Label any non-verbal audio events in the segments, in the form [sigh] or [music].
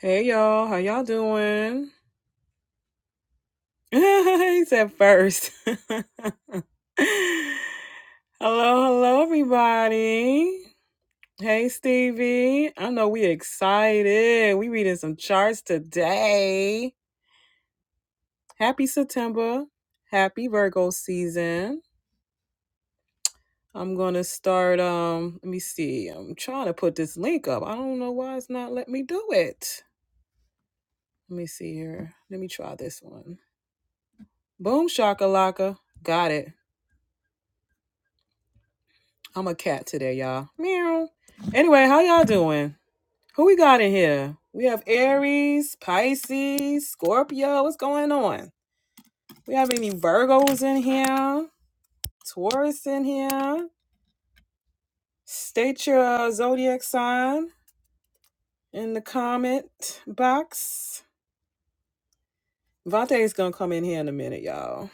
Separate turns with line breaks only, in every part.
Hey y'all, how y'all doing? [laughs] he said first. [laughs] hello, hello everybody. Hey Stevie. I know we excited. We reading some charts today. Happy September. Happy Virgo season. I'm gonna start um let me see. I'm trying to put this link up. I don't know why it's not letting me do it. Let me see here. Let me try this one. Boom shakalaka. Got it. I'm a cat today, y'all. Meow. Anyway, how y'all doing? Who we got in here? We have Aries, Pisces, Scorpio. What's going on? We have any Virgos in here? Taurus in here? State your uh, zodiac sign in the comment box. Vante is gonna come in here in a minute, y'all.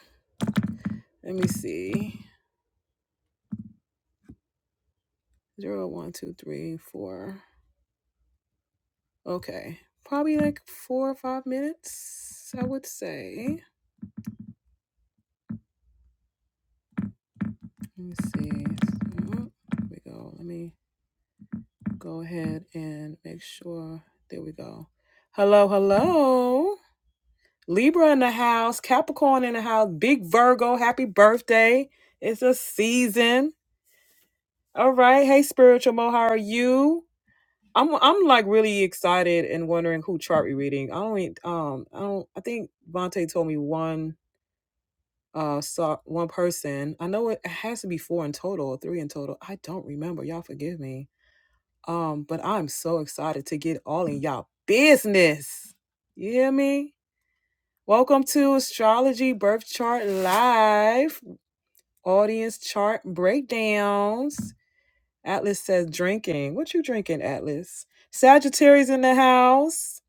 Let me see. Zero, one, two, three, four. Okay, probably like four or five minutes, I would say. Let me see. Mhm. Here we go. Let me go ahead and make sure. There we go. Hello, hello. Libra in the house, Capricorn in the house, big Virgo, happy birthday. It's a season. All right. Hey, Spiritual Mo, how are you? I'm I'm like really excited and wondering who chart we reading. I don't e- um I don't I think Vontae told me one uh saw one person. I know it has to be four in total, three in total. I don't remember. Y'all forgive me Um, but I'm so excited to get all in y'all business. You hear me? Welcome to Astrology Birth Chart Live Audience Chart Breakdowns. Atlas says drinking. What you drinking, Atlas? Sagittarius in the house.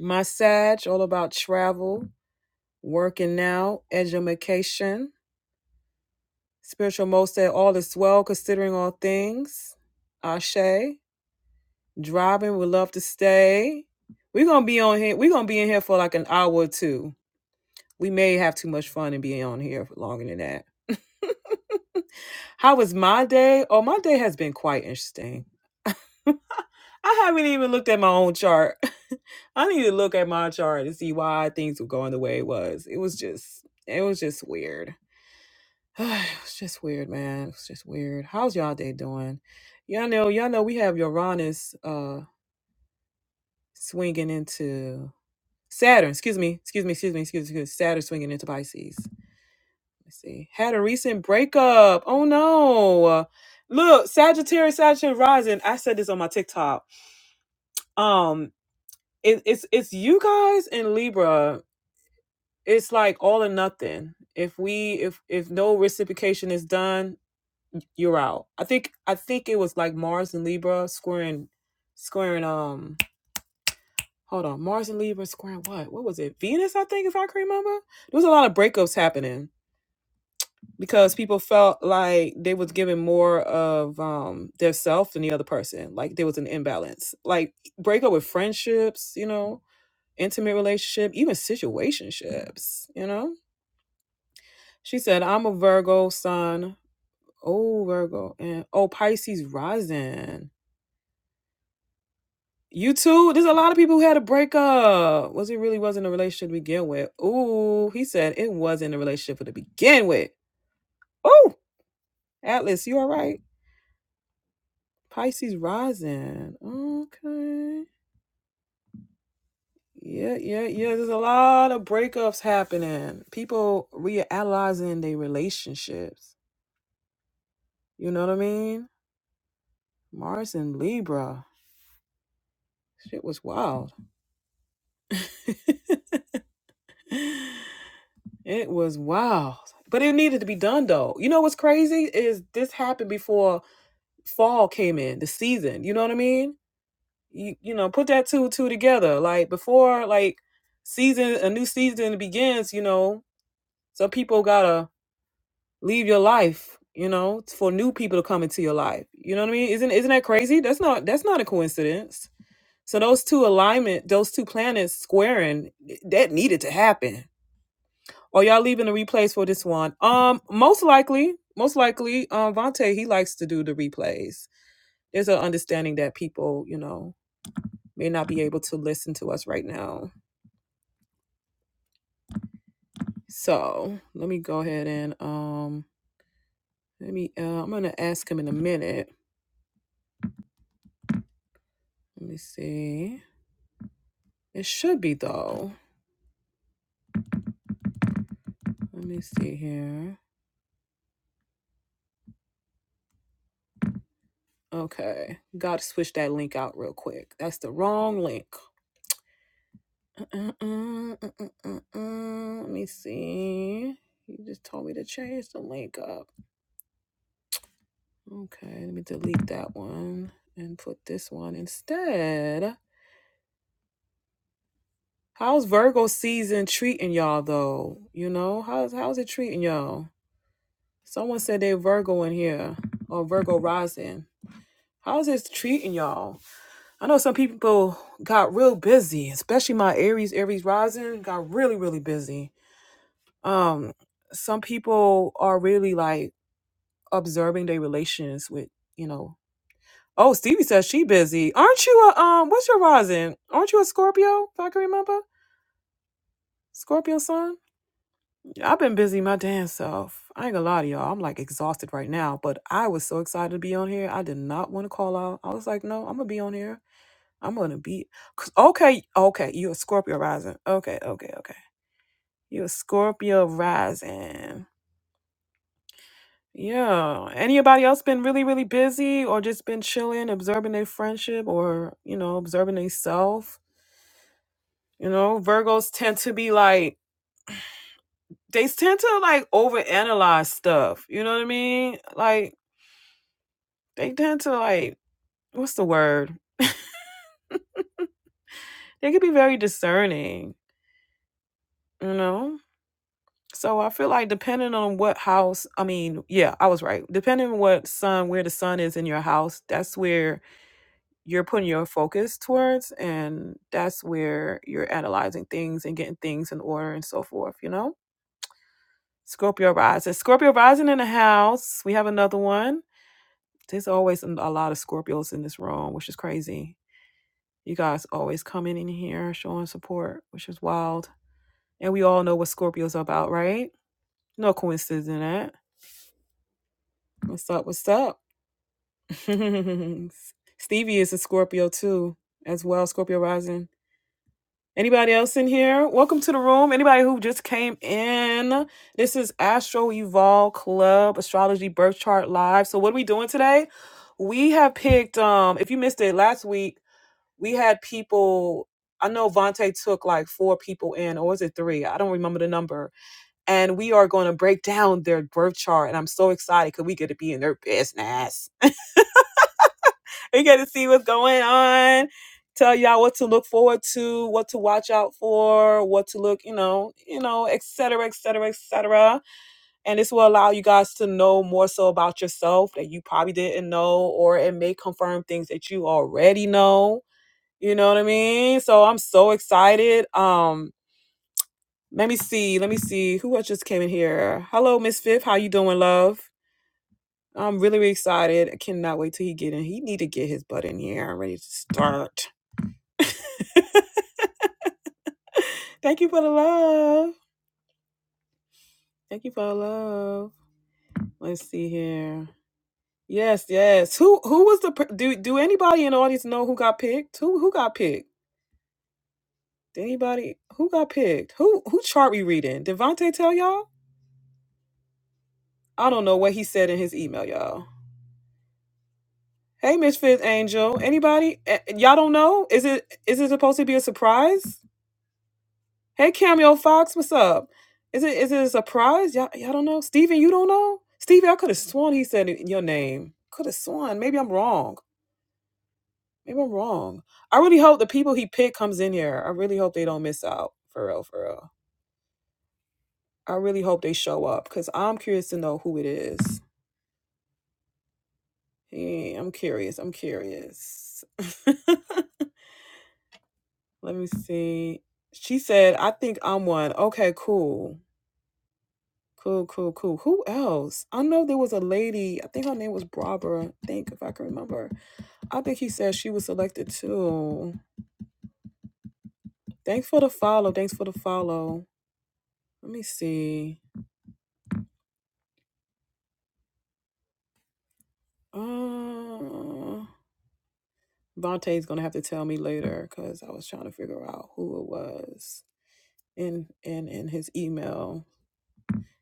My Sag, all about travel, working out, education. Spiritual Mo said all is well considering all things. Ashe. Driving would love to stay. We're gonna be on here. We're gonna be in here for like an hour or two. We may have too much fun and be on here for longer than that. How was my day? Oh, my day has been quite interesting. I haven't even looked at my own chart. [laughs] I need to look at my chart to see why things were going the way it was. It was just it was just weird. [sighs] it was just weird, man. It was just weird. How's y'all day doing? Y'all know, y'all know we have Uranus uh swinging into Saturn, excuse me, excuse me, excuse me, excuse me, Saturn swinging into Pisces. Let's see. Had a recent breakup. Oh no. Look, Sagittarius, Sagittarius rising. I said this on my TikTok. Um, it, it's it's you guys in Libra. It's like all or nothing. If we if if no reciprocation is done, you're out. I think I think it was like Mars and Libra squaring squaring um hold on Mars and Libra squaring what? What was it? Venus, I think, if I can remember. There was a lot of breakups happening because people felt like they was giving more of um their self than the other person like there was an imbalance like break up with friendships you know intimate relationship even situationships you know she said i'm a virgo sun oh virgo and oh pisces rising you too there's a lot of people who had a breakup was it really wasn't a relationship to begin with Ooh, he said it wasn't a relationship to begin with oh atlas you all right? Pisces rising. Okay. Yeah, yeah, yeah. There's a lot of breakups happening. People reanalyzing their relationships. You know what I mean? Mars and Libra. Shit was wild. [laughs] it was wild. But it needed to be done though. You know what's crazy is this happened before fall came in, the season. You know what I mean? You you know, put that two and two together. Like before like season a new season begins, you know, Some people gotta leave your life, you know, for new people to come into your life. You know what I mean? Isn't isn't that crazy? That's not that's not a coincidence. So those two alignment, those two planets squaring, that needed to happen. Or y'all leaving the replays for this one? Um, most likely, most likely, um, Vontae he likes to do the replays. There's an understanding that people, you know, may not be able to listen to us right now. So let me go ahead and um, let me. Uh, I'm gonna ask him in a minute Let me see. It should be though. Let me see here. Okay. Gotta switch that link out real quick. That's the wrong link. Uh-uh-uh, uh-uh-uh. Let me see. You just told me to change the link up. Okay, let me delete that one and put this one instead. How's Virgo season treating y'all though? You know, how's how's it treating y'all? Someone said they Virgo in here or Virgo rising. How's this treating y'all? I know some people got real busy, especially my Aries, Aries rising got really, really busy. Um, some people are really like observing their relations with, you know. Oh, Stevie says she busy. Aren't you a um? What's your rising? Aren't you a Scorpio? If I can remember, Scorpio sun. Yeah, I've been busy my damn self. I ain't gonna lie to y'all. I'm like exhausted right now, but I was so excited to be on here. I did not want to call out. I was like, no, I'm gonna be on here. I'm gonna be 'cause- okay. Okay, you a Scorpio rising. Okay, okay, okay. You a Scorpio rising. Yeah. Anybody else been really, really busy or just been chilling, observing their friendship or you know, observing themselves? You know, Virgos tend to be like they tend to like overanalyze stuff. You know what I mean? Like they tend to like what's the word? They could be very discerning. You know. So I feel like depending on what house, I mean, yeah, I was right. Depending on what sun, where the sun is in your house, that's where you're putting your focus towards, and that's where you're analyzing things and getting things in order and so forth. You know, Scorpio rising, Scorpio rising in the house. We have another one. There's always a lot of Scorpios in this room, which is crazy. You guys always coming in here showing support, which is wild. And we all know what Scorpios are about, right? No coincidence in that. What's up? What's up? [laughs] Stevie is a Scorpio too, as well, Scorpio rising. Anybody else in here? Welcome to the room. Anybody who just came in? This is Astro Evolve Club Astrology Birth Chart Live. So what are we doing today? We have picked um if you missed it last week, we had people I know Vante took like four people in, or was it three? I don't remember the number. And we are going to break down their birth chart. And I'm so excited because we get to be in their business. we get to see what's going on. Tell y'all what to look forward to, what to watch out for, what to look, you know, you know, et cetera, et cetera, et cetera. And this will allow you guys to know more so about yourself that you probably didn't know, or it may confirm things that you already know. You know what I mean? So I'm so excited. Um, let me see, let me see who else just came in here. Hello, Miss Fifth. How you doing, love? I'm really, really excited. I cannot wait till he get in. He need to get his butt in here. I'm ready to start. Thank you for the love. Thank you for the love. Let's see here. Yes, yes. Who who was the per- do do anybody in the audience know who got picked? Who who got picked? Did anybody who got picked? Who who chart we reading? Did Vontae tell y'all? I don't know what he said in his email, y'all. Hey, Miss Fifth Angel. Anybody? Eh, Y'all don't know? Is it is it supposed to be a surprise? Hey, Cameo Fox, what's up? Is it is it a surprise? Y'all, y'all don't know? Steven, you don't know? Stevie, I could have sworn he said it- your name. Could have sworn. Maybe I'm wrong. Maybe I'm wrong. I really hope the people he picked comes in here. I really hope they don't miss out. For real, for real. I really hope they show up because I'm curious to know who it is. Yeah, I'm curious. I'm curious. [laughs] Let me see. She said, I think I'm one. Okay, cool. Cool, cool, cool. Who else? I know there was a lady. I think her name was Barbara. I think if I can remember. I think he said she was selected too. Thanks for the follow. Thanks for the follow. Let me see. Uh, Vontae's gonna have to tell me later because I was trying to figure out who it was in in in his email.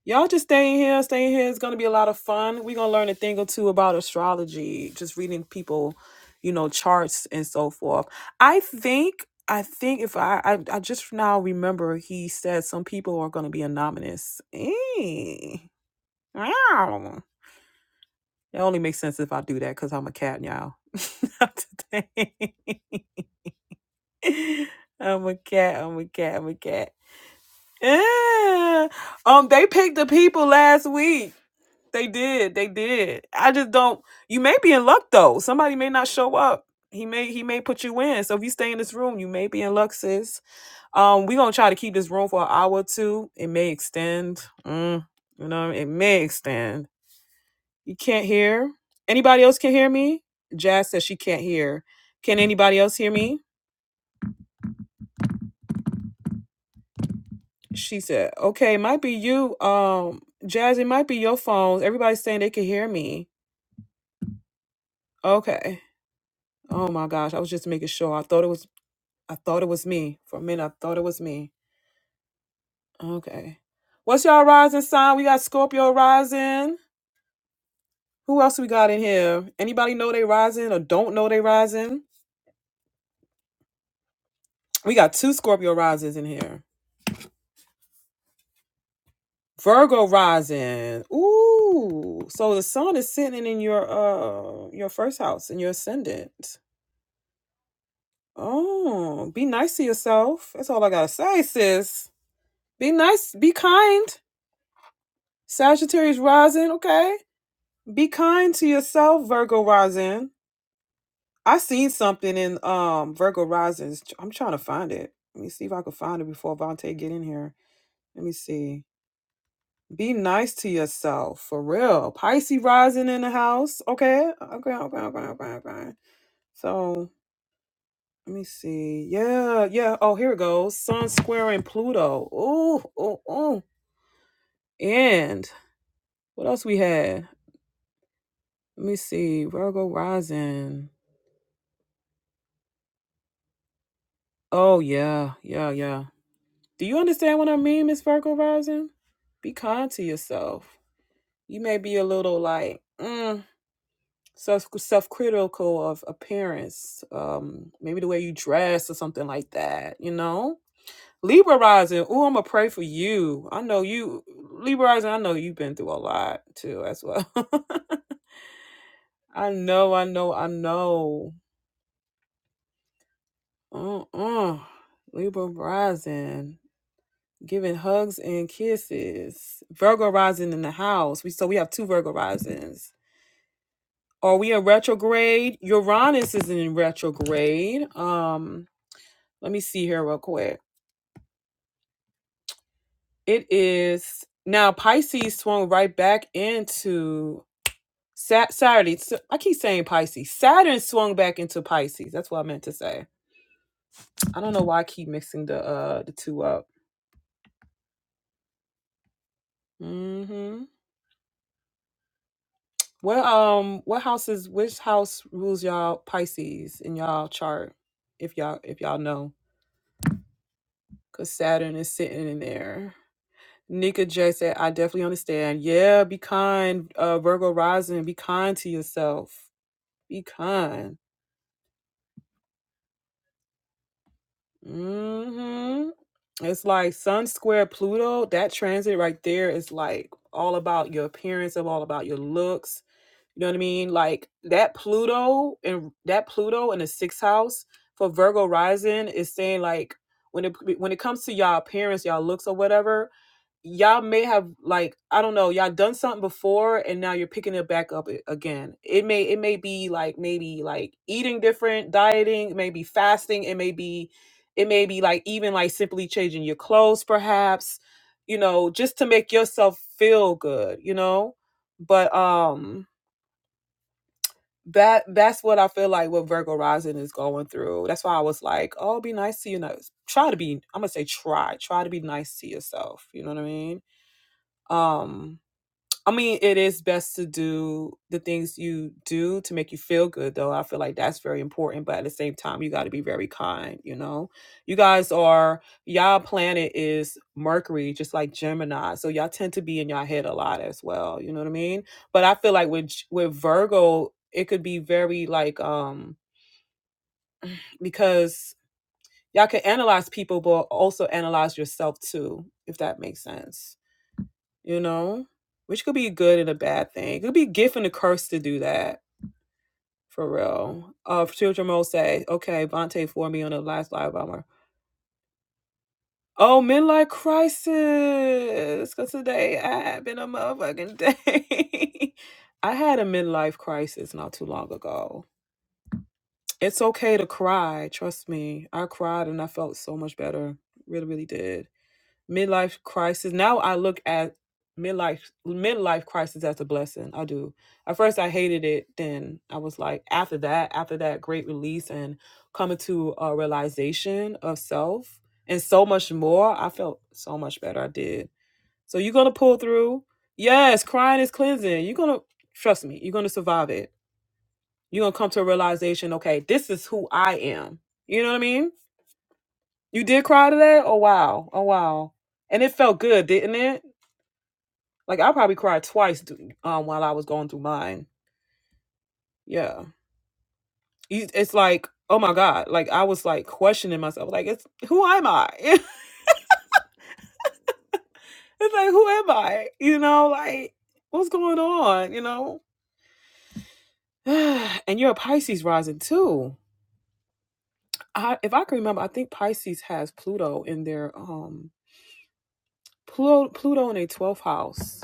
Y'all just stay in here. Stay in here. It's gonna be a lot of fun. We're gonna learn a thing or two about astrology, just reading people, you know, charts and so forth. I think I think if I I, I just now remember he said some people are gonna be anonymous. Eh. Wow. It only makes sense if I do that because I'm a cat, y'all. [laughs] Not today. [laughs] I'm a cat. I'm a cat. I'm a cat. Eh. Um, they picked the people last week. They did. They did. I just don't. You may be in luck though. Somebody may not show up. He may he may put you in. So if you stay in this room, you may be in luck, sis. Um, we gonna try to keep this room for an hour or two. It may extend. Mm, you know, it may extend. You can't hear. Anybody else can hear me? Jazz says she can't hear. Can anybody else hear me? She said, "Okay, it might be you. Um, Jazz, it might be your phones. Everybody's saying they can hear me. Okay. Oh my gosh, I was just making sure. I thought it was." I thought it was me. For a minute, I thought it was me. Okay. What's y'all rising sign? We got Scorpio rising. Who else we got in here? Anybody know they rising or don't know they rising? We got two Scorpio risings in here. Virgo rising. Ooh. So the sun is sitting in your uh your first house in your ascendant. Oh, be nice to yourself. That's all I gotta say, sis. Be nice, be kind. Sagittarius rising, okay? Be kind to yourself, Virgo rising. I seen something in um Virgo risings. I'm trying to find it. Let me see if I can find it before Vontae get in here. Let me see. Be nice to yourself, for real. Pisces rising in the house. Okay, okay, okay, okay, okay, okay. So let me see. Yeah, yeah. Oh, here it goes. Sun squaring Pluto. Ooh, ooh, ooh. And what else we had? Let me see. Virgo rising. Oh yeah, yeah, yeah. Do you understand what I mean, Miss Virgo Rising? Be kind to yourself. You may be a little like mm, self self critical of appearance, um, maybe the way you dress or something like that. You know, Libra Rising. Oh, I'm gonna pray for you. I know you, Libra Rising. I know you've been through a lot too, as well. [laughs] I know, I know, I know. Uh-uh. Libra Rising. giving hugs and kisses. Virgo rising in the house. We so we have two Virgo risings. Are we in retrograde? Uranus is in retrograde. Um, let me see here real quick. It is now Pisces swung right back into Sat Saturday. So- I keep saying Pisces. Saturn swung back into Pisces. That's what I meant to say. I don't know why I keep mixing the uh the two up. Mm-hmm. What um what houses which house rules y'all Pisces in y'all chart if y'all if y'all know cuz Saturn is sitting in there. Nika J said I definitely understand. Yeah, be kind uh Virgo rising, be kind to yourself. Be kind. mm Mhm. It's like Sun square Pluto, that transit right there is like all about your appearance, of all about your looks You know what I mean? Like that Pluto and that Pluto in the sixth house for Virgo rising is saying like when it when it comes to y'all appearance, y'all looks or whatever, y'all may have like I don't know, y'all done something before and now you're picking it back up again. It may it may be like maybe like eating different, dieting, maybe fasting, it may be it may be like even like simply changing your clothes perhaps, you know, just to make yourself feel good, you know? But um that that's what I feel like what Virgo rising is going through. That's why I was like, oh, be nice to you. Know, try to be. I'm gonna say try. Try to be nice to yourself. You know what I mean? Um, I mean, it is best to do the things you do to make you feel good, though. I feel like that's very important. But at the same time, you got to be very kind, you know? You guys are, y'all planet is Mercury, just like Gemini. So y'all tend to be in y'all head a lot as well. You know what I mean? But I feel like with, G- with Virgo, it could be very like, um, because y'all can analyze people, but also analyze yourself too, if that makes sense you know, which could be a good and a bad thing. It could be a gift and a curse to do that, for real. Uh, children will say, okay, Vontae for me on the last live bomber. Oh, midlife crisis, because today I have been a motherfucking day. [laughs] I had a midlife crisis not too long ago. It's okay to cry. Trust me. I cried and I felt so much better. Really, really did midlife crisis. Now I look at midlife midlife crisis as a blessing. I do. At first I hated it, then I was like after that, after that great release and coming to a realization of self and so much more, I felt so much better I did. So you're going to pull through. Yes, crying is cleansing. You're going to trust me. You're going to survive it. You're going to come to a realization, okay, this is who I am. You know what I mean? You did cry today? Oh wow. Oh wow. And it felt good, didn't it? Like I probably cried twice th- um, while I was going through mine. Yeah, You- it's like oh my god. Like I was like questioning myself. Like it's who am I? [laughs] it's like who am I? You know, like what's going on? You know. [sighs] and you're a Pisces rising too. I, if I can remember, I think Pisces has Pluto in their um Pluto Pluto in their twelfth house.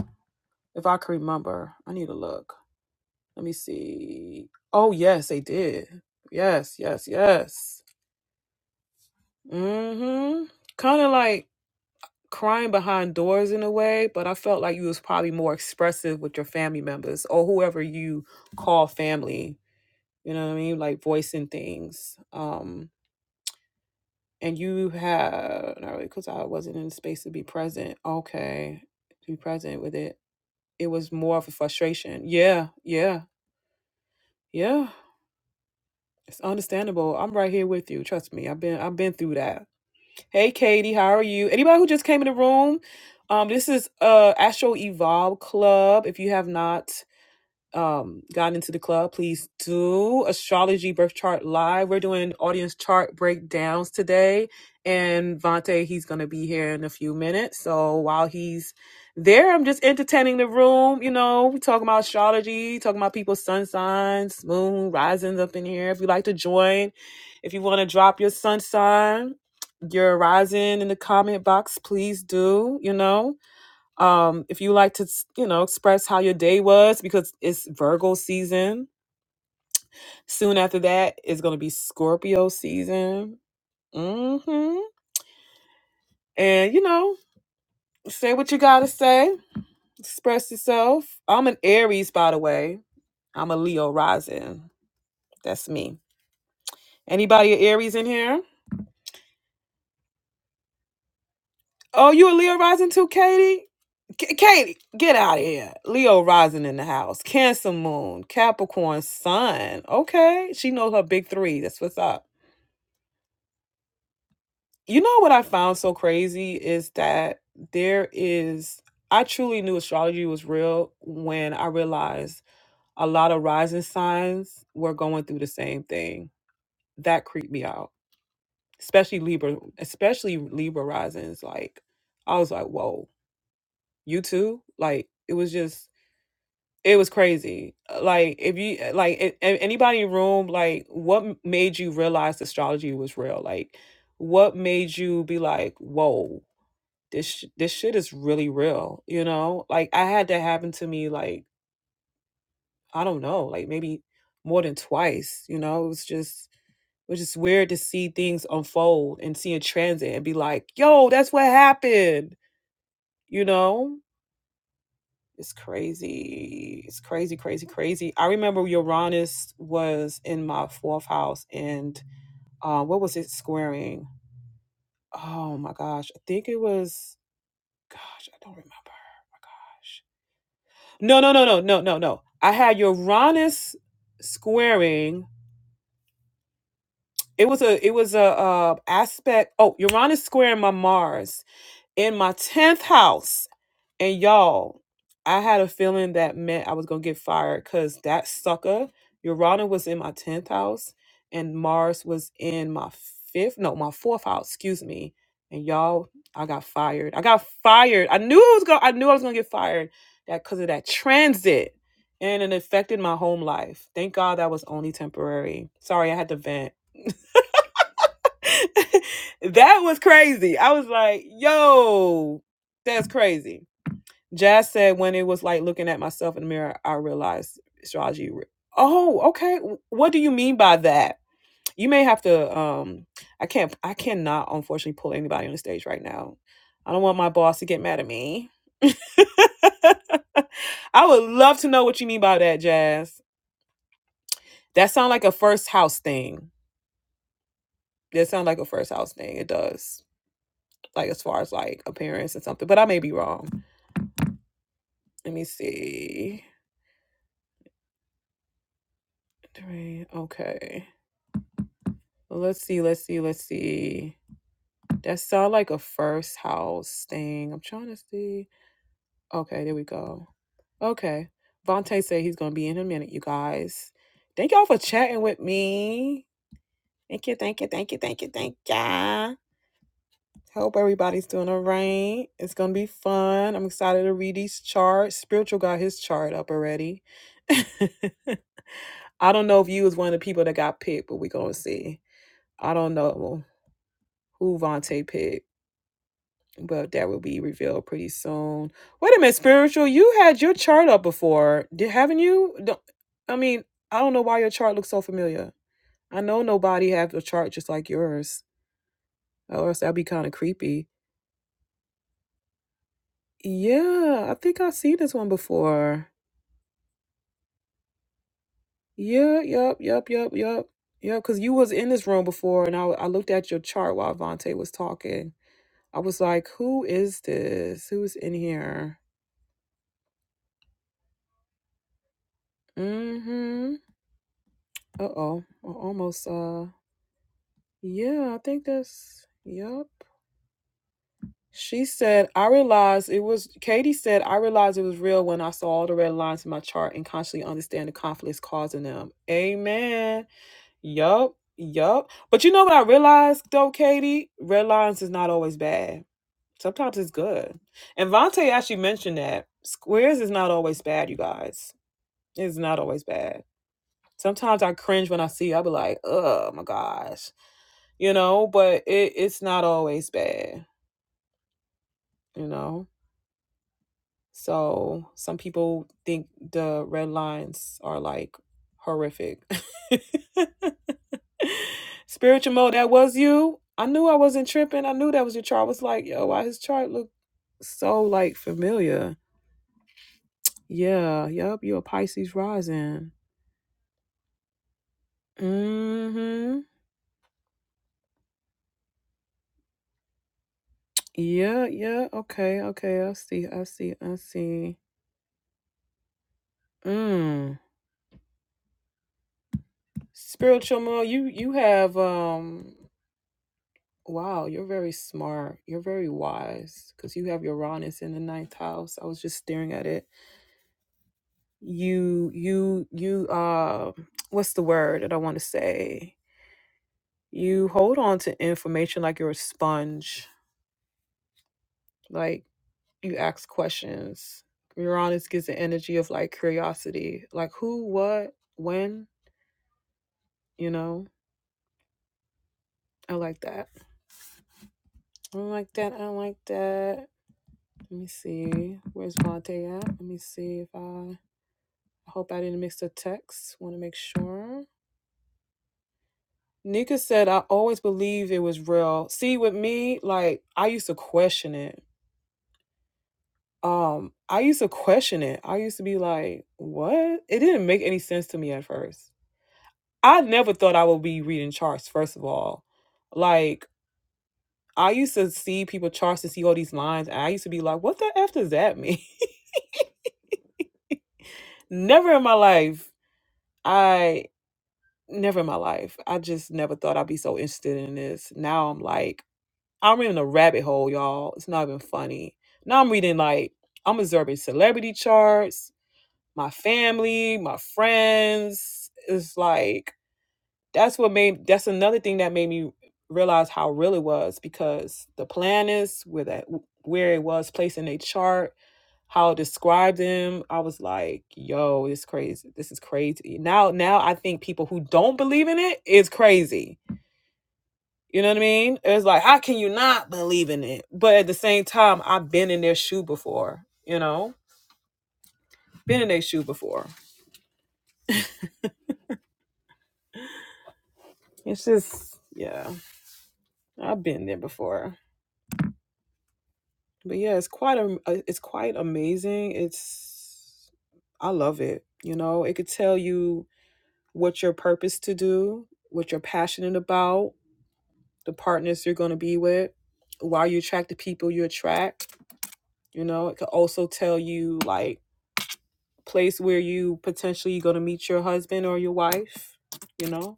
If I can remember, I need to look. Let me see. Oh yes, they did. Yes, yes, yes. Mm-hmm. Kind of like crying behind doors in a way, but I felt like you was probably more expressive with your family members or whoever you call family. You know what I mean? Like voicing things. Um, and you have not really because I wasn't in the space to be present. Okay, to be present with it. It was more of a frustration. Yeah, yeah, yeah. It's understandable. I'm right here with you. Trust me. I've been I've been through that. Hey, Katie, how are you? Anybody who just came in the room, um, this is uh Astro Evolve Club. If you have not um gotten into the club, please do astrology birth chart live. We're doing audience chart breakdowns today, and Vante he's gonna be here in a few minutes. So while he's there, I'm just entertaining the room. You know, we talking about astrology, talking about people's sun signs, moon risings up in here. If you like to join, if you want to drop your sun sign, your rising in the comment box, please do. You know. Um, if you like to, you know, express how your day was, because it's Virgo season. Soon after that is going to be Scorpio season. Mm-hmm. And you know, say what you gotta say. Express yourself. I'm an Aries, by the way. I'm a Leo rising. That's me. Anybody a Aries in here? Oh, you a Leo rising too, Katie? K- Katie, get out of here. Leo rising in the house. Cancer moon, Capricorn sun. Okay, she knows her big three. That's what's up. You know what I found so crazy is that there is, I truly knew astrology was real when I realized a lot of rising signs were going through the same thing. That creeped me out, especially Libra, especially Libra risings. Like, I was like, whoa, you too? Like, it was just, it was crazy. Uh, Like, if you, uh, like, a- a- anybody in the room, like, what m- made you realize astrology was real? Like, what made you be like, whoa? this sh- this shit is really real, you know? Like I had that happen to me like I don't know, like maybe more than twice, you know? It was just it was just weird to see things unfold and see in transit and be like, "Yo, that's what happened." You know? It's crazy. It's crazy, crazy, crazy. I remember Uranus was in my fourth house and uh, what was it squaring? Oh my gosh. I think it was gosh, I don't remember. Oh my gosh No, no, no, no, no, no, no. I had Uranus squaring. It was a it was a uh aspect. Oh, Uranus squaring my Mars in my 10th house. And y'all, I had a feeling that meant I was gonna get fired because that sucker, Urana was in my tenth house and Mars was in my fifth, no, my fourth house, excuse me. And y'all, I got fired. I got fired. I knew I was gonna I knew I was gonna get fired that because of that transit. And it affected my home life. Thank God that was only temporary. Sorry, I had to vent. [laughs] that was crazy. I was like, yo, that's crazy Jazz said when it was like looking at myself in the mirror, I realized astrology. re- Oh, okay. What do you mean by that? You may have to. Um, I can't. I cannot, unfortunately, pull anybody on the stage right now. I don't want my boss to get mad at me. [laughs] I would love to know what you mean by that, Jazz. That sounds like a first house thing. That sounds like a first house thing. It does. Like as far as like appearance and something, but I may be wrong. Let me see. Three. Okay. Well, Let's see, let's see, let's see. That sound like a first house thing. I'm trying to see. Okay, there we go. Okay. Vontae said he's gonna be in a minute, you guys. Thank y'all for chatting with me. Thank you, thank you, thank you, thank you, thank ya. Hope everybody's doing all right. It's gonna be fun. I'm excited to read these charts. Spiritual got his chart up already. [laughs] I don't know if you was one of the people that got picked, but we gonna see. I don't know who Vontae picked. but that will be revealed pretty soon. Wait a minute, spiritual. You had your chart up before, did haven't you? Don't, I mean, I don't know why your chart looks so familiar. I know nobody have a chart just like yours, or else that'd be kind of creepy. Yeah, I think I've seen this one before. Yeah, yep, yep, yep, yep, yep. Because you was in this room before, and I I looked at your chart while Vontae was talking. I was like, who is this? Who's in here? Mm-hmm. Uh-oh. I almost uh Yeah, I think that's yep. She said, I realized it was Katie said, I realized it was real when I saw all the red lines in my chart and consciously understand the conflicts causing them. Amen. Yup. Yup. But you know what I realized though, Katie? Red lines is not always bad. Sometimes it's good. And Vontae actually mentioned that. Squares is not always bad, you guys. It's not always bad. Sometimes I cringe when I see, I'll be like, oh my gosh. You know, but it, it's not always bad you know so some people think the red lines are like horrific [laughs] spiritual mode that was you i knew i wasn't tripping i knew that was your chart I was like yo why his chart look so like familiar yeah yep you're a pisces rising mm-hmm yeah yeah okay okay i see i see i see mm spiritual mode you you have um Wow, you're very smart. You're very wise because you have Uranus in the ninth house. I was just staring at it. You, you, you, uh, what's the word that I want to say? You hold on to information like you're a sponge, like you ask questions. Uranus gives the energy of like curiosity, like who, what, when, you know? I like that. I don't like that. I don't like that. Let me see. Where's Vontae at? Let me see if I. I hope I didn't mix the text. Want to make sure. Nika said, I always believed it was real. See, with me, like, I used to question it. Um, I used to question it. I used to be like, what? It didn't make any sense to me at first. I never thought I would be reading charts, first of all. Like, I used to see people charts and see all these lines, and I used to be like, what the F does that mean? [laughs] never in my life. I never in my life. I just never thought I'd be so interested in this. Now I'm like, I'm in a rabbit hole, y'all. It's not even funny. Now I'm reading like I'm observing celebrity charts, my family, my friends. It's like that's what made that's another thing that made me realize how real it was because the planets where that where it was placed in a chart, how it described them. I was like, yo, it's crazy. This is crazy. Now now I think people who don't believe in it is crazy you know what I mean? It's like, how can you not believe in it? But at the same time, I've been in their shoe before, you know? Been in their shoe before. It's just, yeah, I've been there before. But yeah, it's quite a, it's quite amazing. It's, I love it. You know, it could tell you what your purpose to do, what you're passionate about, the partners you're going to be with, why you attract the people you attract. You know, it could also tell you like place where you potentially going to meet your husband or your wife you know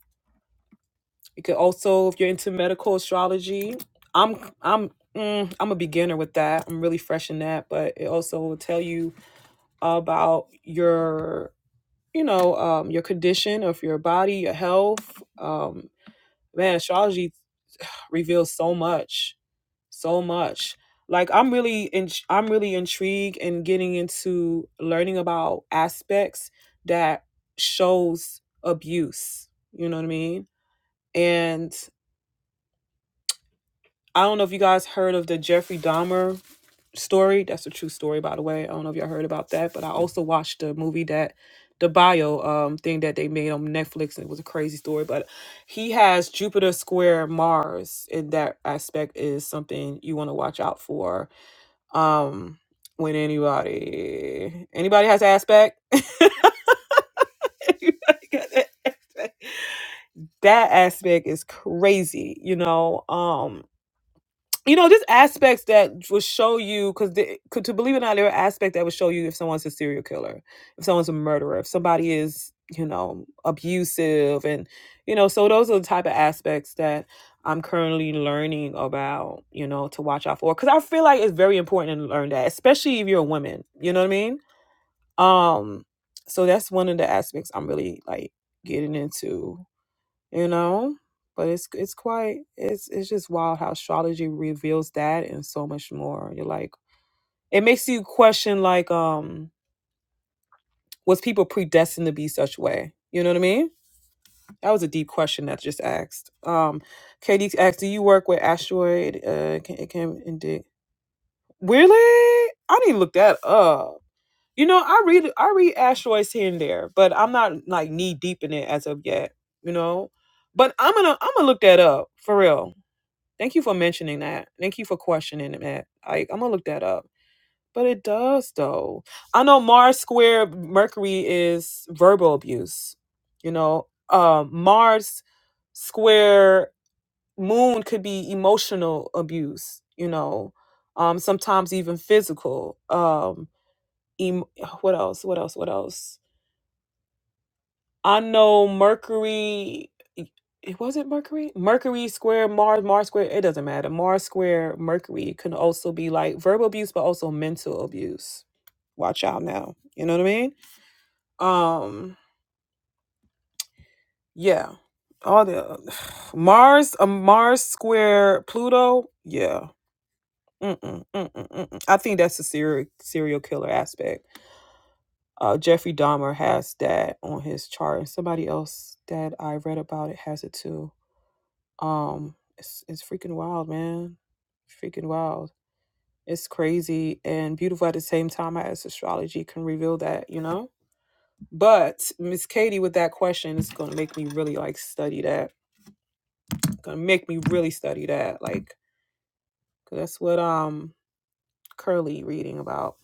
you could also if you're into medical astrology i'm i'm mm, i'm a beginner with that i'm really fresh in that but it also will tell you about your you know um, your condition of your body your health um, man astrology reveals so much so much. Like I'm really in, I'm really intrigued in getting into learning about aspects that shows abuse. You know what I mean? And I don't know if you guys heard of the Jeffrey Dahmer story. That's a true story, by the way. I don't know if y'all heard about that, but I also watched the movie that the bio um thing that they made on Netflix and it was a crazy story. But he has Jupiter square Mars, and that aspect is something you want to watch out for um when anybody anybody has aspect [laughs] anybody got that aspect that aspect is crazy you know Um you know, just aspects that will show you because to believe it or not, there are aspects that will show you if someone's a serial killer, if someone's a murderer, if somebody is you know abusive, and you know, so those are the type of aspects that I'm currently learning about, you know, to watch out for because I feel like it's very important to learn that, especially if you're a woman. You know what I mean? Um, so that's one of the aspects I'm really like getting into you know but it's it's quite it's it's just wild how astrology reveals that and so much more you're like it makes you question like um was people predestined to be such way you know what i mean that was a deep question that just asked um katie asked do you work with asteroid uh can, it can indeed really i need to look that up you know i read i read asteroids here and there but i'm not like knee deep in it as of yet you know but i'm gonna i'm gonna look that up for real Thank you for mentioning that. Thank you for questioning that. I, I'm gonna look that up. But it does though. I know Mars square Mercury is verbal abuse. You know, um, Mars square Moon could be emotional abuse. You know, um, sometimes even physical. Um, em- what else? What else? What else? I know Mercury. It was it Mercury. Mercury square Mars. Mars square. It doesn't matter. Mars square Mercury can also be like verbal abuse, but also mental abuse. Watch out now. You know what I mean? Um. Yeah. All the [sighs] Mars. A Mars square Pluto. Yeah. Mm-mm, mm-mm, mm-mm. I think that's the serial serial killer aspect. Uh, Jeffrey Dahmer has that on his chart, and somebody else that I read about it has it too Um, it's it's freaking wild, man. Freaking wild. It's crazy and beautiful at the same time. I as astrology can reveal that, you know. But Miss Katie, with that question, it's gonna make me really like study that. Gonna make me really study that, like, 'cause that's what um Curly reading about.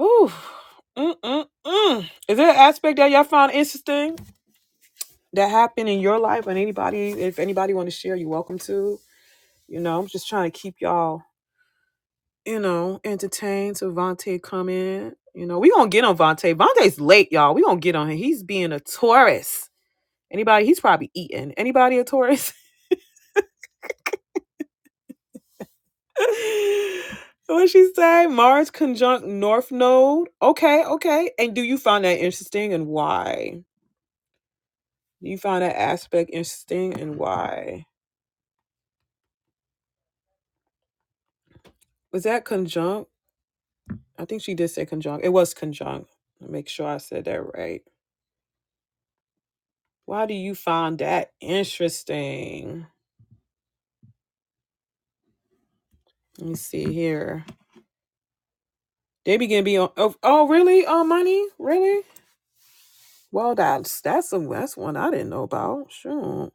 Ooh, mm mm mm. Is there an aspect that y'all found interesting that happened in your life and anybody? If anybody want to share, you're welcome to. You know, I'm just trying to keep y'all. you know, entertain to Vontae come in. You know, we gonna get on Vontae. Vontae's late, y'all. We gonna get on him. He's being a Taurus. Anybody? He's probably eating. Anybody a Taurus? [laughs] what she say? Mars conjunct North Node. Okay, okay. And do you find that interesting and why? Do you find that aspect interesting and why? Was that conjunct? I think she did say conjunct. It was conjunct. Make sure I said that right. Why do you find that interesting? Let me see here. They begin to be on. Oh, oh really? On money? Really? Well, that's that's a that's one I didn't know about. Sure.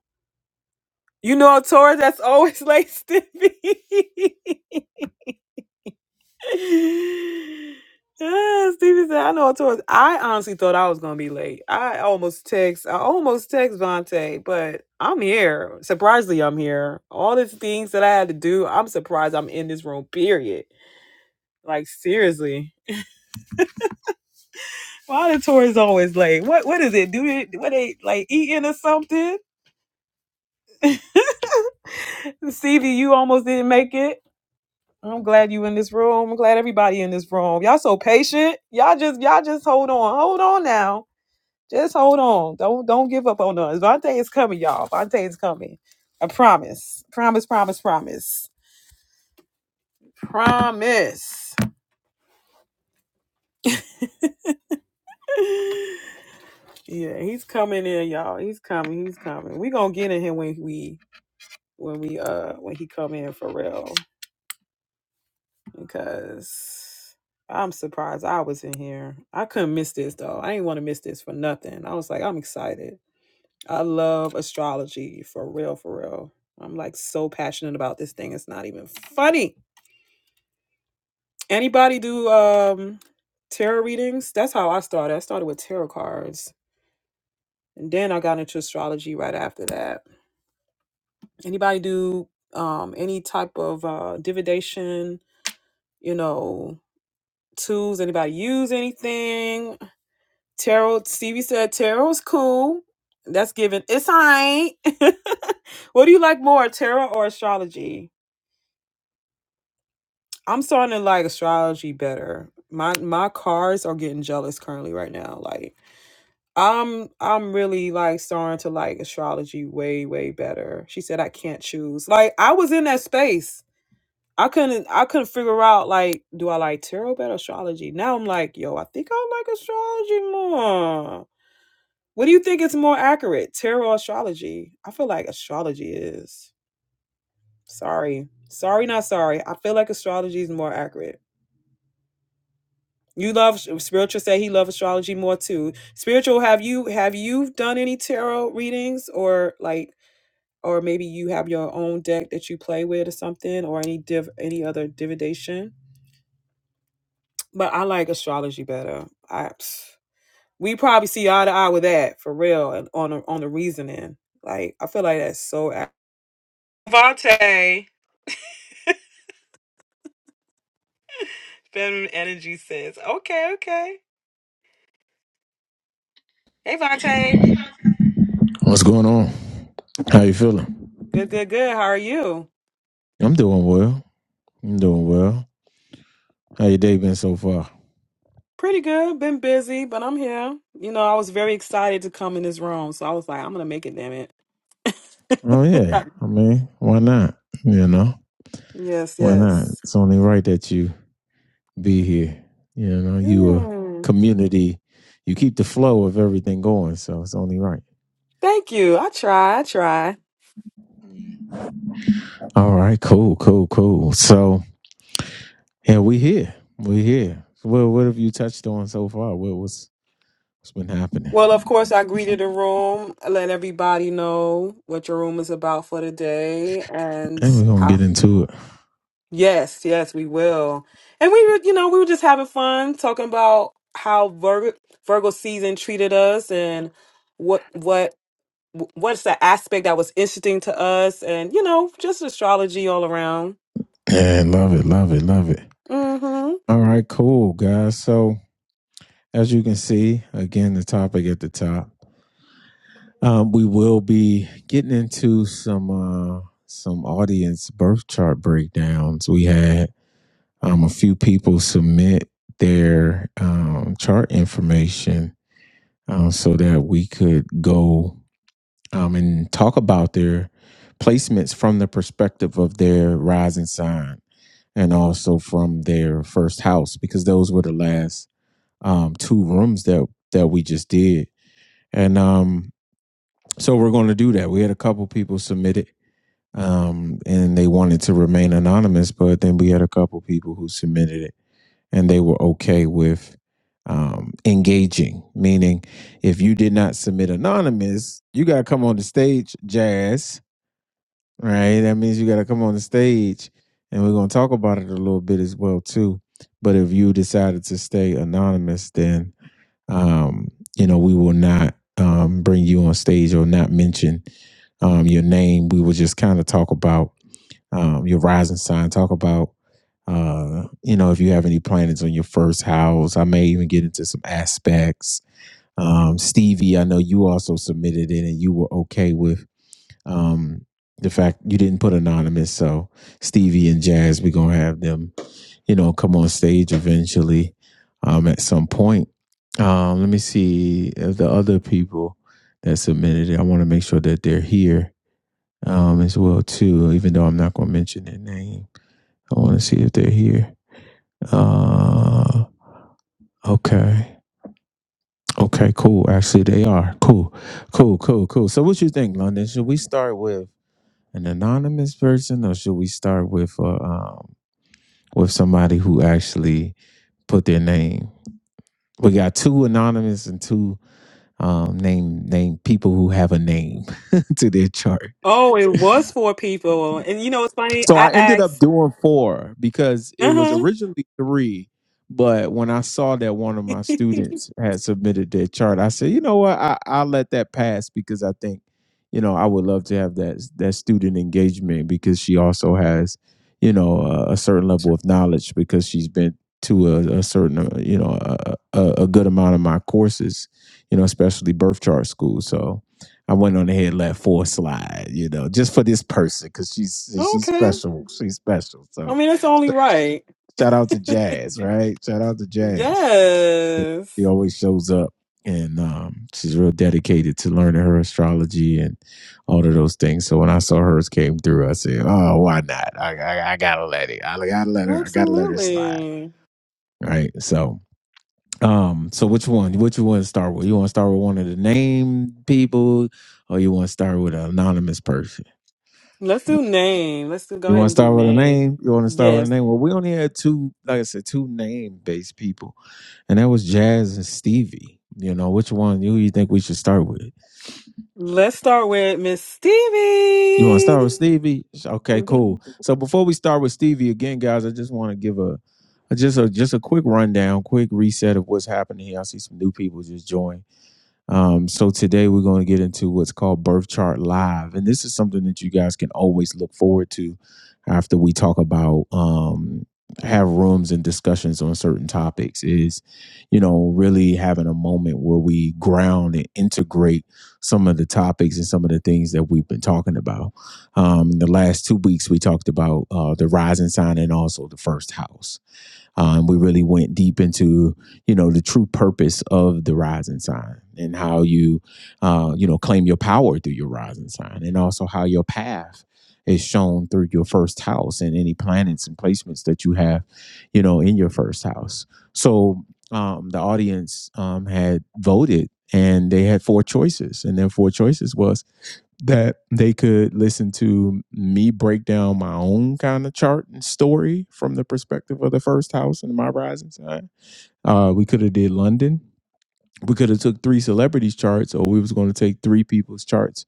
You know a Taurus that's always late, [laughs] Stevie. yeah, Stevie said, I know a Taurus. I honestly thought I was gonna be late. I almost text. I almost text Vontae, but I'm here. Surprisingly, I'm here. All the things that I had to do, I'm surprised I'm in this room. Period. Like seriously. Why the tourists always late? What what is it? Do they what they like eating or something? Stevie, you almost didn't make it. I'm glad you in this room. I'm glad everybody in this room. Y'all so patient. Y'all just y'all just hold on. Hold on now. Just hold on. Don't don't give up on us. Vontae is coming, y'all. Vontae is coming. I promise. Promise, promise, promise. Promise. [laughs] yeah, he's coming in, y'all. He's coming. He's coming. We gonna get in here when we when we uh when he come in for real. because I'm surprised I was in here. I couldn't miss this though. I didn't want to miss this for nothing. I was like, I'm excited. I love astrology for real, for real. I'm like so passionate about this thing. It's not even funny. Anybody do um tarot readings? That's how I started. I started with tarot cards. And then I got into astrology right after that. Anybody do um any type of uh divination? you know, tools? Anybody use anything? Tarot, Stevie said, Tarot's cool. That's given. It's alright. [laughs] what do you like more, tarot or astrology? I'm starting to like astrology better. My my cards are getting jealous currently right now. Like I'm I'm really like starting to like astrology way, way better. She said I can't choose. Like I was in that space. I couldn't I couldn't figure out like, do I like tarot better or astrology? Now I'm like, yo, I think I like astrology more. What do you think is more accurate, tarot or astrology? I feel like astrology is. Sorry. Sorry, not sorry. I feel like astrology is more accurate. You love spiritual say he love astrology more too. Spiritual, have you have you done any tarot readings or like or maybe you have your own deck that you play with or something or any div any other divination? But I like astrology better. I we probably see eye to eye with that for real and on the, on the reasoning. Like I feel like that's so Vontae, feminine energy says, okay, okay. Hey, Vontae.
What's going on? How you feeling?
Good, good, good. How are you?
I'm doing well. I'm doing well. How your day been so far?
Pretty good. Been busy, but I'm here. You know, I was very excited to come in this room, so I was like, I'm gonna make it, damn it.
Oh yeah.
[laughs]
I mean, why not? You know,
yes,
why not?
yes.
It's only right that you be here. You know, you a
Mm.
community. You keep the flow of everything going, so it's only right.
Thank you. I try, I try.
All right, cool, cool, cool. So yeah, we here. We here. Well, what have you touched on so far? What was what's been
Well, of
happening?
course, I greeted the room, let everybody know what your room is about for the day,
And we're gonna
and
get into it.
Yes, yes, we will. And we were, you know, we were just having fun talking about how Virgo, Virgo season treated us and what what what's the aspect that was interesting to us and you know, just astrology all around.
And love it, love it, love it.
Mhm.
All right, cool guys. So As you can see, again, the topic at the top. Um, we will be getting into some uh, some audience birth chart breakdowns. We had um, a few people submit their um, chart information um, so that we could go um, and talk about their placements from the perspective of their rising sign and also from their first house because those were the last um, two rooms that that we just did. And um, so we're going to do that. We had a couple people submit it, um, and they wanted to remain anonymous, but then we had a couple people who submitted it, and they were okay with um, engaging. Meaning, if you did not submit anonymous, you got to come on the stage, Jazz. Right? That means you got to come on the stage, and we're going to talk about it a little bit as well too. But if you decided to stay anonymous, then um, you know, we will not um, bring you on stage or not mention um, your name. We will just kind of talk about um, your rising sign, talk about, uh, you know, if you have any planets on your first house. I may even get into some aspects. Um, Stevie, I know you also submitted it and you were okay with um, the fact you didn't put anonymous. So Stevie and Jazz, we're going to have them you know, come on stage eventually um, at some point. Um, let me see if the other people that submitted it. I want to make sure that they're here um, as well too. Even though I'm not going to mention their name, I want to see if they're here. Uh, okay, okay, cool. Actually, they are cool, cool, cool, cool. So, what you think, London? Should we start with an anonymous person, or should we start with uh, um, with somebody who actually put their name? we got two anonymous and two um, named named people who have a name [laughs] to their chart.
Oh, it was for people. And you know it's funny?
So
I
I ended up
asked.
doing four because it was
Uh-huh.
originally three, but when I saw that one of
[laughs]
my students had submitted their chart, I said, you know what, I I'll let that pass because I think, you know, I would love to have that that student engagement because she also has, you know, a, a certain level of knowledge because she's been to a, a certain, uh, you know, a, a, a good amount of my courses, you know, especially birth chart school. So. I went on ahead and let four slide, you know, just for this person because she's she's
okay.
special. She's special.
I
So
mean, it's only
so,
right. [laughs]
shout out to Jazz, right? Shout out to Jazz. Yeah,
Yes.
She always shows up and um, she's real dedicated to learning her astrology and all of those things. So when I saw hers came through, I said, "Oh, why not? I I, I gotta let it. I gotta let her. I gotta let her slide."
Absolutely.
Right. So. Um, so which one? Which you want to start with? You want to start with one of the named people, or you want to start with an anonymous person?
Let's do
You
name. Let's do, go ahead
want to
and do
start with a
name.
name? You want to start with a
Yes.
name? Well, we only had two, like I said, two name based people, and that was Jazz and Stevie. You know, which one you you think we should start with?
Let's start with Miss
You want to start with
Stevie.
Stevie?
[laughs]
Okay,
hmm
cool. So before we start with Stevie again, guys, I just want to give a, a just a just a quick rundown, quick reset of what's happening here. I see some new people just joined. Um, so today we're going to get into what's called Birth Chart Live, and this is something that you guys can always look forward to after we talk about um, have rooms and discussions on certain topics. Is you know really having a moment where we ground and integrate some of the topics and some of the things that we've been talking about. Um, the last two weeks we talked about uh, the rising sign and also the first house um, we really went deep into you know the true purpose of the rising sign and how you uh, you know claim your power through your rising sign, and also how your path is shown through your first house and any planets and placements that you have you know in your first house. So um, the audience um, had voted, and they had four choices, and their four choices was that they could listen to me break down my own kind of chart and story from the perspective of the first house and my rising sign. Uh, we could have did London. We could have took three celebrities' charts, or we was going to take three people's charts.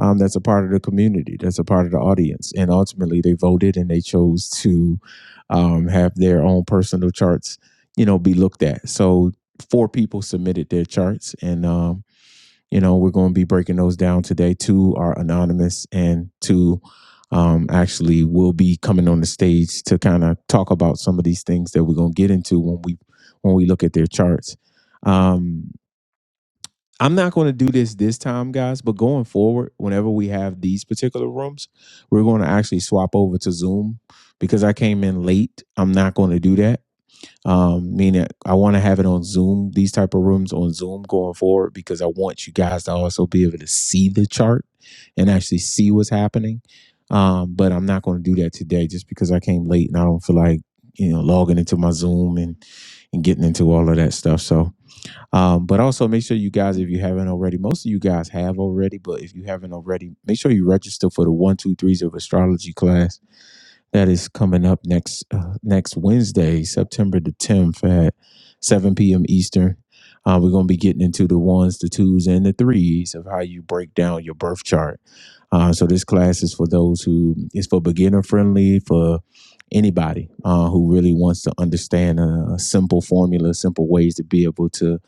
Um, that's a part of the community. That's a part of the audience, and ultimately they voted and they chose to um, have their own personal charts, you know, be looked at. So four people submitted their charts, and um, you know, we're going to be breaking those down today. Two are anonymous, and two um, actually will be coming on the stage to kind of talk about some of these things that we're going to get into when we when we look at their charts. Um, I'm not going to do this this time, guys, but going forward, whenever we have these particular rooms, we're going to actually swap over to Zoom because I came in late. I'm not going to do that um meaning i want to have it on zoom these type of rooms on zoom going forward because i want you guys to also be able to see the chart and actually see what's happening um but i'm not going to do that today just because i came late and i don't feel like you know logging into my zoom and and getting into all of that stuff so um but also make sure you guys if you haven't already most of you guys have already but if you haven't already make sure you register for the one two threes of astrology class that is coming up next uh, next Wednesday, September the 10th at 7 p.m. Eastern. Uh, we're going to be getting into the ones, the twos, and the threes of how you break down your birth chart. Uh, so this class is for those who is for beginner friendly for anybody uh, who really wants to understand a, a simple formula, simple ways to be able to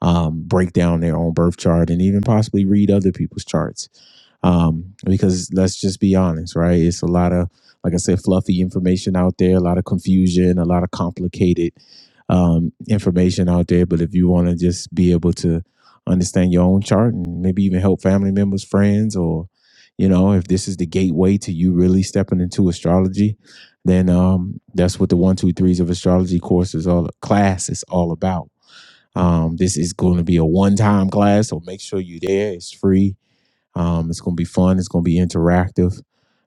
um, break down their own birth chart and even possibly read other people's charts um, because let's just be honest, right? It's a lot of, like I said, fluffy information out there, a lot of confusion, a lot of complicated um, information out there. But if you want to just be able to understand your own chart and maybe even help family members, friends, or you know, if this is the gateway to you really stepping into astrology, then um, that's what the one, two, threes of astrology course is all class is all about. Um, this is going to be a one-time class, so make sure you're there. It's free um, it's going to be fun. It's going to be interactive.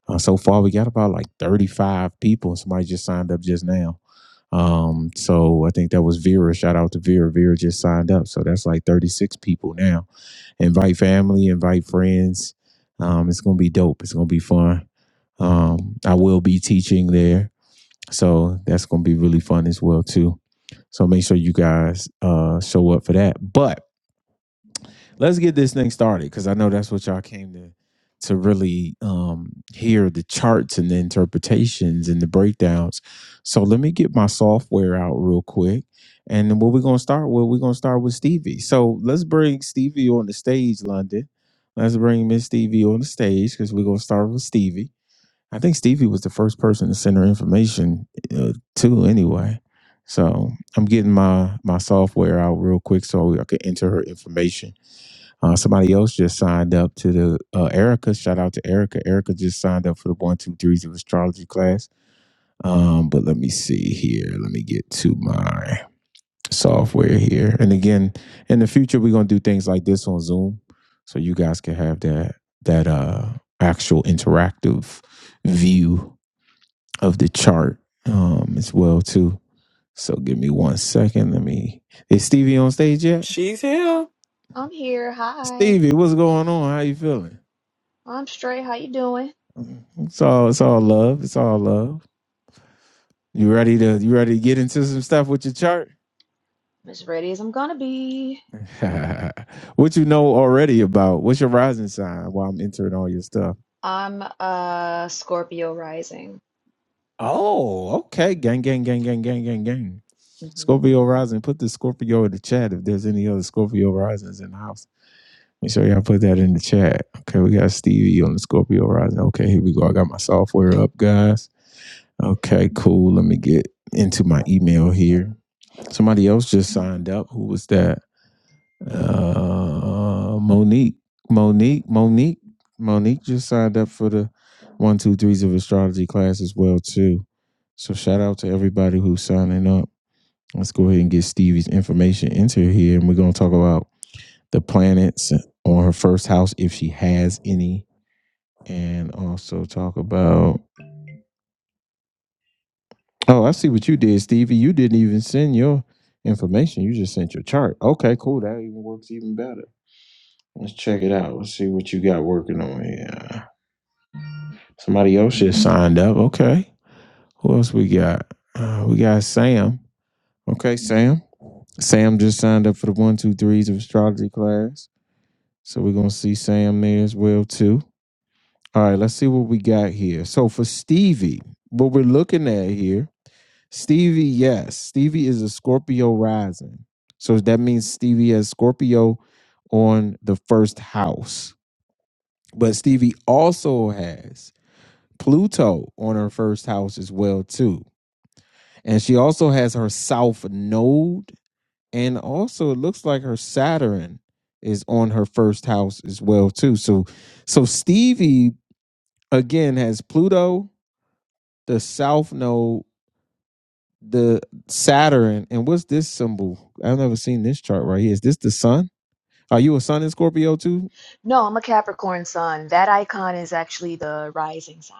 Uh, so far, we got about like 35 people. Somebody just signed up just now. Um, so I think that was Vera. Shout out to Vera. Vera just signed up. So that's like 36 people now. Invite family, invite friends. Um, it's going to be dope. It's going to be fun. Um, I will be teaching there. So that's going to be really fun as well, too. So make sure you guys uh, show up for that. But let's get this thing started because I know that's what y'all came to to really um, hear the charts and the interpretations and the breakdowns. So let me get my software out real quick. And then what we're gonna start with, we're gonna start with Stevie. So let's bring Stevie on the stage, London. Let's bring Miss Stevie on the stage because we're gonna start with Stevie. I think Stevie was the first person to send her information uh, to anyway. So I'm getting my my software out real quick so I can enter her information uh, somebody else just signed up to the uh, Erica. Shout out to Erica. Erica just signed up for the one, two, threes of astrology class. Um, but let me see here. Let me get to my software here. And again, in the future, we're gonna do things like this on Zoom, so you guys can have that that uh actual interactive view of the chart um as well too. So give me one second. Let me. Is Stevie on stage yet?
She's here.
I'm here. Hi.
Stevie, what's going on? How you feeling?
I'm straight. How you doing?
It's all it's all love. It's all love. You ready to you ready to get into some stuff with your chart?
I'm as ready as I'm gonna be.
[laughs] what you know already about? What's your rising sign while I'm entering all your stuff?
I'm a Scorpio rising.
Oh, okay. Gang, gang, gang, gang, gang, gang, gang.
hmm
Scorpio
hmm
rising. Put the Scorpio in the chat if there's any other Scorpio risings in the house. Make sure y'all put that in the chat. Okay, we got Stevie on the Scorpio rising. Okay, here we go. I got my software up, guys. Okay, cool. Let me get into my email here. Somebody else just signed up. Who was that? Uh, Monique. Monique. Monique. Monique just signed up for the one, two, threes of astrology class as well too. So shout out to everybody who's signing up. Let's go ahead and get Stevie's information into here, and we're gonna talk about the planets on her first house if she has any, and also talk about. Oh, I see what you did, Stevie. You didn't even send your information. You just sent your chart. Okay, cool. That even works even better. Let's check it out. Let's see what you got working on here. Somebody else just signed up. Okay. Who else we got? Uh, we got Sam. Okay, Sam. Sam just signed up for the one, two, threes of astrology class. So we're gonna see Sam there as well too. All right, let's see what we got here. So for Stevie, what we're looking at here, Stevie, yes, Stevie is a Scorpio rising. So that means Stevie has Scorpio on the first house. But Stevie also has Pluto on her first house as well too. And she also has her south node and also it looks like her Saturn is on her first house as well too. So so Stevie again has Pluto, the south node, the Saturn, and what's this symbol? I've never seen this chart right here. Is this the sun? Are you a sun in Scorpio too?
No, I'm a Capricorn sun. That icon is actually the rising sign.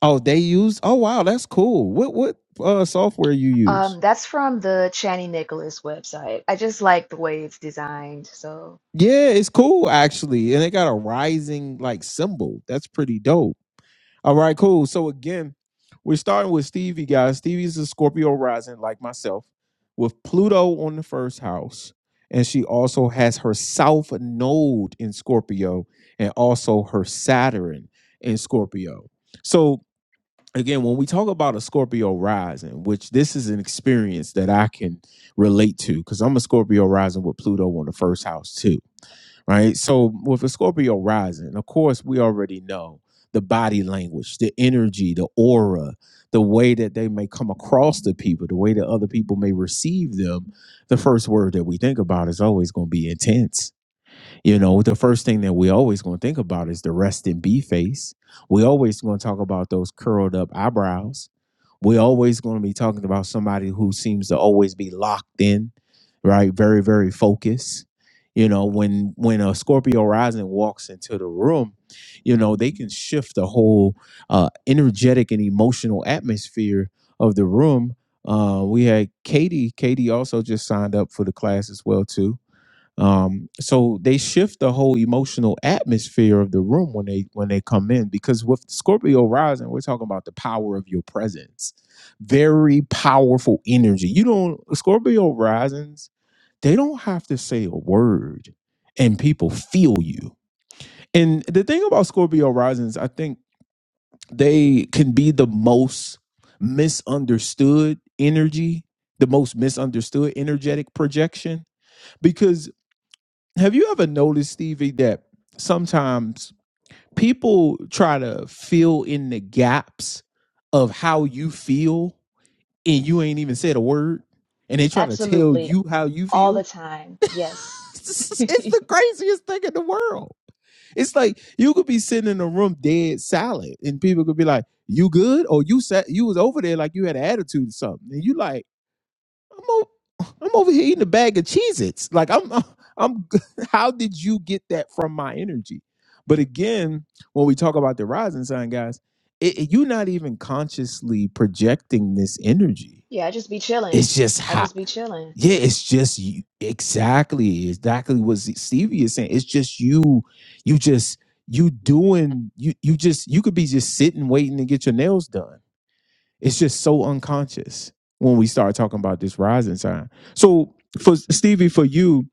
Oh, they use. Oh, wow, that's cool. What what uh, software you use?
Um, that's from the Channy Nicholas website. I just like the way it's designed. So
Yeah, it's cool actually. And they got a rising like symbol. That's pretty dope. All right, cool. So again, we're starting with Stevie, guys. Stevie's a Scorpio rising, like myself, with Pluto on the first house. And she also has her South Node in Scorpio and also her Saturn in Scorpio. So again, when we talk about a Scorpio rising, which this is an experience that I can relate to, because I'm a Scorpio rising with Pluto on the first house too right? So with a Scorpio rising, of course, we already know the body language, the energy, the aura, the way that they may come across to people, the way that other people may receive them. The first word that we think about is always going to be intense you know, the first thing that we always going to think about is the rest in B face. We always going to talk about those curled up eyebrows. We always going to be talking about somebody who seems to always be locked in, right? Very, very focused. You know, when when a Scorpio rising walks into the room, you know they can shift the whole uh, energetic and emotional atmosphere of the room. Uh, we had Katie. Katie also just signed up for the class as well too um so they shift the whole emotional atmosphere of the room when they when they come in because with scorpio rising we're talking about the power of your presence very powerful energy you don't scorpio risings they don't have to say a word and people feel you and the thing about scorpio risings i think they can be the most misunderstood energy the most misunderstood energetic projection because. Have you ever noticed, Stevie, that sometimes people try to fill in the gaps of how you feel and you ain't even said a word and they try to tell
absolutely,
you how you
all the
feel?
time.
[laughs]
Yes.
it's the craziest thing in the world. It's like you could be sitting in a room dead silent and people could be like, You good? Or you sat you was over there like you had an attitude or something. And you like I'm over, I'm over here eating a bag of Cheez-Its. Like I'm I'm [laughs] how did you get that from my energy? But again, when we talk about the rising sign, guys, it, it- you're not even consciously projecting this energy.
Yeah, I just be chilling.
It's just
I
hot.
just be chilling.
Yeah, it's just you. Exactly, exactly what Z- Stevie is saying. It's just you. You just you doing. You you just you could be just sitting waiting to get your nails done it's just so unconscious when we start talking about this rising sign. So for Stevie, for you,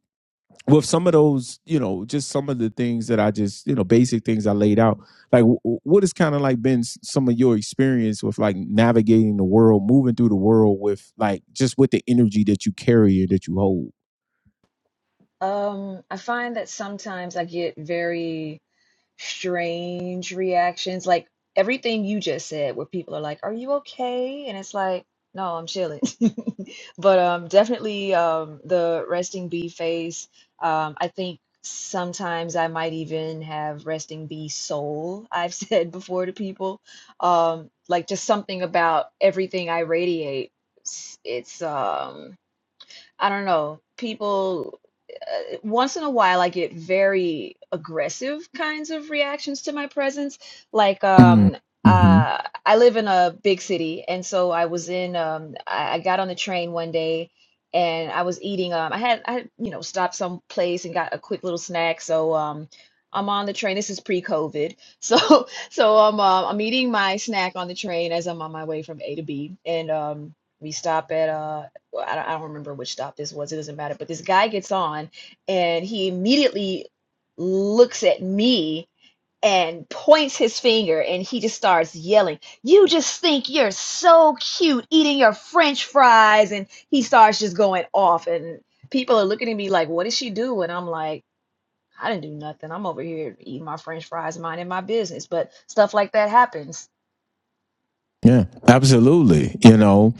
with some of those, you know, just some of the things that I just, you know, basic things I laid out, like w- what has kind of like been s- some of your experience with like navigating the world, moving through the world with like just with the energy that you carry and that you hold?
Um, I find that sometimes I get very strange reactions, like everything you just said, where people are like, "Are you okay?" And it's like, "No, I'm chilling." [laughs] But um, definitely um, the resting bee face. Um, I think sometimes I might even have resting bee soul. I've [laughs] said before to people, um, like just something about everything I radiate. It's it's, um I don't know, people uh, once in a while I get very aggressive kinds of reactions to my presence. Like
Mm,
um
hmm
uh I live in a big city and so I was in um I, I got on the train one day and I was eating um I had I had, you know stopped some place and got a quick little snack so um I'm on the train. This is pre-COVID, so [laughs] so I'm um I'm eating my snack on the train as I'm on my way from A to B, and um, we stop at uh, well, I don't, I don't remember which stop this was. It doesn't matter. But this guy gets on and he immediately looks at me and points his finger and he just starts yelling, You just think you're so cute eating your french fries. And he starts just going off. And people are looking at me like, What did she do? And I'm like, I didn't do nothing. I'm over here eating my french fries, minding my business. But stuff like that happens
Yeah, absolutely. You know,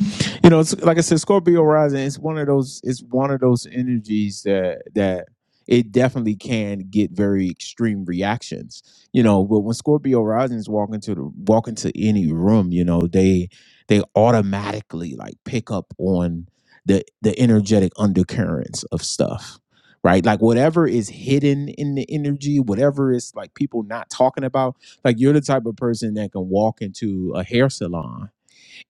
you know, it's, like I said, Scorpio rising. It's one of those. It's one of those energies that that it definitely can get very extreme reactions. You know, but when Scorpio risings walk into the walk into any room, you know, they they automatically like pick up on the the energetic undercurrents of stuff. Right, like whatever is hidden in the energy, whatever is like people not talking about Like you're the type of person that can walk into a hair salon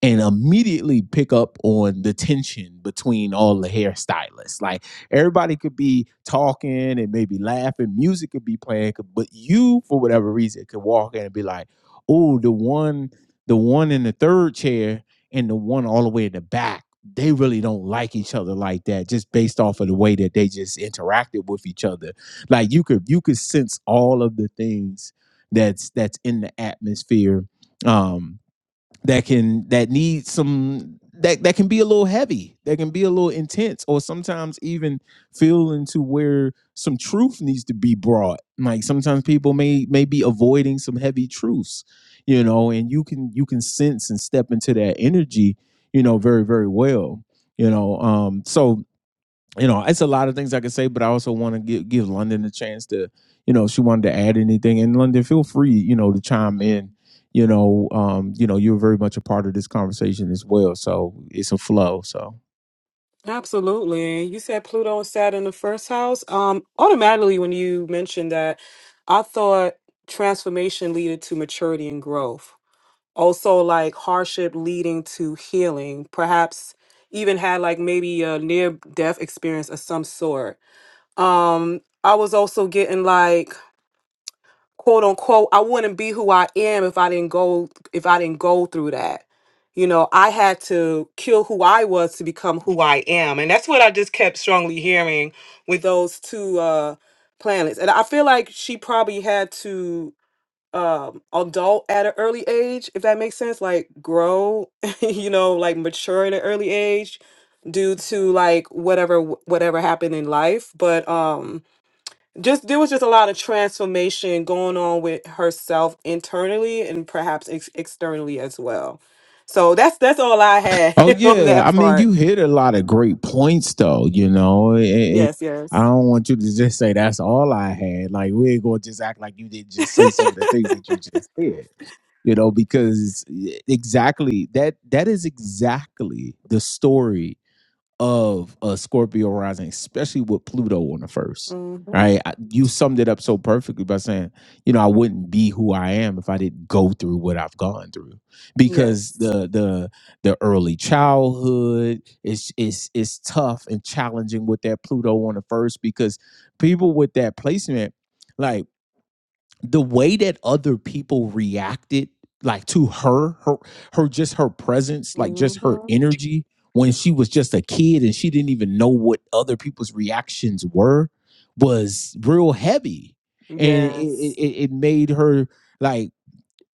and immediately pick up on the tension between all the hairstylists. Like everybody could be talking and maybe laughing, music could be playing, but you, for whatever reason, could walk in and be like, "Oh, the one, the one in the third chair, and the one all the way in the back." They really don't like each other like that, just based off of the way that they just interacted with each other. Like you could you could sense all of the things that's that's in the atmosphere. Um, that can that need some that that can be a little heavy that can be a little intense or sometimes even feel into where some truth needs to be brought like sometimes people may may be avoiding some heavy truths you know and you can you can sense and step into that energy you know very very well you know um so you know, it's a lot of things I could say, but I also want to give, give London a chance to, you know, if she wanted to add anything. And London, feel free, you know, to chime in. You know, um, you know, you're very much a part of this conversation as well. So it's a flow. So.
Absolutely. You said Pluto and Saturn in the first house. Um, automatically when you mentioned that, I thought transformation leaded to maturity and growth. Also like hardship leading to healing. Perhaps even had like maybe a near death experience of some sort. Um, I was also getting like quote unquote i wouldn't be who i am if i didn't go if i didn't go through that you know i had to kill who i was to become who i am and that's what i just kept strongly hearing with those two uh planets and i feel like she probably had to um adult at an early age if that makes sense like grow [laughs] you know like mature at an early age due to like whatever whatever happened in life but um just there was just a lot of transformation going on with herself internally and perhaps ex- externally as well. So that's that's all I had
Oh
[laughs] on
yeah,
that
I mean,
part.
you hit a lot of great points, though. You know, It- it-
Yes,
I
yes.
don't want you to just say that's all I had. Like we're gonna just act like you didn't just say some of the things that you just said. You know, because e-, exactly that that thats exactly the story of a Scorpio rising, especially with Pluto on the first.
hmm
Right, I, you summed it up so perfectly by saying, you know, I wouldn't be who I am if I didn't go through what I've gone through, because
Yes.
the the the early childhood is is is tough and challenging with that Pluto on the first, because people with that placement, like the way that other people reacted like to her her her just her presence like just her
hmm
energy when she was just a kid and she didn't even know what other people's reactions were was real heavy and it it,
Yes.
it made her like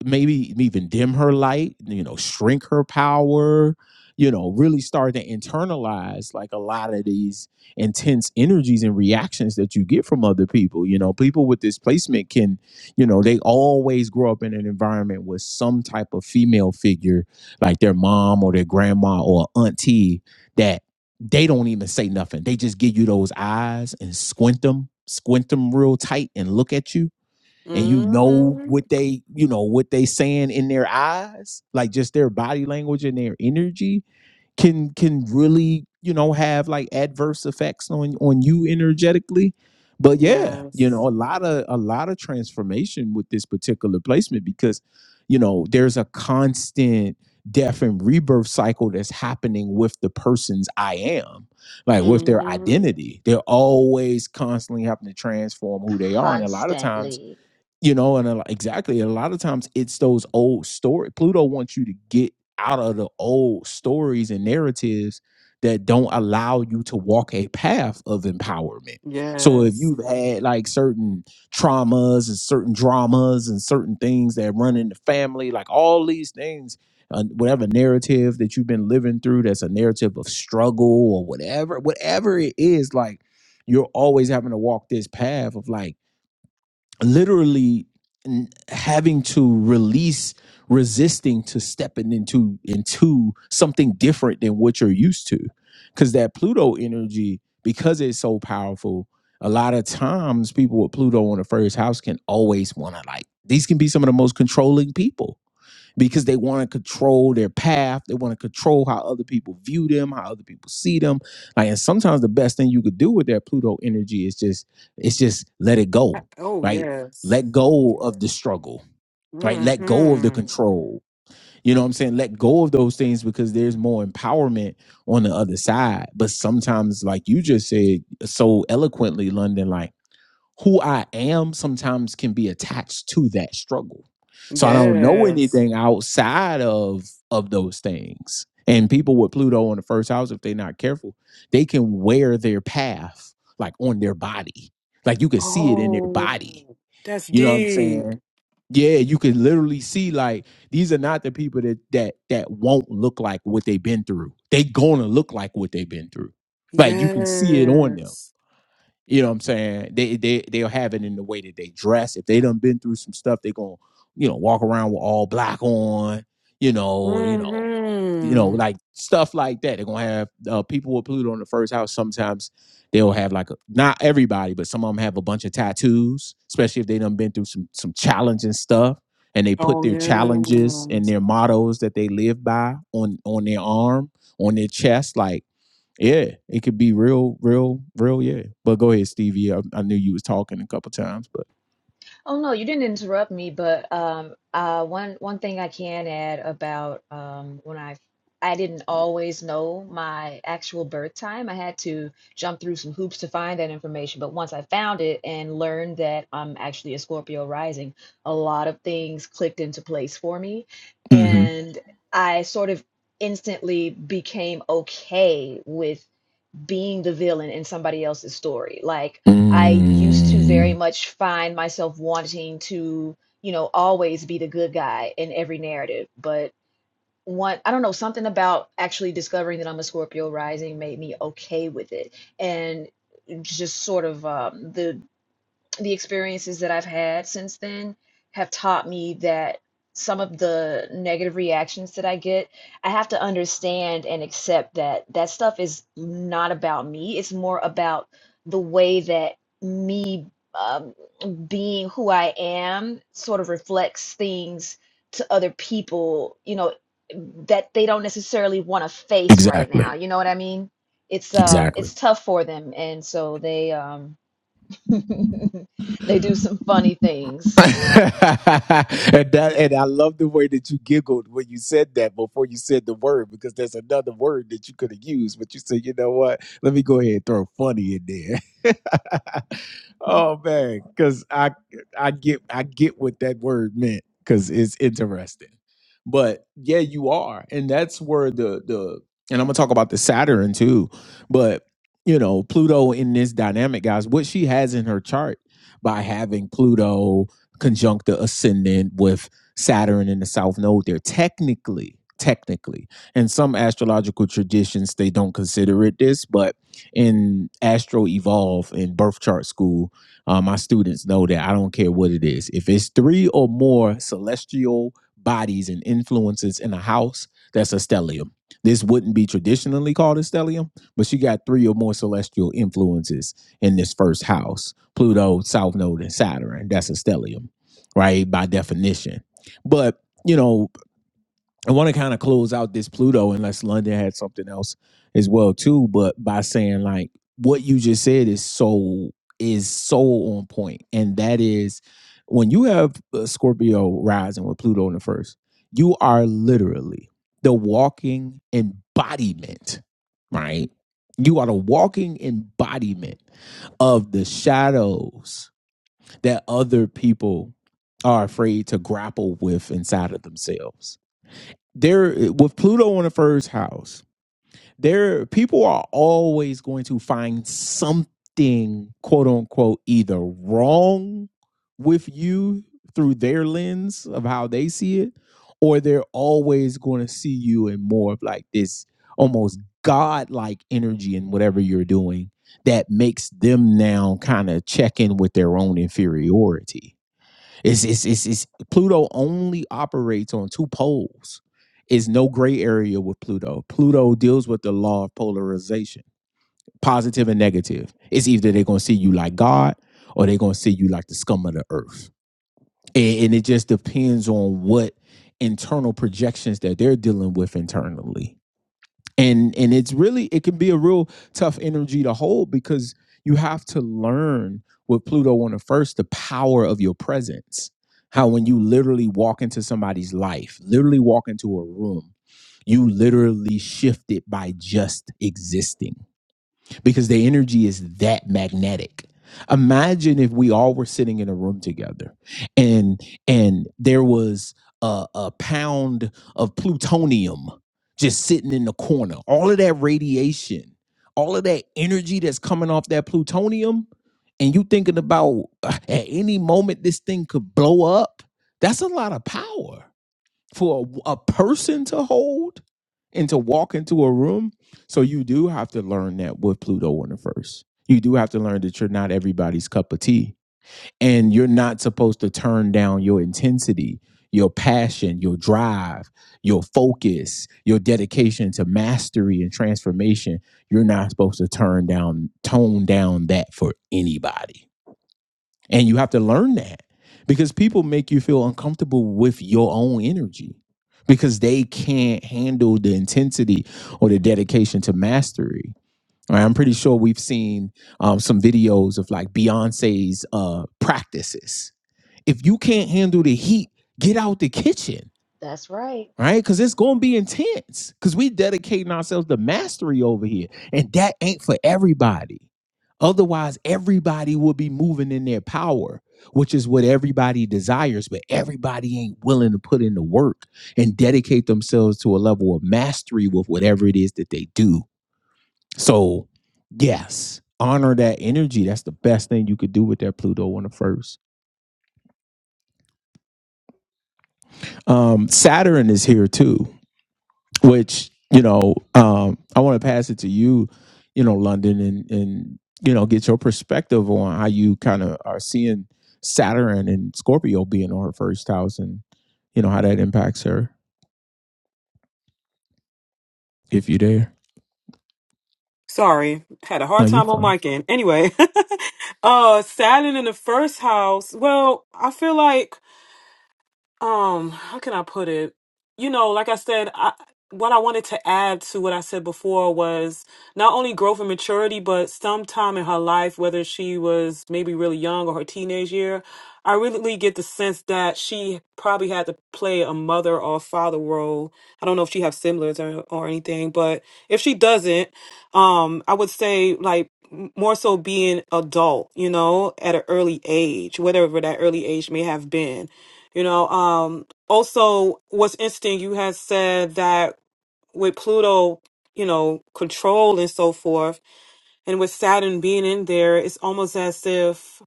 maybe even dim her light, you know, shrink her power, you know, really start to internalize like a lot of these intense energies and reactions that you get from other people. You know, people with displacement can, you know, they always grow up in an environment with some type of female figure, like their mom or their grandma or auntie, that they don't even say nothing. They just give you those eyes and squint them, squint them real tight and look at you and you know
hmm
what they you know what they saying in their eyes like just their body language and their energy can can really you know have like adverse effects on on you energetically but yeah you
Yes.
know a lot of a lot of transformation with this particular placement because you know there's a constant death and rebirth cycle that's happening with the person's i am like with their
hmm
identity they're always constantly having to transform who they are and a lot of times
constantly
you know and a, lo- exactly a lot of times it's those old story pluto wants you to get out of the old stories and narratives that don't allow you to walk a path of empowerment so if
Yes.
you've had like certain traumas and certain dramas and certain things that run in the family like all these things uh, whatever narrative that you've been living through that's a narrative of struggle or whatever whatever it is like you're always having to walk this path of like literally having to release resisting to stepping into into something different than what you're used to because that pluto energy because it's so powerful a lot of times people with pluto on the first house can always want to like these can be some of the most controlling people because they want to control their path. They want to control how other people view them, how other people see them. Like, and sometimes the best thing you could do with that Pluto energy is just, it's just let it
I-
go,
Oh,
right?
yes.
Let go of the struggle, right? Let go of the
hmm
control. You know what I'm saying? Let go of those things because there's more empowerment on the other side. But sometimes, like you just said so eloquently, London, like who I am sometimes can be attached to that struggle. So I don't know
Yes.
anything outside of of those things. And people with Pluto in the first house, if they're not careful, they can wear their path like on their body. Like you can see it in their body.
Oh, that's
You know what I'm
deep.
saying? Yeah, you can literally see like these are not the people that that that won't look like what they've been through. They gonna look like what they've been through. Like you can see it on them.
Yes.
You know what I'm saying? They they they'll have it in the way that they dress. If they done been through some stuff, they gonna, you know, walk around with all black on, you know, you know, you know,
hmm
like stuff like that. They're gonna have uh, people with Pluto in the first house. Sometimes they'll have like a, not everybody, but some of them have a bunch of tattoos, especially if they done been through some some challenging stuff and they put
Oh
their
yeah.
challenges and their mottos that they live by on on their arm, on their chest, like yeah, it could be real, real, real. Yeah, but go ahead, Stevie. I, I knew you was talking a couple times, but
Oh no, you didn't interrupt me, but um, uh, one one thing I can add about um, when I I didn't always know my actual birth time. I had to jump through some hoops to find that information. But once I found it and learned that I'm actually a Scorpio rising, a lot of things clicked into place for me,
hmm
and I sort of instantly became okay with being the villain in somebody else's story. Like I used to very
mm,
much find myself wanting to, you know, always be the good guy in every narrative. But one, I don't know, something about actually discovering that I'm a Scorpio rising made me okay with it, and just sort of um, the the experiences that I've had since then have taught me that some of the negative reactions that I get, I have to understand and accept that that stuff is not about me. It's more about the way that me um, being who I am sort of reflects things to other people, you know, that they don't necessarily want to face right now.
exactly,
You know what I mean? It's um
exactly.
it's tough for them and so they um [laughs] They do some funny
[laughs]
things.
and that and I love the way that you giggled when you said that before you said the word because there's another word that you could have used, but you said, you know what? Let me go ahead and throw funny in there. [laughs] oh man, because I I get I get what that word meant because it's interesting. But yeah, you are, and that's where the the and I'm gonna talk about the Saturn too, but you know Pluto in this dynamic, guys. What she has in her chart by having Pluto conjunct the ascendant with Saturn in the south node there technically technically in some astrological traditions they don't consider it this but in astro evolve in birth chart school uh, my students know that i don't care what it is if it's three or more celestial bodies and influences in a house that's a stellium this wouldn't be traditionally called a stellium but she got three or more celestial influences in this first house pluto south node and saturn that's a stellium right? By definition. But, you know, I want to kind of close out this Pluto unless London had something else as well too, but by saying like what you just said is so is so on point and that is when you have uh, Scorpio rising with Pluto in the first, you are literally the walking embodiment, right? You are the walking embodiment of the shadows that other people are afraid to grapple with inside of themselves. There with Pluto in the first house, there people are always going to find something quote unquote either wrong with you through their lens of how they see it, or they're always going to see you in more of like this almost godlike energy in whatever you're doing that makes them now kind of check in with their own inferiority it's, it's, it's, it's Pluto only operates on two poles. It's no gray area with Pluto. Pluto deals with the law of polarization, positive and negative. It's either they're gonna see you like God or they're gonna see you like the scum of the earth. And, and it just depends on what internal projections that they're dealing with internally and and it's really it can be a real tough energy to hold because you have to learn with pluto on the first the power of your presence how when you literally walk into somebody's life literally walk into a room you literally shift it by just existing because the energy is that magnetic. Imagine if we all were sitting in a room together and and there was a, a pound of plutonium just sitting in the corner. All of that radiation, all of that energy that's coming off that plutonium, and you thinking about uh, at any moment this thing could blow up. That's a lot of power for a, a person to hold and to walk into a room. So you do have to learn that with Pluto in the first. You do have to learn that you're not everybody's cup of tea and you're not supposed to turn down your intensity, your passion, your drive, your focus, your dedication to mastery and transformation. You're not supposed to turn down tone down that for anybody and you have to learn that because people make you feel uncomfortable with your own energy because they can't handle the intensity or the dedication to mastery. All right, I'm pretty sure we've seen um, some videos of like Beyonce's uh, practices. If you can't handle the heat, get out the kitchen
That's right.
right? Because it's gonna be intense. Because we dedicating ourselves to mastery over here, and that ain't for everybody. Otherwise, everybody will be moving in their power, which is what everybody desires. But everybody ain't willing to put in the work and dedicate themselves to a level of mastery with whatever it is that they do. So, yes. Honor that energy. That's the best thing you could do with that Pluto on the first. Um, Saturn is here too. which you know um i want to pass it to you you know london and and you know get your perspective on how you kind of are seeing saturn and scorpio being on her first house and you know how that impacts her if you dare
Sorry, had a
oh
hard
you're
time on
fine
my end. Anyway, [laughs] uh, Saturn in the first house. Well, I feel like um how can i put it you know like i said i what i wanted to add to what i said before was not only growth and maturity but sometime in her life whether she was maybe really young or her teenage year i really get the sense that she probably had to play a mother or father role i don't know if she has siblings or, or anything but if she doesn't um i would say like m- more so being adult you know at an early age whatever that early age may have been you know, um, also what's interesting, you had said that with Pluto, you know, control and so forth, and with Saturn being in there, it's almost as if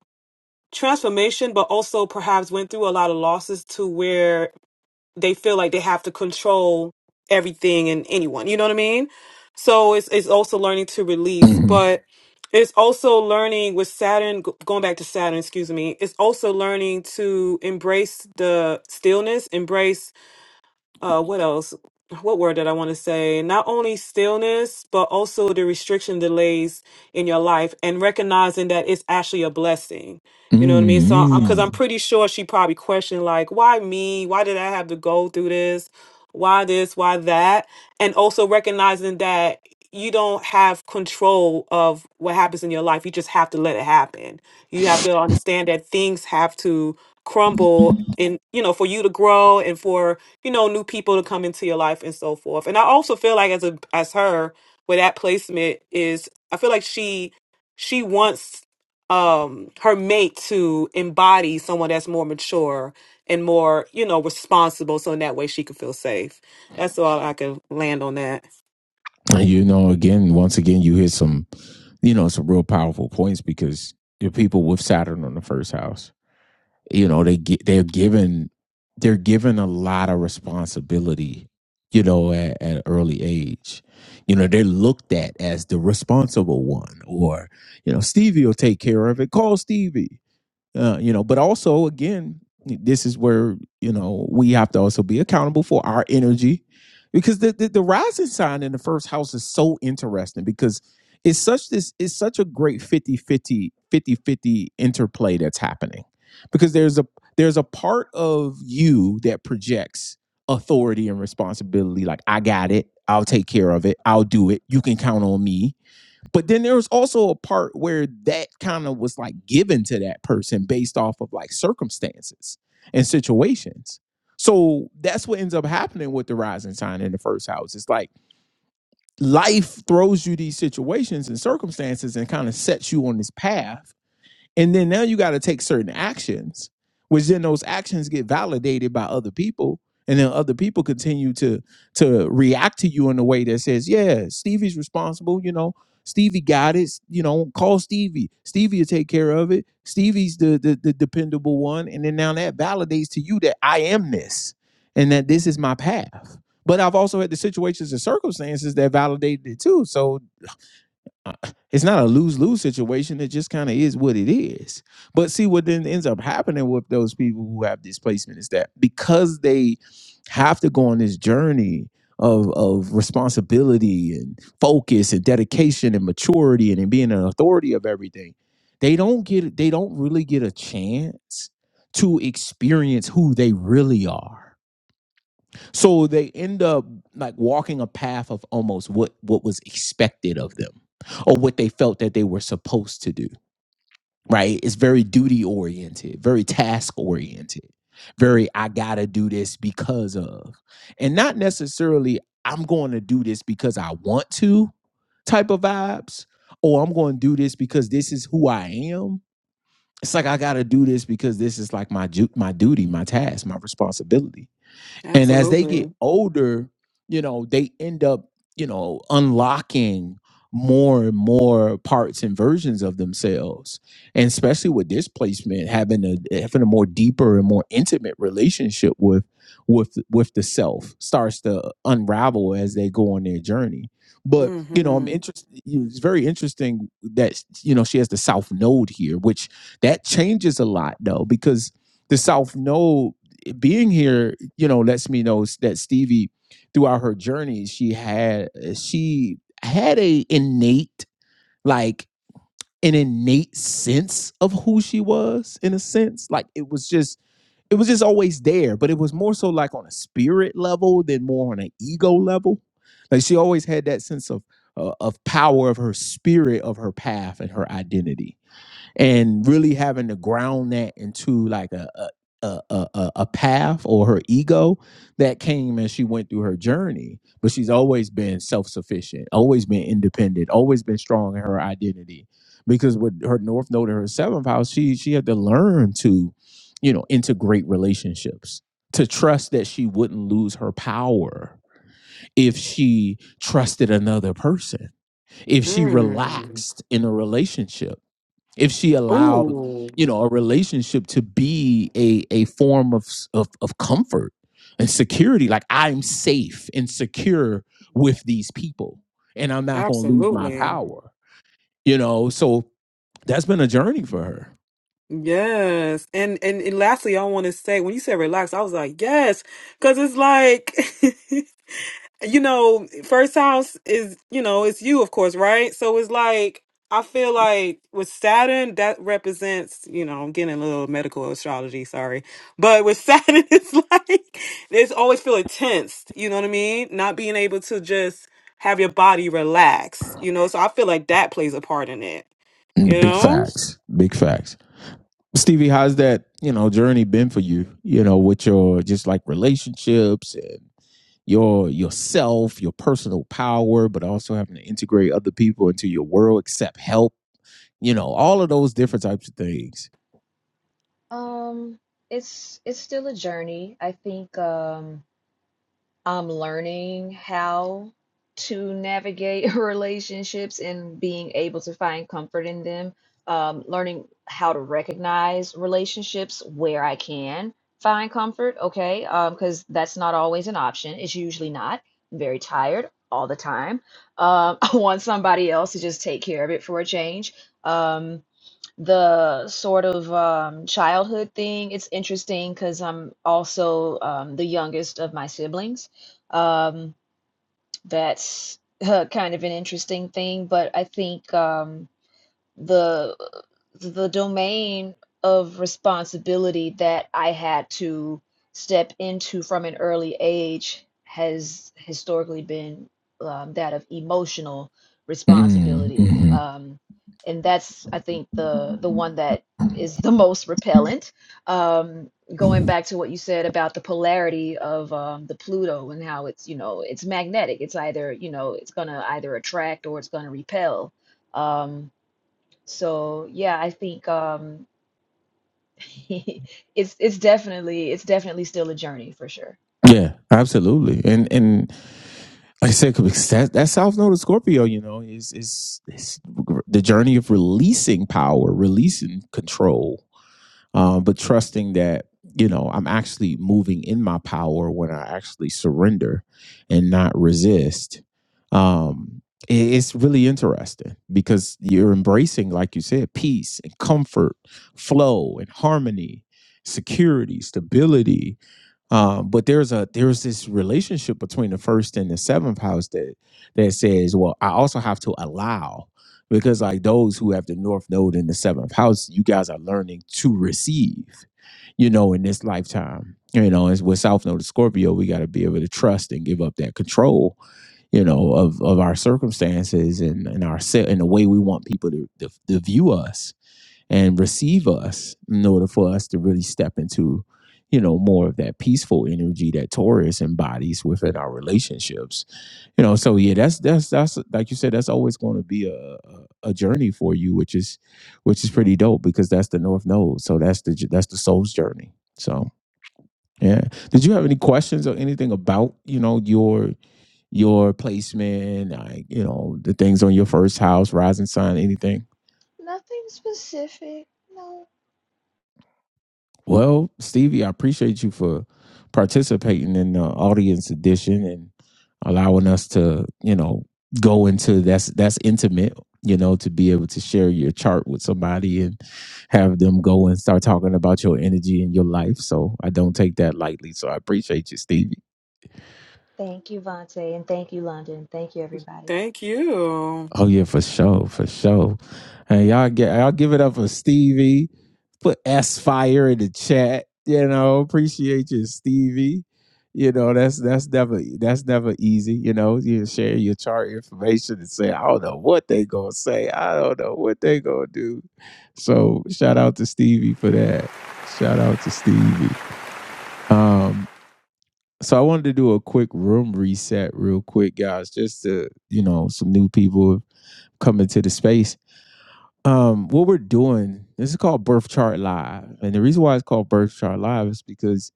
transformation, but also perhaps went through a lot of losses to where they feel like they have to control everything and anyone. You know what I mean? So it's it's also learning to release,
hmm
but it's also learning with Saturn g- going back to Saturn, excuse me. It's also learning to embrace the stillness, embrace uh what else what word did i want to say not only stillness but also the restriction delays in your life and recognizing that it's actually a blessing you know what i mean so because
mm
i'm pretty sure she probably questioned like why me why did i have to go through this why this why that and also recognizing that you don't have control of what happens in your life you just have to let it happen you have to
mm.
understand that things have to crumble and you know for you to grow and for you know, new people to come into your life and so forth. And I also feel like as a as her with that placement is I feel like she she wants um her mate to embody someone that's more mature and more, you know, responsible so in that way she can feel safe. That's all I can land on that.
you know again once again you hit some you know, some real powerful points because the people with Saturn on the first house, you know, they get they're given they're given a lot of responsibility, you know, at, at an early age. You know, they're looked at as the responsible one, or you know, Stevie will take care of it. Call Stevie uh, you know but also again this is where you know we have to also be accountable for our energy because the, the the rising sign in the first house is so interesting because it's such this it's such a great 50 50 50 fifty interplay that's happening because there's a there's a part of you that projects authority and responsibility like i got it i'll take care of it i'll do it you can count on me but then there was also a part where that kind of was like given to that person based off of like circumstances and situations. So that's what ends up happening with the rising sign in the first house. It's like life throws you these situations and circumstances and kind of sets you on this path and then now you got to take certain actions, which then those actions get validated by other people. And then other people continue to to react to you in a way that says, Yeah, Stevie's responsible, you know. Stevie got it. You know, call Stevie. Stevie will take care of it. Stevie's the, the the dependable one. And then now that validates to you that I am this and that this is my path. But I've also had the situations and circumstances that validated it too. So uh, it's not a lose lose situation. It just kind of is what it is. But see, what then ends up happening with those people who have displacement is that because they have to go on this journey of of responsibility and focus and dedication and maturity and, and being an authority of everything, they don't get they don't really get a chance to experience who they really are so they end up like walking a path of almost what what was expected of them or what they felt that they were supposed to do, right? It's very duty oriented, very task oriented. Very I got to do this because of. And not necessarily I'm going to do this because I want to type of vibes or I'm going to do this because this is who I am. It's like I got to do this because this is like my ju- my duty, my task, my responsibility and as they get
Absolutely.
older, you know, they end up, you know, unlocking more and more parts and versions of themselves. And especially with displacement, having a having a more deeper and more intimate relationship with with with the self starts to unravel as they go on their journey. But you know, I'm
Mhm.
interested. It's very interesting that you know she has the South Node here, which that changes a lot though, because the South Node being here, you know, lets me know that Stevie, throughout her journey, she had she had a innate like an innate sense of who she was in a sense. Like it was just it was just always there, but it was more so like on a spirit level than more on an ego level. Like she always had that sense of uh, of power of her spirit, of her path, and her identity and really having to ground that into like a a a, a, a path or her ego that came as she went through her journey but she's always been self-sufficient always been independent always been strong in her identity because with her north node and her seventh house she she had to learn to you know integrate relationships to trust that she wouldn't lose her power if she trusted another person if she
Mm.
relaxed in a relationship if she allowed
Ooh,
you know a relationship to be a a form of s- of, of comfort and security like i'm safe and secure with these people and i'm not going to lose my
absolutely.
power you know so that's been a journey for her
Yes. And, and and lastly, I want to say when you said relax, I was like, yes, because it's like, [laughs] you know, first house is, you know, it's you, of course, right? So it's like, I feel like with Saturn, that represents, you know, I'm getting a little medical astrology, sorry. But with Saturn, [laughs] it's like, it's always feeling tensed, you know what I mean? Not being able to just have your body relax, you know? So I feel like that plays a part in it, you
Mm, big
know?
facts big facts stevie how's that you know journey been for you you know with your just like relationships and your yourself your personal power but also having to integrate other people into your world accept help you know, all of those different types of things.
Um, it's it's still a journey. I think um I'm learning how to navigate [laughs] relationships and being able to find comfort in them. Um, learning how to recognize relationships where I can find comfort, okay? Um, because that's not always an option. It's usually not. I'm very tired all the time. Um, [laughs] I want somebody else to just take care of it for a change. Um, the sort of um, childhood thing. It's interesting because I'm also um, the youngest of my siblings. Um, that's [laughs] kind of an interesting thing, but I think. Um, the the domain of responsibility that I had to step into from an early age has historically been um, that of emotional
Mm,
responsibility,
mhm.
um, and that's I think the the one that is the [laughs] most repellent. Um, going back to what you said about the polarity of um, the Pluto and how it's you know it's magnetic. It's either you know it's gonna either attract or it's gonna repel. Um, so yeah, I think um [laughs] it's it's definitely it's definitely still a journey for sure.
Yeah, absolutely. And and like I said, 'cause that that South Node of Scorpio, you know, is is is the journey of releasing power, releasing control, um, but trusting that you know i'm actually moving in my power when i actually surrender and not resist um, i- it's really interesting because you're embracing like you said peace and comfort flow and harmony security stability um, but there's a there's this relationship between the first and the seventh house that that says, well, I also have to allow because like those who have the north node in the seventh house, you guys are learning to receive, you know, in this lifetime. You know, as with South Node of Scorpio, we got to be able to trust and give up that control, you know, of of our circumstances and and our se- and the way we want people to to, to view us and receive us in order for us to really step into you know more of that peaceful energy that taurus embodies within our relationships you know so yeah that's that's that's like you said that's always going to be a, a a journey for you which is which is pretty dope because that's the north node so that's the that's the soul's journey so yeah did you have any questions or anything about you know your your placement like you know the things on your first house rising sign anything
Nothing specific. No.
Well, Stevie, I appreciate you for participating in the audience edition and allowing us to, you know, go into that's that's intimate, you know, to be able to share your chart with somebody and have them go and start talking about your energy and your life. So I don't take that lightly. So I appreciate you, Stevie.
Thank you, Vontae, and thank you, London. Thank you, everybody.
Thank you.
Oh yeah, for sure, for sure. And y'all get y'all give it up for Stevie. Put S fire in the chat. You know, appreciate you, Stevie. You know, that's that's never that's never easy. You know, you share your chart information and say, I don't know what they gonna say. I don't know what they gonna do. So shout out to Stevie for that. Shout out to Stevie. Um, so I wanted to do a quick room reset real quick, guys, just to, you know, some new people coming to the space um, what we're doing, this is called Birth Chart Live. And the reason why it's called Birth Chart Live is because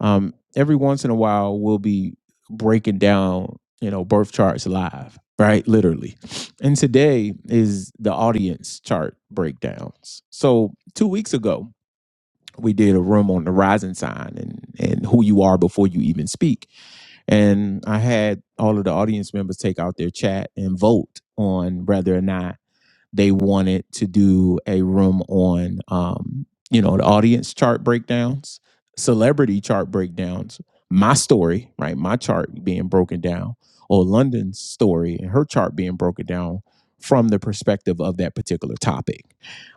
um, every once in a while we'll be breaking down, you know, birth charts live, right? Literally. And today is the audience chart breakdowns. So two weeks ago, we did a room on the rising sign and, and who you are before you even speak. And I had all of the audience members take out their chat and vote on whether or not they wanted to do a room on um, you know the audience chart breakdowns celebrity chart breakdowns my story right my chart being broken down or london's story and her chart being broken down from the perspective of that particular topic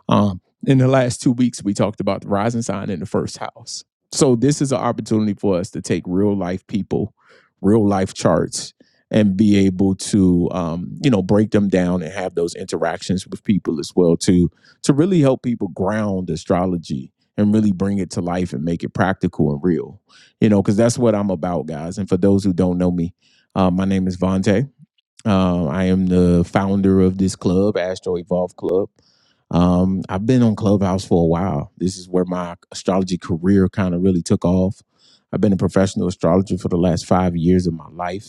um, in the last two weeks we talked about the rising sign in the first house so this is an opportunity for us to take real life people real life charts and be able to um, you know break them down and have those interactions with people as well to to really help people ground astrology and really bring it to life and make it practical and real you know because that's what i'm about guys and for those who don't know me uh, my name is Vontae uh, i am the founder of this club astro evolve club um, I've been on Clubhouse for a while. This is where my astrology career kind of really took off. I've been a professional astrologer for the last five years of my life.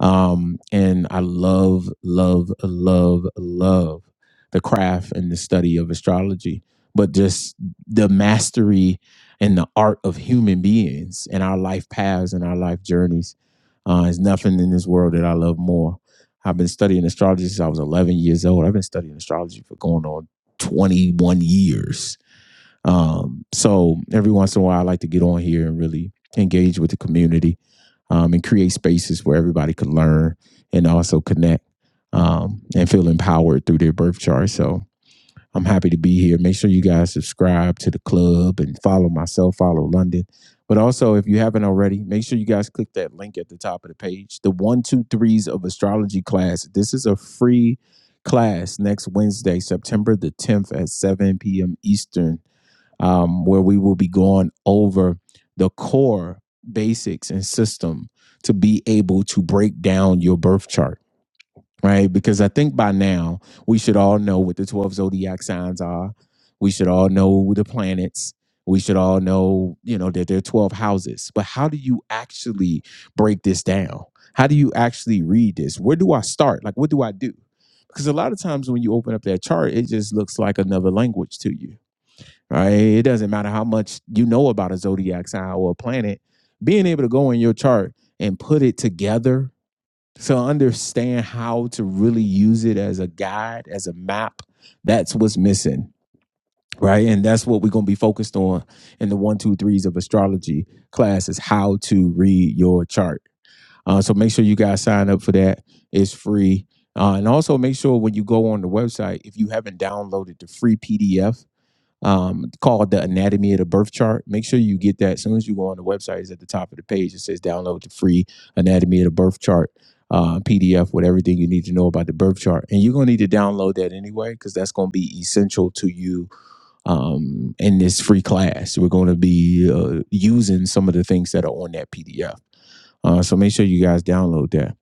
Um, and I love, love, love, love the craft and the study of astrology, but just the mastery and the art of human beings and our life paths and our life journeys. Uh, there's nothing in this world that I love more. I've been studying astrology since I was 11 years old. I've been studying astrology for going on 21 years um, so every once in a while, I like to get on here and really engage with the community um, and create spaces where everybody could learn and also connect um, and feel empowered through their birth chart. So I'm happy to be here. Make sure you guys subscribe to the club and follow myself, follow London. But also, if you haven't already, make sure you guys click that link at the top of the page. The one, two, threes of astrology class. This is a free class next Wednesday, September the 10th at 7 p.m. Eastern um, where we will be going over the core basics and system to be able to break down your birth chart, right? Because I think by now we should all know what the 12 zodiac signs are. We should all know the planets. We should all know, you know, that there are 12 houses. But how do you actually break this down? How do you actually read this? Where do I start? Like, what do I do? Because a lot of times when you open up that chart, it just looks like another language to you right? It doesn't matter how much you know about a zodiac sign or a planet, being able to go in your chart and put it together to understand how to really use it as a guide, as a map, that's what's missing, right? And that's what we're going to be focused on in the one, two, threes of astrology class is how to read your chart. Uh, so make sure you guys sign up for that. It's free. Uh, and also make sure when you go on the website, if you haven't downloaded the free PDF um, called the Anatomy of the Birth Chart. Make sure you get that as soon as you go on the website. It's at the top of the page. It says download the free Anatomy of the Birth Chart uh, PDF with everything you need to know about the birth chart, and you're gonna need to download that anyway because that's gonna be essential to you um, in this free class. We're gonna be uh, using some of the things that are on that PDF. Uh, so make sure you guys download that.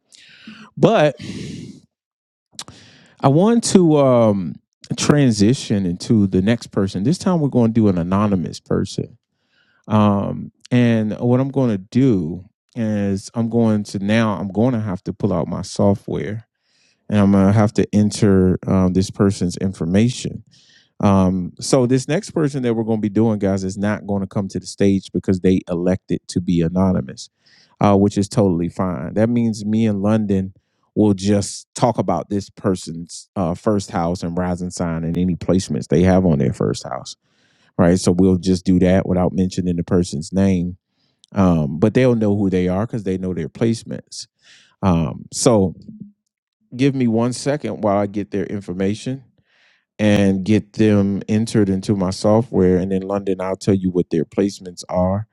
But I want to um, transition into the next person. This time we're going to do an anonymous person Um, and what I'm going to do is I'm going to now I'm going to have to pull out my software and I'm going to have to enter um, this person's information. Um, so this next person that we're going to be doing, guys, is not going to come to the stage because they elected to be anonymous, uh, which is totally fine. That means me and London will just talk about this person's uh, first house and rising sign and any placements they have on their first house, right? So we'll just do that without mentioning the person's name um, but they'll know who they are because they know their placements. Um, so give me one second while I get their information and get them entered into my software, and in London I'll tell you what their placements are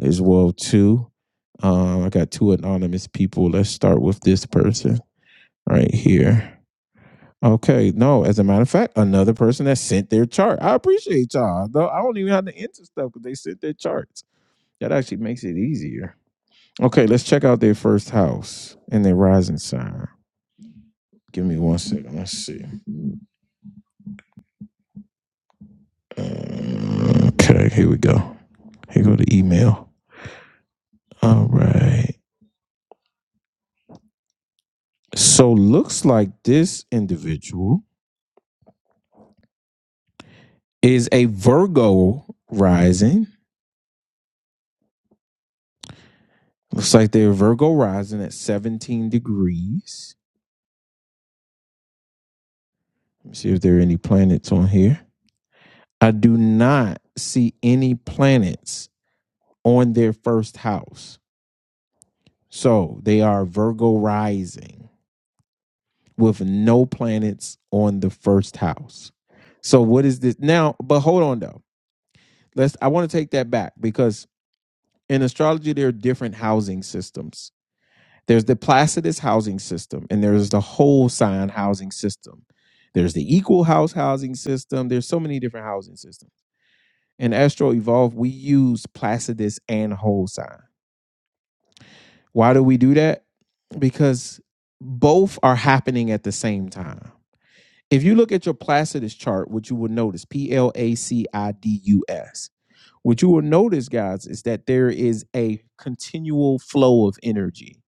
as well too. Um, I got two anonymous people. Let's start with this person right here. Okay, no, as a matter of fact, another person that sent their chart. I appreciate y'all. Though I don't even have to enter stuff because they sent their charts. That actually makes it easier. Okay, let's check out their first house and their rising sign. Give me one second. Let's see. Uh, okay, here we go. Here go the email. All right. So looks like this individual is a Virgo rising. Looks like they're Virgo rising at 17 degrees. Let me see if there are any planets on here. I do not see any planets on their first house. So they are Virgo rising. with no planets on the first house. So what is this now? But hold on though. Let's I want to take that back because in astrology there are different housing systems. There's the Placidus housing system and there's the whole sign housing system. There's the equal house housing system. There's so many different housing systems. In Astro Evolve, we use Placidus and whole sign. Why do we do that? Because both are happening at the same time If you look at your Placidus chart, what you will notice, P L A C I D U S, what you will notice, guys, is that there is a continual flow of energy,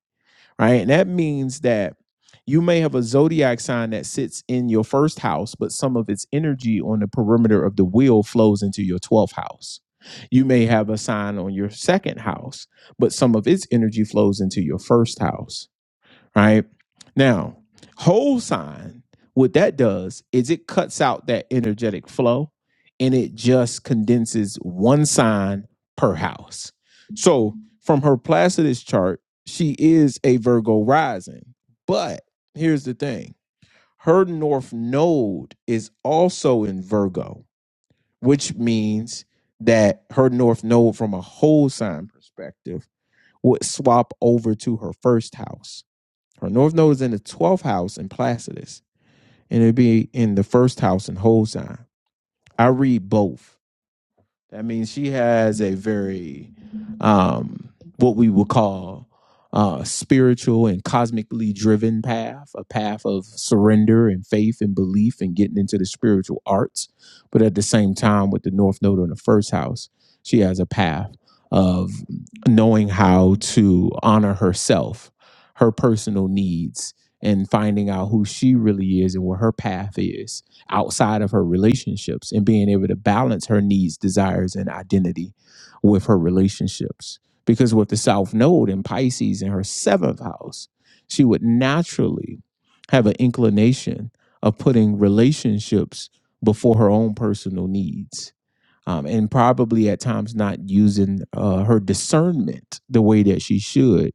right? And that means that you may have a zodiac sign that sits in your first house, but some of its energy on the perimeter of the wheel flows into your 12th house. You may have a sign on your second house, but some of its energy flows into your first house right? Now, whole sign, what that does is it cuts out that energetic flow and it just condenses one sign per house. So from her Placidus chart, she is a Virgo rising. But here's the thing her North Node is also in Virgo, which means that her North Node, from a whole sign perspective, would swap over to her first house her north node is in the 12th house in Placidus, and it'll be in the first house in Holstein. I read both. That means she has a very, um, what we would call, uh, spiritual and cosmically driven path, a path of surrender and faith and belief and getting into the spiritual arts. But at the same time, with the North Node in the first house, she has a path of knowing how to honor herself, her personal needs, and finding out who she really is and what her path is outside of her relationships and being able to balance her needs, desires, and identity with her relationships. Because with the South Node in Pisces in her seventh house, she would naturally have an inclination of putting relationships before her own personal needs um, and probably at times not using uh, her discernment the way that she should,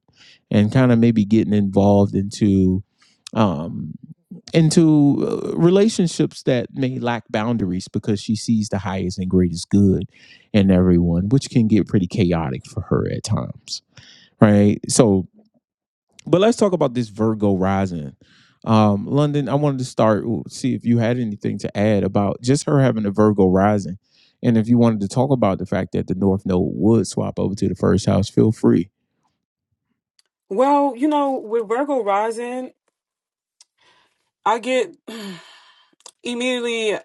and kind of maybe getting involved into um, into uh, relationships that may lack boundaries because she sees the highest and greatest good in everyone, which can get pretty chaotic for her at times, right? So but let's talk about this Virgo rising. Um, London, I wanted to start see if you had anything to add about just her having a Virgo rising. And if you wanted to talk about the fact that the North Node would swap over to the first house, feel free.
Well, you know, with Virgo rising, I get [sighs] [clears throat] immediately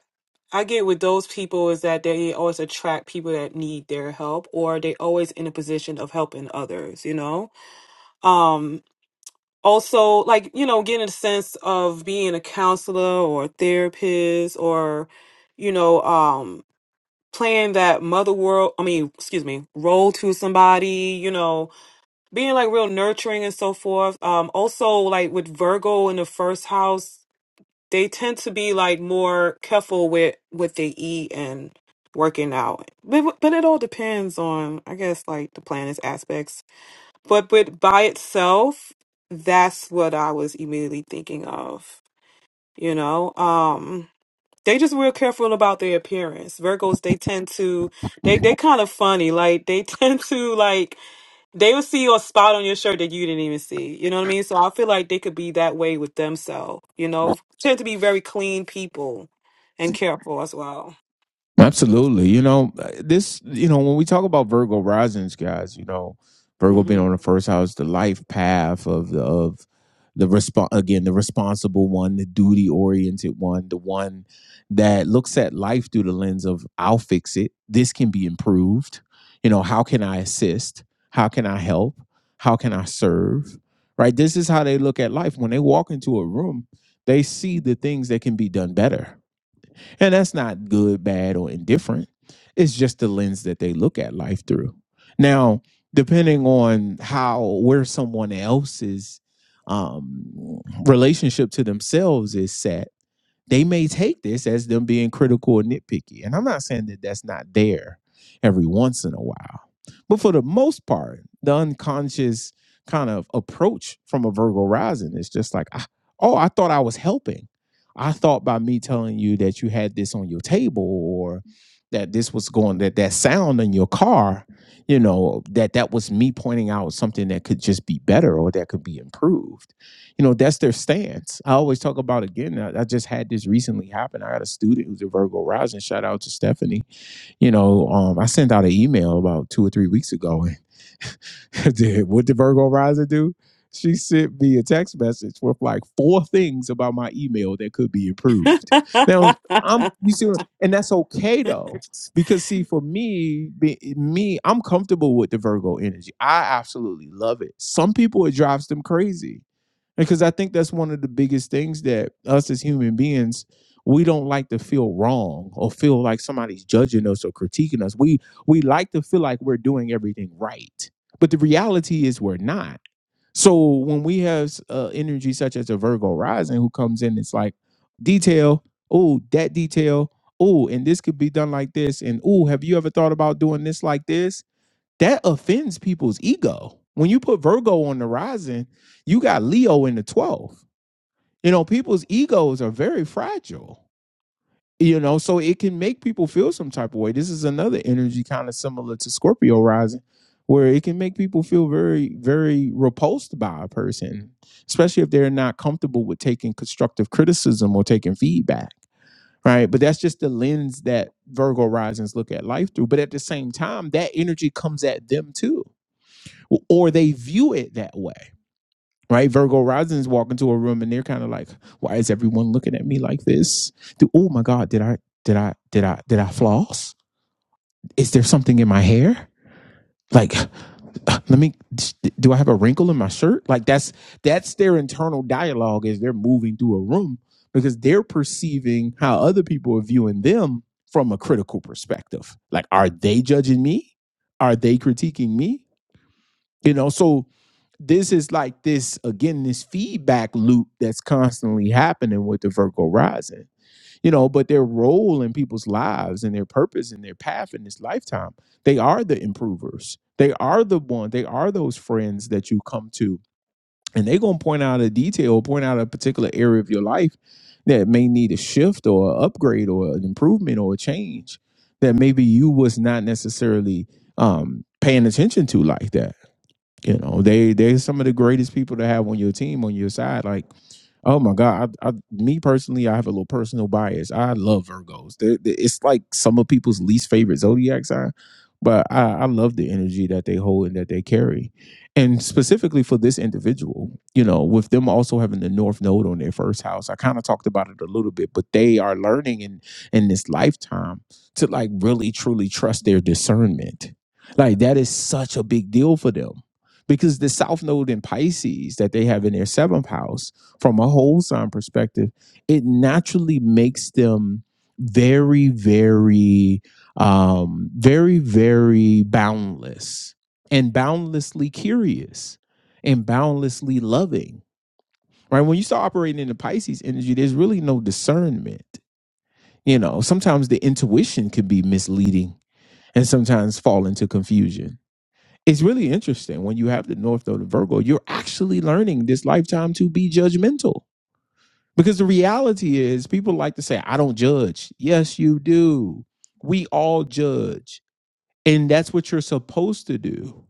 I get with those people is that they always attract people that need their help or they always in a position of helping others, you know? Um also like, you know, getting a sense of being a counselor or a therapist or, you know, um playing that mother world I mean, excuse me, role to somebody, you know, being like real nurturing and so forth. Um, also like with Virgo in the first house. they tend to be like more careful with what they eat and working out. But but it all depends on I guess like the planet's aspects. But but by itself, that's what I was immediately thinking of. You know, um, they just real careful about their appearance. Virgos, they tend to they they kind of funny. Like they [laughs] tend to like they will see a spot on your shirt that you didn't even see. You know what I mean? So I feel like they could be that way with themselves. You know, tend to be very clean people and careful as well.
Absolutely. You know, this, you know, when we talk about Virgo risings, guys, you know, Virgo being
hmm
on the first house, the life path of the, of the response, again, the responsible one, the duty oriented one, the one that looks at life through the lens of I'll fix it. This can be improved. You know, how can I assist? How can I help? How can I serve? Right. This is how they look at life. When they walk into a room, they see the things that can be done better and that's not good, bad, or indifferent. It's just the lens that they look at life through. Now, depending on how where someone else's um, relationship to themselves is set, they may take this as them being critical or nitpicky. And I'm not saying that that's not there every once in a while, but for the most part, the unconscious kind of approach from a Virgo rising is just like, "Ah, oh, I thought I was helping. I thought by me telling you that you had this on your table or that this was going that that sound in your car, you know, that that was me pointing out something that could just be better or that could be improved. You know, that's their stance. I always talk about again. I, I just had this recently happen. I had a student who's a Virgo rising. Shout out to Stephanie you know, um, I sent out an email about two or three weeks ago, and [laughs] did what did Virgo Rising do? She sent me a text message with like four things about my email that could be
[laughs]
improved. Now I'm, you see, what- and that's okay though, because see, for me, be, me, I'm comfortable with the Virgo energy. I absolutely love it. Some people it drives them crazy because I think that's one of the biggest things that us as human beings, we don't like to feel wrong or feel like somebody's judging us or critiquing us. We we like to feel like we're doing everything right. But the reality is we're not. So when we have uh, energy such as a Virgo rising who comes in, it's like detail, oh, that detail, oh, and this could be done like this, and oh, have you ever thought about doing this like this? that offends people's ego. When you put Virgo on the rising, you got Leo in the 12th. You know, people's egos are very fragile. You know, so it can make people feel some type of way. This is another energy kind of similar to Scorpio rising, where it can make people feel very, very repulsed by a person, especially if they're not comfortable with taking constructive criticism or taking feedback. Right. But that's just the lens that Virgo risings look at life through. But at the same time, that energy comes at them too or they view it that way, right? Virgo risings walk into a room and they're kind of like, "Why is everyone looking at me like this? Do, oh my God, did I did I did I did I floss? Is there something in my hair? Like, uh, let me do I have a wrinkle in my shirt? Like that's that's their internal dialogue as they're moving through a room because they're perceiving how other people are viewing them from a critical perspective. Like, are they judging me? Are they critiquing me? You know, so this is like this again this feedback loop that's constantly happening with the virgo rising you know but their role in people's lives and their purpose and their path in this lifetime they are the improvers they are the one they are those friends that you come to and they're going to point out a detail point out a particular area of your life that may need a shift or an upgrade or an improvement or a change that maybe you was not necessarily um paying attention to like that you know, they they're some of the greatest people to have on your team on your side. Like Oh my God. I, I, me personally, I have a little personal bias. I love Virgos. They're, they it's like some of people's least favorite zodiac sign, but I, I love the energy that they hold and that they carry. And specifically for this individual, you know, with them also having the North Node on their first house, I kind of talked about it a little bit, but they are learning in, in this lifetime to like really truly trust their discernment. Like that is such a big deal for them because the South Node in Pisces that they have in their seventh house from a whole sign perspective, it naturally makes them very, very, um, very, very boundless and boundlessly curious and boundlessly loving. Right? When you start operating in the Pisces energy, there's really no discernment. You know, sometimes the intuition can be misleading and sometimes fall into confusion. It's really interesting when you have the North Node of Virgo, you're actually learning this lifetime to be judgmental because the reality is, people like to say, I don't judge. Yes, you do. We all judge. And that's what you're supposed to do,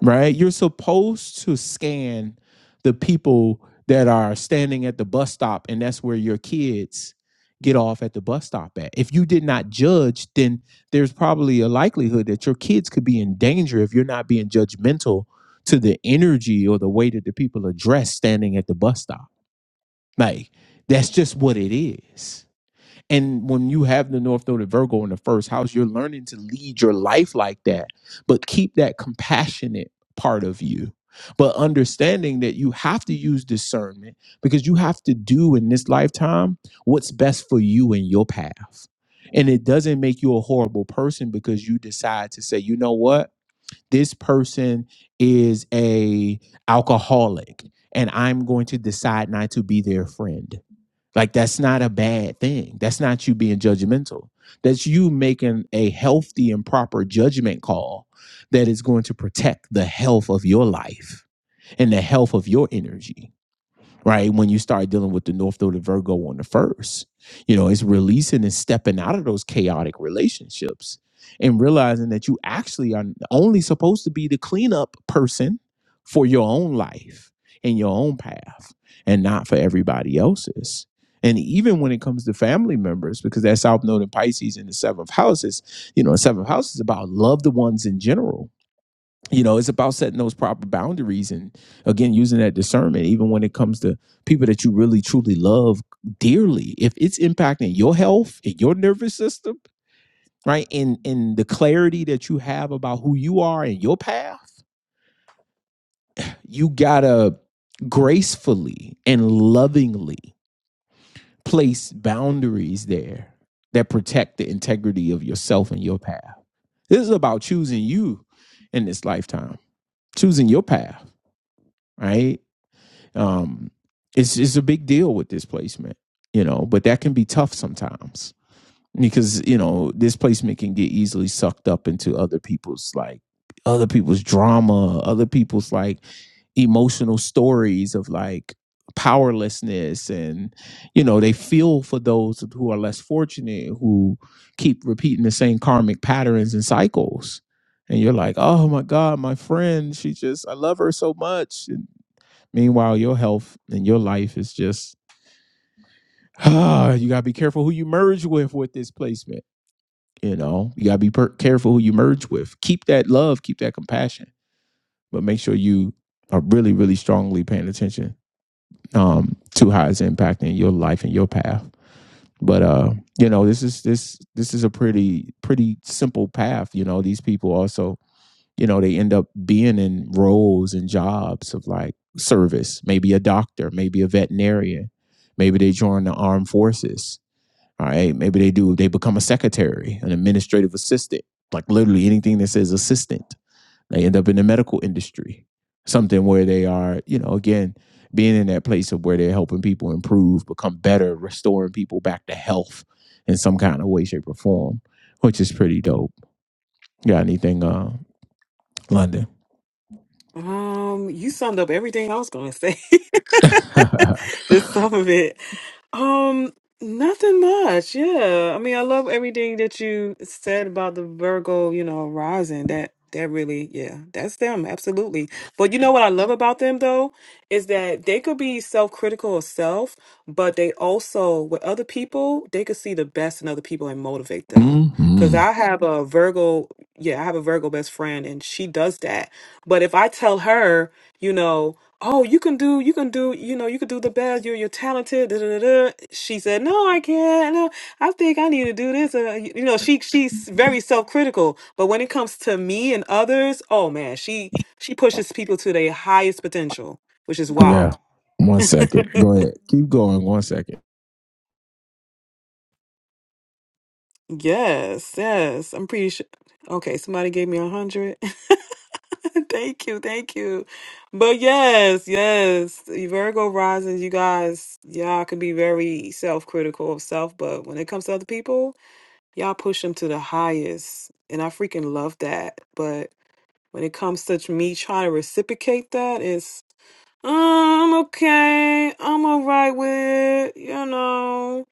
right? You're supposed to scan the people that are standing at the bus stop, and that's where your kids get off at the bus stop at. If you did not judge, then there's probably a likelihood that your kids could be in danger if you're not being judgmental to the energy or the way that the people are dressed standing at the bus stop like that's just what it is. And when you have the North Node of Virgo in the first house, you're learning to lead your life like that, but keep that compassionate part of you. But understanding that you have to use discernment because you have to do in this lifetime what's best for you and your path. And it doesn't make you a horrible person because you decide to say, you know what? This person is a alcoholic and I'm going to decide not to be their friend like that's not a bad thing. That's not you being judgmental. That's you making a healthy and proper judgment call that is going to protect the health of your life and the health of your energy right? When you start dealing with the North Node of Virgo on the first, you know, it's releasing and stepping out of those chaotic relationships and realizing that you actually are only supposed to be the cleanup person for your own life and your own path and not for everybody else's. And even when it comes to family members, because that South Node in Pisces in the seventh house is, you know, the seventh house is about loved ones in general you know it's about setting those proper boundaries and again using that discernment even when it comes to people that you really truly love dearly if it's impacting your health and your nervous system right and and the clarity that you have about who you are and your path you gotta gracefully and lovingly place boundaries there that protect the integrity of yourself and your path this is about choosing you in this lifetime choosing your path right Um, it's it's a big deal with displacement, you know, but that can be tough sometimes because you know displacement can get easily sucked up into other people's like other people's drama, other people's like emotional stories of like powerlessness and you know they feel for those who are less fortunate who keep repeating the same karmic patterns and cycles and you're like oh my god my friend she just i love her so much Meanwhile, your health and your life is just ah, you gotta be careful who you merge with with this placement. You know, you gotta be per- careful who you merge with. Keep that love, keep that compassion, but make sure you are really, really strongly paying attention um, to how it's impacting your life and your path. But uh, you know, this is this this is a pretty pretty simple path. You know, these people also you know they end up being in roles and jobs of like service maybe a doctor maybe a veterinarian maybe they join the armed forces all right maybe they do they become a secretary an administrative assistant like literally anything that says assistant they end up in the medical industry something where they are you know again being in that place of where they're helping people improve become better restoring people back to health in some kind of way shape or form which is pretty dope You got anything uh london
um, you summed up everything I was going to say. [laughs] [laughs]
[laughs]
Just some of it. Um, nothing much. Yeah. I mean, I love everything that you said about the Virgo, you know, rising. That that really, yeah, that's them, absolutely. But you know what I love about them though is that they could be self-critical of self, but they also with other people, they could see the best in other people and motivate them. Cuz
hmm
I have a Virgo, yeah, I have a Virgo best friend and she does that. But if I tell her, you know, oh, you can do, you can do, you know, you can do the best. You're, you're talented. Da, da, da, da. She said, no, I can't. No, I think I need to do this. Uh, you you know, she she's very self critical. But when it comes to me and others, oh man, she she pushes people to their highest potential, which is wow.
Yeah. One second. Go ahead. Keep going. One second.
Yes, yes, I'm pretty sure. Okay, somebody gave me a hundred. [laughs] thank you, thank you. But yes, yes, you Virgo rising, you guys, y'all can be very self-critical of self, but when it comes to other people, Y'all push them to the highest. And I freaking love that. But when it comes to me trying to reciprocate that, it's, "Oh, I'm okay. I'm all right with it. You know,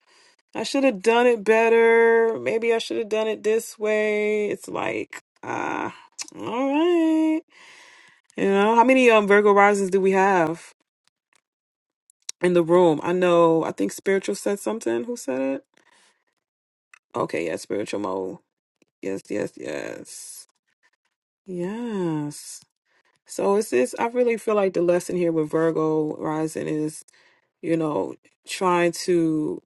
I should have done it better. Maybe I should have done it this way. It's like, ah, all right. You know, how many um, Virgo risings do we have in the room? I know, I think Spiritual said something. Who said it? Okay, yeah, Spiritual Mode. Yes, yes, yes. Yes. So it's this I really feel like the lesson here with Virgo rising is, you know, trying to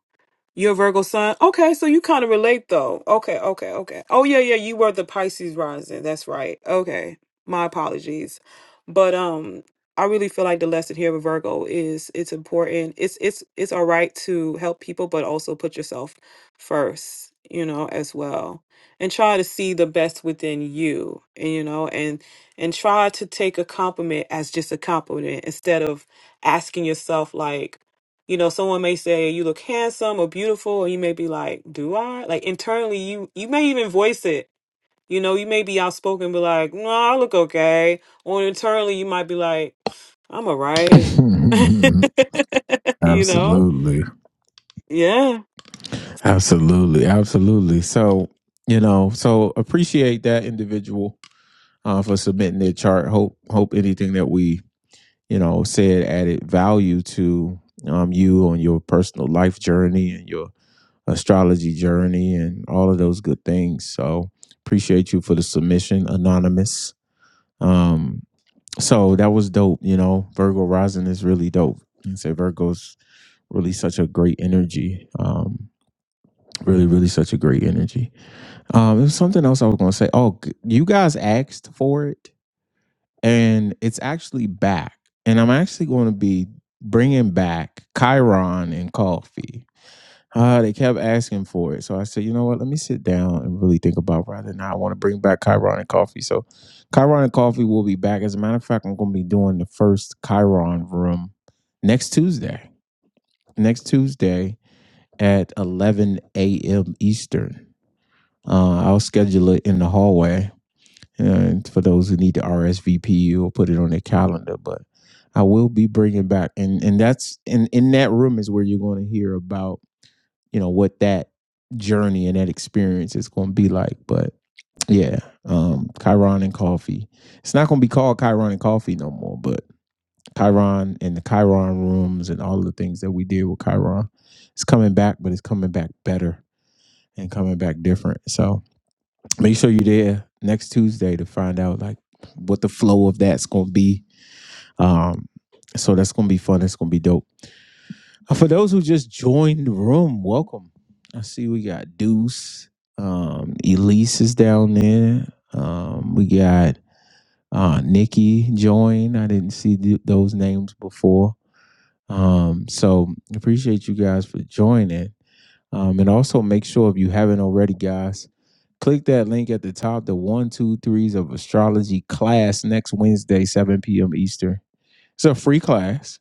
you're a Virgo sign. Okay, so you kind of relate though. Okay, okay, okay. Oh yeah, yeah, you were the Pisces rising. That's right. Okay. My apologies. But um I really feel like the lesson here with Virgo is it's important. It's it's it's all right to help people but also put yourself first, you know, as well. And try to see the best within you, and you know, and and try to take a compliment as just a compliment instead of asking yourself like you know someone may say you look handsome or beautiful and you may be like do i like internally you you may even voice it you know you may be outspoken be like no i look okay or internally you might be like i'm all right [laughs]
[laughs]
you know
Absolutely.
yeah
Absolutely. Absolutely. So, you know, so appreciate that individual uh, for submitting their chart. Hope hope anything that we, you know, said added value to um you on your personal life journey and your astrology journey and all of those good things. So appreciate you for the submission, anonymous. Um, so that was dope. You know, Virgo rising is really dope. And say Virgo's really such a great energy. Um, really, really such a great energy. Um, there's something else I was gonna say. Oh, g- you guys asked for it, and it's actually back. And I'm actually going to be bringing back Chiron and coffee. Uh, they kept asking for it. So I said, you know what? Let me sit down and really think about rather than I want to bring back Chiron and Coffee. So Chiron and Coffee will be back. As a matter of fact, I'm going to be doing the first Chiron room next Tuesday. Next Tuesday at 11 a.m. Eastern. Uh, I'll schedule it in the hallway. And for those who need to RSVP, you'll put it on their calendar. But I will be bringing back, and and that's in in that room is where you're going to hear about you know what that journey and that experience is going to be like. But yeah, um, Chiron and coffee. It's not going to be called Chiron and coffee no more, but Chiron and the Chiron rooms and all of the things that we did with Chiron, it's coming back, but it's coming back better and coming back different. So make sure you're there next Tuesday to find out like what the flow of that's going to be. Um, so that's going to be fun. It's going to be dope. Uh, For those who just joined the room, welcome. I see we got Deuce. Um, Elise is down there. Um, we got uh, Nikki joined. I didn't see th- those names before. Um, so appreciate you guys for joining. Um, and also make sure if you haven't already, guys, click that link at the top, the one, two, threes of astrology class next Wednesday, 7 p.m. Eastern. It's a free class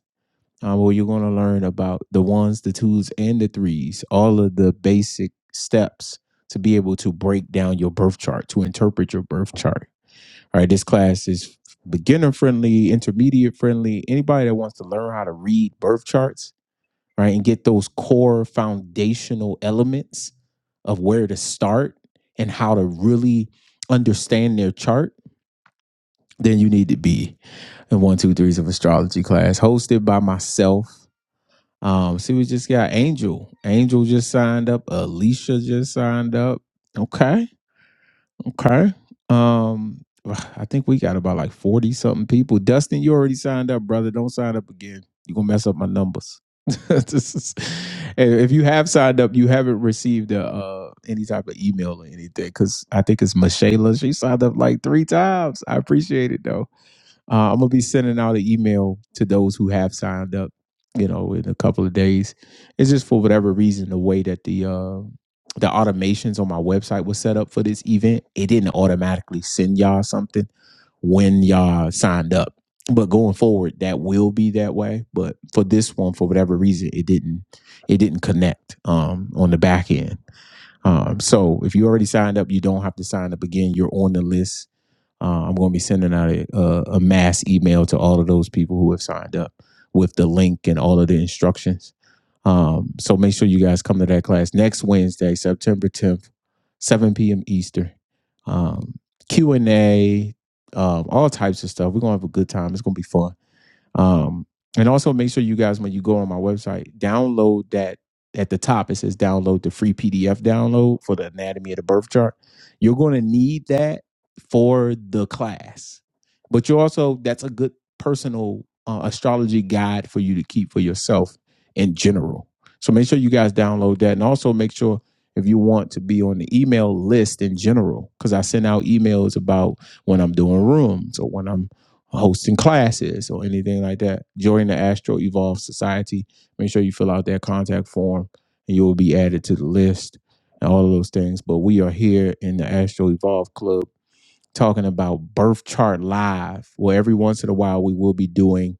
um, where you're going to learn about the ones, the twos, and the threes, all of the basic steps to be able to break down your birth chart, to interpret your birth chart. All right, this class is beginner friendly, intermediate friendly. Anybody that wants to learn how to read birth charts, right, and get those core foundational elements of where to start and how to really understand their chart, then you need to be in one, two, threes of astrology class hosted by myself um, see, we just got Angel. Angel just signed up. Alicia just signed up. Okay, okay. Um, I think we got about like forty something people. Dustin, you already signed up, brother. Don't sign up again. You are gonna mess up my numbers. [laughs] this is, if you have signed up, you haven't received a, uh, any type of email or anything because I think it's Michaela. She signed up like three times. I appreciate it though. Uh, I'm gonna be sending out an email to those who have signed up. You know, in a couple of days. It's just for whatever reason the way that the uh, the automations on my website was set up for this event. It didn't automatically send y'all something when y'all signed up. But going forward, that will be that way. But for this one, for whatever reason, it didn't it didn't connect um, on the back end. Um, so if you already signed up, you don't have to sign up again. You're on the list uh, I'm going to be sending out a, a, a mass email to all of those people who have signed up with the link and all of the instructions. Um, so make sure you guys come to that class next Wednesday, September 10th, 7 p.m. Eastern. Um, Q and A, um, all types of stuff. We're gonna have a good time. It's gonna be fun. Um, and also make sure you guys, when you go on my website, download that at the top. It says download the free PDF download for the anatomy of the birth chart. You're going to need that for the class, but you also, that's a good personal uh, astrology guide for you to keep for yourself in general. So make sure you guys download that and also make sure if you want to be on the email list in general, because I send out emails about when I'm doing rooms or when I'm hosting classes or anything like that. Join the Astro Evolve Society. Make sure you fill out that contact form and you will be added to the list and all of those things. But we are here in the Astro Evolve Club talking about Birth Chart Live, where every once in a while we will be doing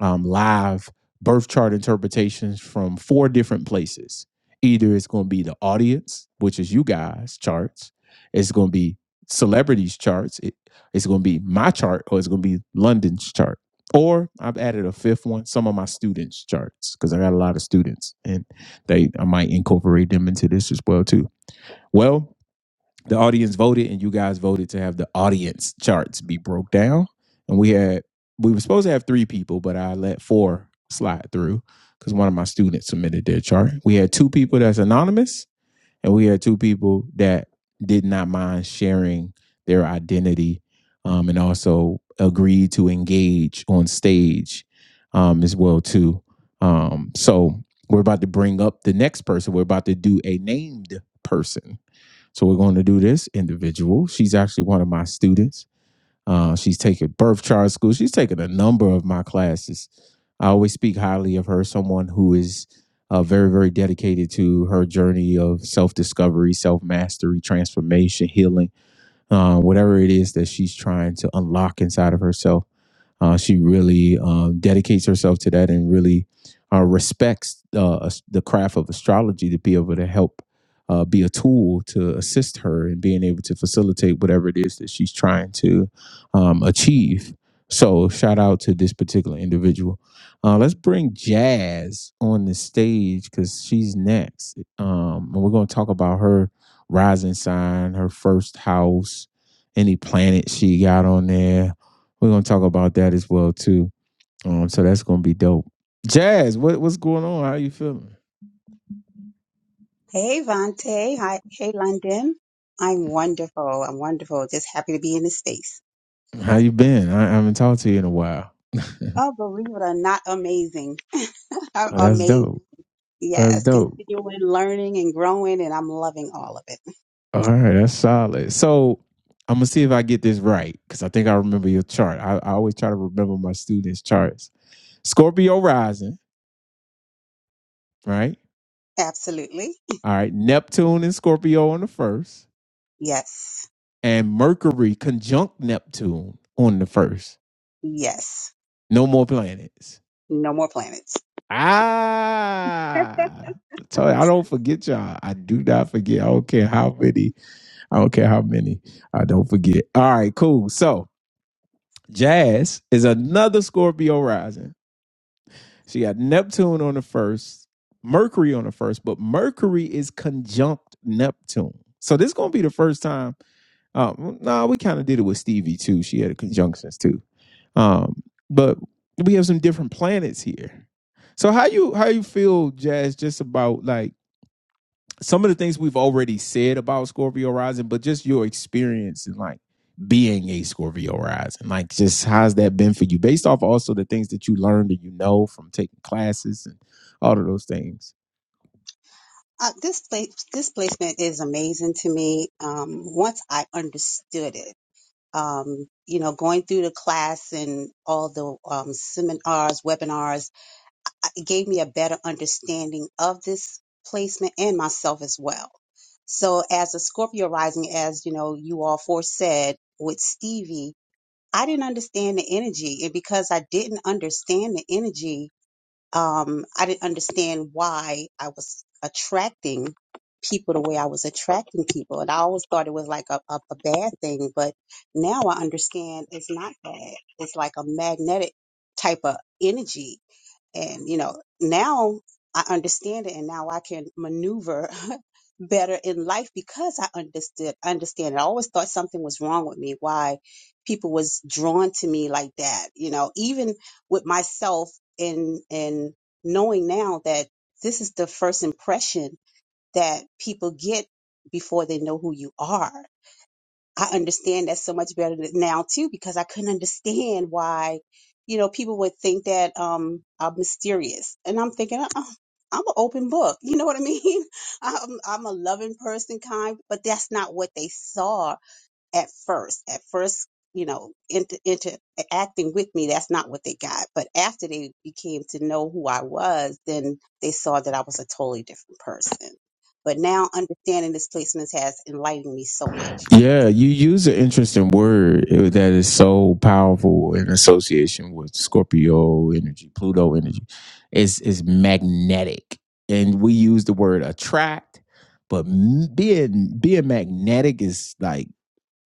um, live birth chart interpretations from four different places. Either it's going to be the audience, which is you guys' charts, it's going to be celebrities' charts, it, it's going to be my chart, or it's going to be London's chart. Or I've added a fifth one, some of my students' charts, because I got a lot of students, and they I might incorporate them into this as well too. Well, the audience voted and you guys voted to have the audience charts be broke down and we had we were supposed to have three people but i let four slide through because one of my students submitted their chart we had two people that's anonymous and we had two people that did not mind sharing their identity um, and also agreed to engage on stage um, as well too um, so we're about to bring up the next person we're about to do a named person so we're going to do this individual. She's actually one of my students. Uh, she's taking birth chart school. She's taken a number of my classes. I always speak highly of her, someone who is uh, very, very dedicated to her journey of self discovery, self mastery, transformation, healing, uh, whatever it is that she's trying to unlock inside of herself. Uh, she really um, dedicates herself to that and really uh, respects uh, the craft of astrology to be able to help uh, be a tool to assist her in being able to facilitate whatever it is that she's trying to um, achieve. So, shout out to this particular individual. Uh, let's bring Jazz on the stage because she's next. Um, and we're going to talk about her rising sign, her first house, any planet she got on there we're gonna talk about that as well too. Um, so that's gonna be dope. Jazz, what what's going on? How you feeling?
Hey, Vante. Hi. Hey, London. I'm wonderful. I'm wonderful. Just happy to be in this space.
How you been? I, I haven't talked to you in a while.
Oh, believe it or not, amazing. [laughs] I'm
Oh, that's
amazed.
dope. That's
Yes,
dope.
continuing learning and growing, and I'm loving all of it.
All right, that's solid. So I'm gonna see if I get this right because I think I remember your chart. I, I always try to remember my students' charts. Scorpio rising, right?
Absolutely.
All right, Neptune and Scorpio on the first,
Yes.
and Mercury conjunct Neptune on the first.
Yes.
No more planets.
No more planets.
Ah, I told you, I don't forget y'all. I do not forget. I don't care how many. I don't care how many. I don't forget. All right, cool. So Jazz is another Scorpio rising. She got Neptune on the first, Mercury on the first, but Mercury is conjunct Neptune. So this is gonna be the first time. Um, no, nah, we kind of did it with Stevie too. She had a conjunctions too. Um, but we have some different planets here. So how you how you feel, Jazz, just about like some of the things we've already said about Scorpio rising, but just your experience and like being a Scorpio rising, like just how's that been for you based off also the things that you learned and you know from taking classes and all of those things.
Uh, this place, this placement is amazing to me. Um, once I understood it, um, you know, going through the class and all the um, seminars, webinars it gave me a better understanding of this placement and myself as well. So as a Scorpio rising, as you know, you all foresaid with Stevie, I didn't understand the energy. And because I didn't understand the energy, um, I didn't understand why I was attracting people the way I was attracting people. And I always thought it was like a, a, a bad thing, but now I understand it's not bad. It's like a magnetic type of energy and, you know, now I understand it and now I can maneuver [laughs] better in life because I understood, understand it. I always thought something was wrong with me, why people was drawn to me like that, you know, even with myself and, and knowing now that this is the first impression that people get before they know who you are I understand that so much better now too because I couldn't understand why, you know, people would think that um I'm mysterious, and I'm thinking, oh, I'm an open book. You know what I mean? [laughs] I'm I'm a loving person, kind, but that's not what they saw at first. At first, you know, into interacting with me, that's not what they got. But after they became to know who I was, then they saw that I was a totally different person. But now understanding this placement has enlightened me so much.
Yeah, you use an interesting word eh, that is so powerful in association with Scorpio energy, Pluto energy. It's it's magnetic, and we use the word attract, but m- being being magnetic is like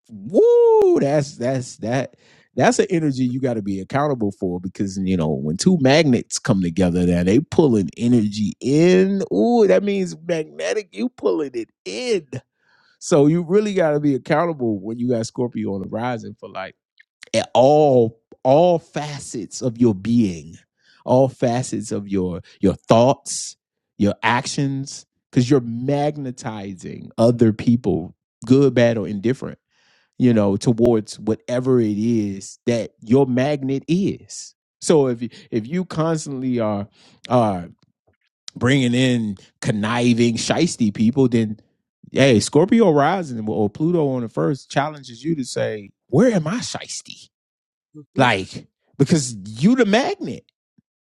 woo. That's that's that that's an energy you got to be accountable for because you know when two magnets come together, that they pulling energy in. Ooh, that means magnetic. You pulling it in so you really got to be accountable when you got Scorpio on the rising for like at all all facets of your being, all facets of your your thoughts, your actions, because you're magnetizing other people, good, bad, or indifferent, you know, towards whatever it is that your magnet is. So if you, if you constantly are are bringing in conniving, shisty people, then hey, Scorpio rising well, or Pluto on the first challenges you to say, where am I shisty?
Mm-hmm.
Like, because you the magnet,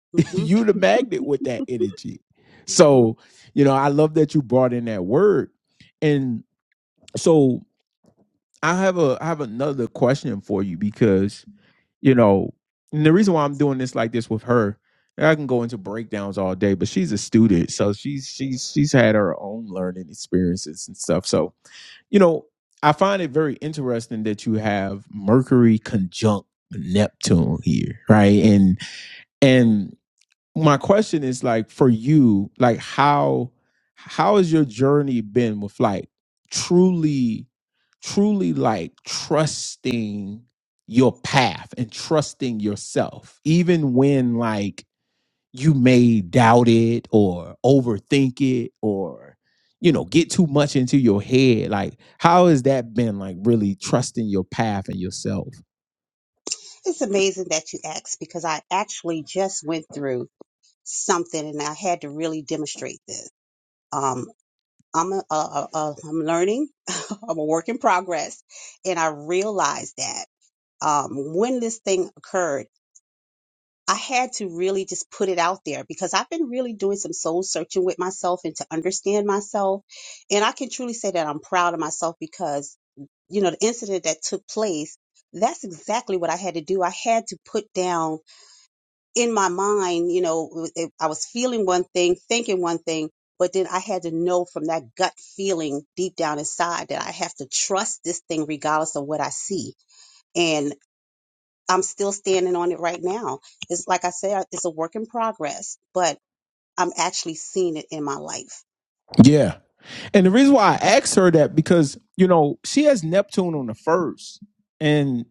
[laughs]
hmm
you the magnet with that energy.
hmm
So, you know, I love that you brought in that word. And so I have a I have another question for you because you know, and the reason why I'm doing this like this with her, I can go into breakdowns all day, but she's a student, so she's she's she's had her own learning experiences and stuff. So, you know, I find it very interesting that you have Mercury conjunct Neptune here, right? And And my question is like for you like how how has your journey been with like truly truly like trusting your path and trusting yourself even when like you may doubt it or overthink it or you know get too much into your head like how has that been like really trusting your path and yourself
It's amazing that you asked because I actually just went through something and I had to really demonstrate this. Um, I'm a, a, a, a, I'm learning. [laughs] I'm a work in progress, and I realized that um, when this thing occurred, I had to really just put it out there because I've been really doing some soul searching with myself and to understand myself, and I can truly say that I'm proud of myself because you know, the incident that took place, that's exactly what I had to do. I had to put down in my mind, you know, it I was feeling one thing, thinking one thing, but then I had to know from that gut feeling deep down inside that I have to trust this thing regardless of what I see. And I'm still standing on it right now. It's like I said, it's a work in progress, but I'm actually seeing it in my life.
Yeah. And the reason why I asked her that because, you know, she has Neptune on the first. And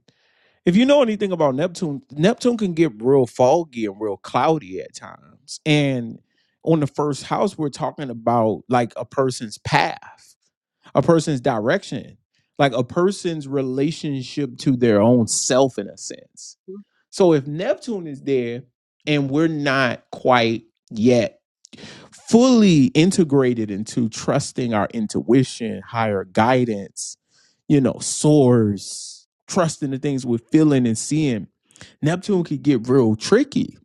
if you know anything about Neptune, Neptune can get real foggy and real cloudy at times. And on the first house, we're talking about like a person's path, a person's direction, like a person's relationship to their own self in a sense. So if Neptune is there and we're not quite yet fully integrated into trusting our intuition, higher guidance, you know, source, trusting the things we're feeling and seeing, Neptune can get real tricky.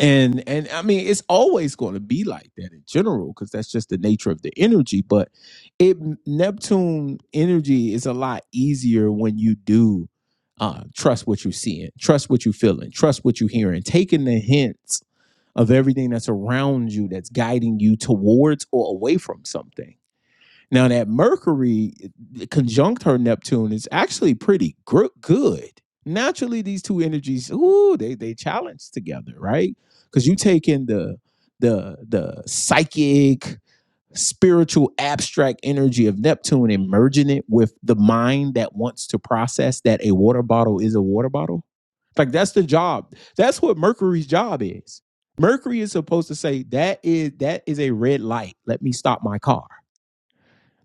And and I mean it's always going to be like that in general because that's just the nature of the energy. But it Neptune energy is a lot easier when you do uh, trust what you're seeing, trust what you're feeling, trust what you're hearing, taking the hints of everything that's around you that's guiding you towards or away from something. Now, that Mercury conjunct her Neptune is actually pretty gr- good. Naturally, these two energies, ooh, they they challenge together, right? Because you take in the the the psychic, spiritual abstract energy of Neptune and merging it with the mind that wants to process that a water bottle is a water bottle. Like that's the job. That's what Mercury's job is. Mercury is supposed to say that is that is a red light. Let me stop my car.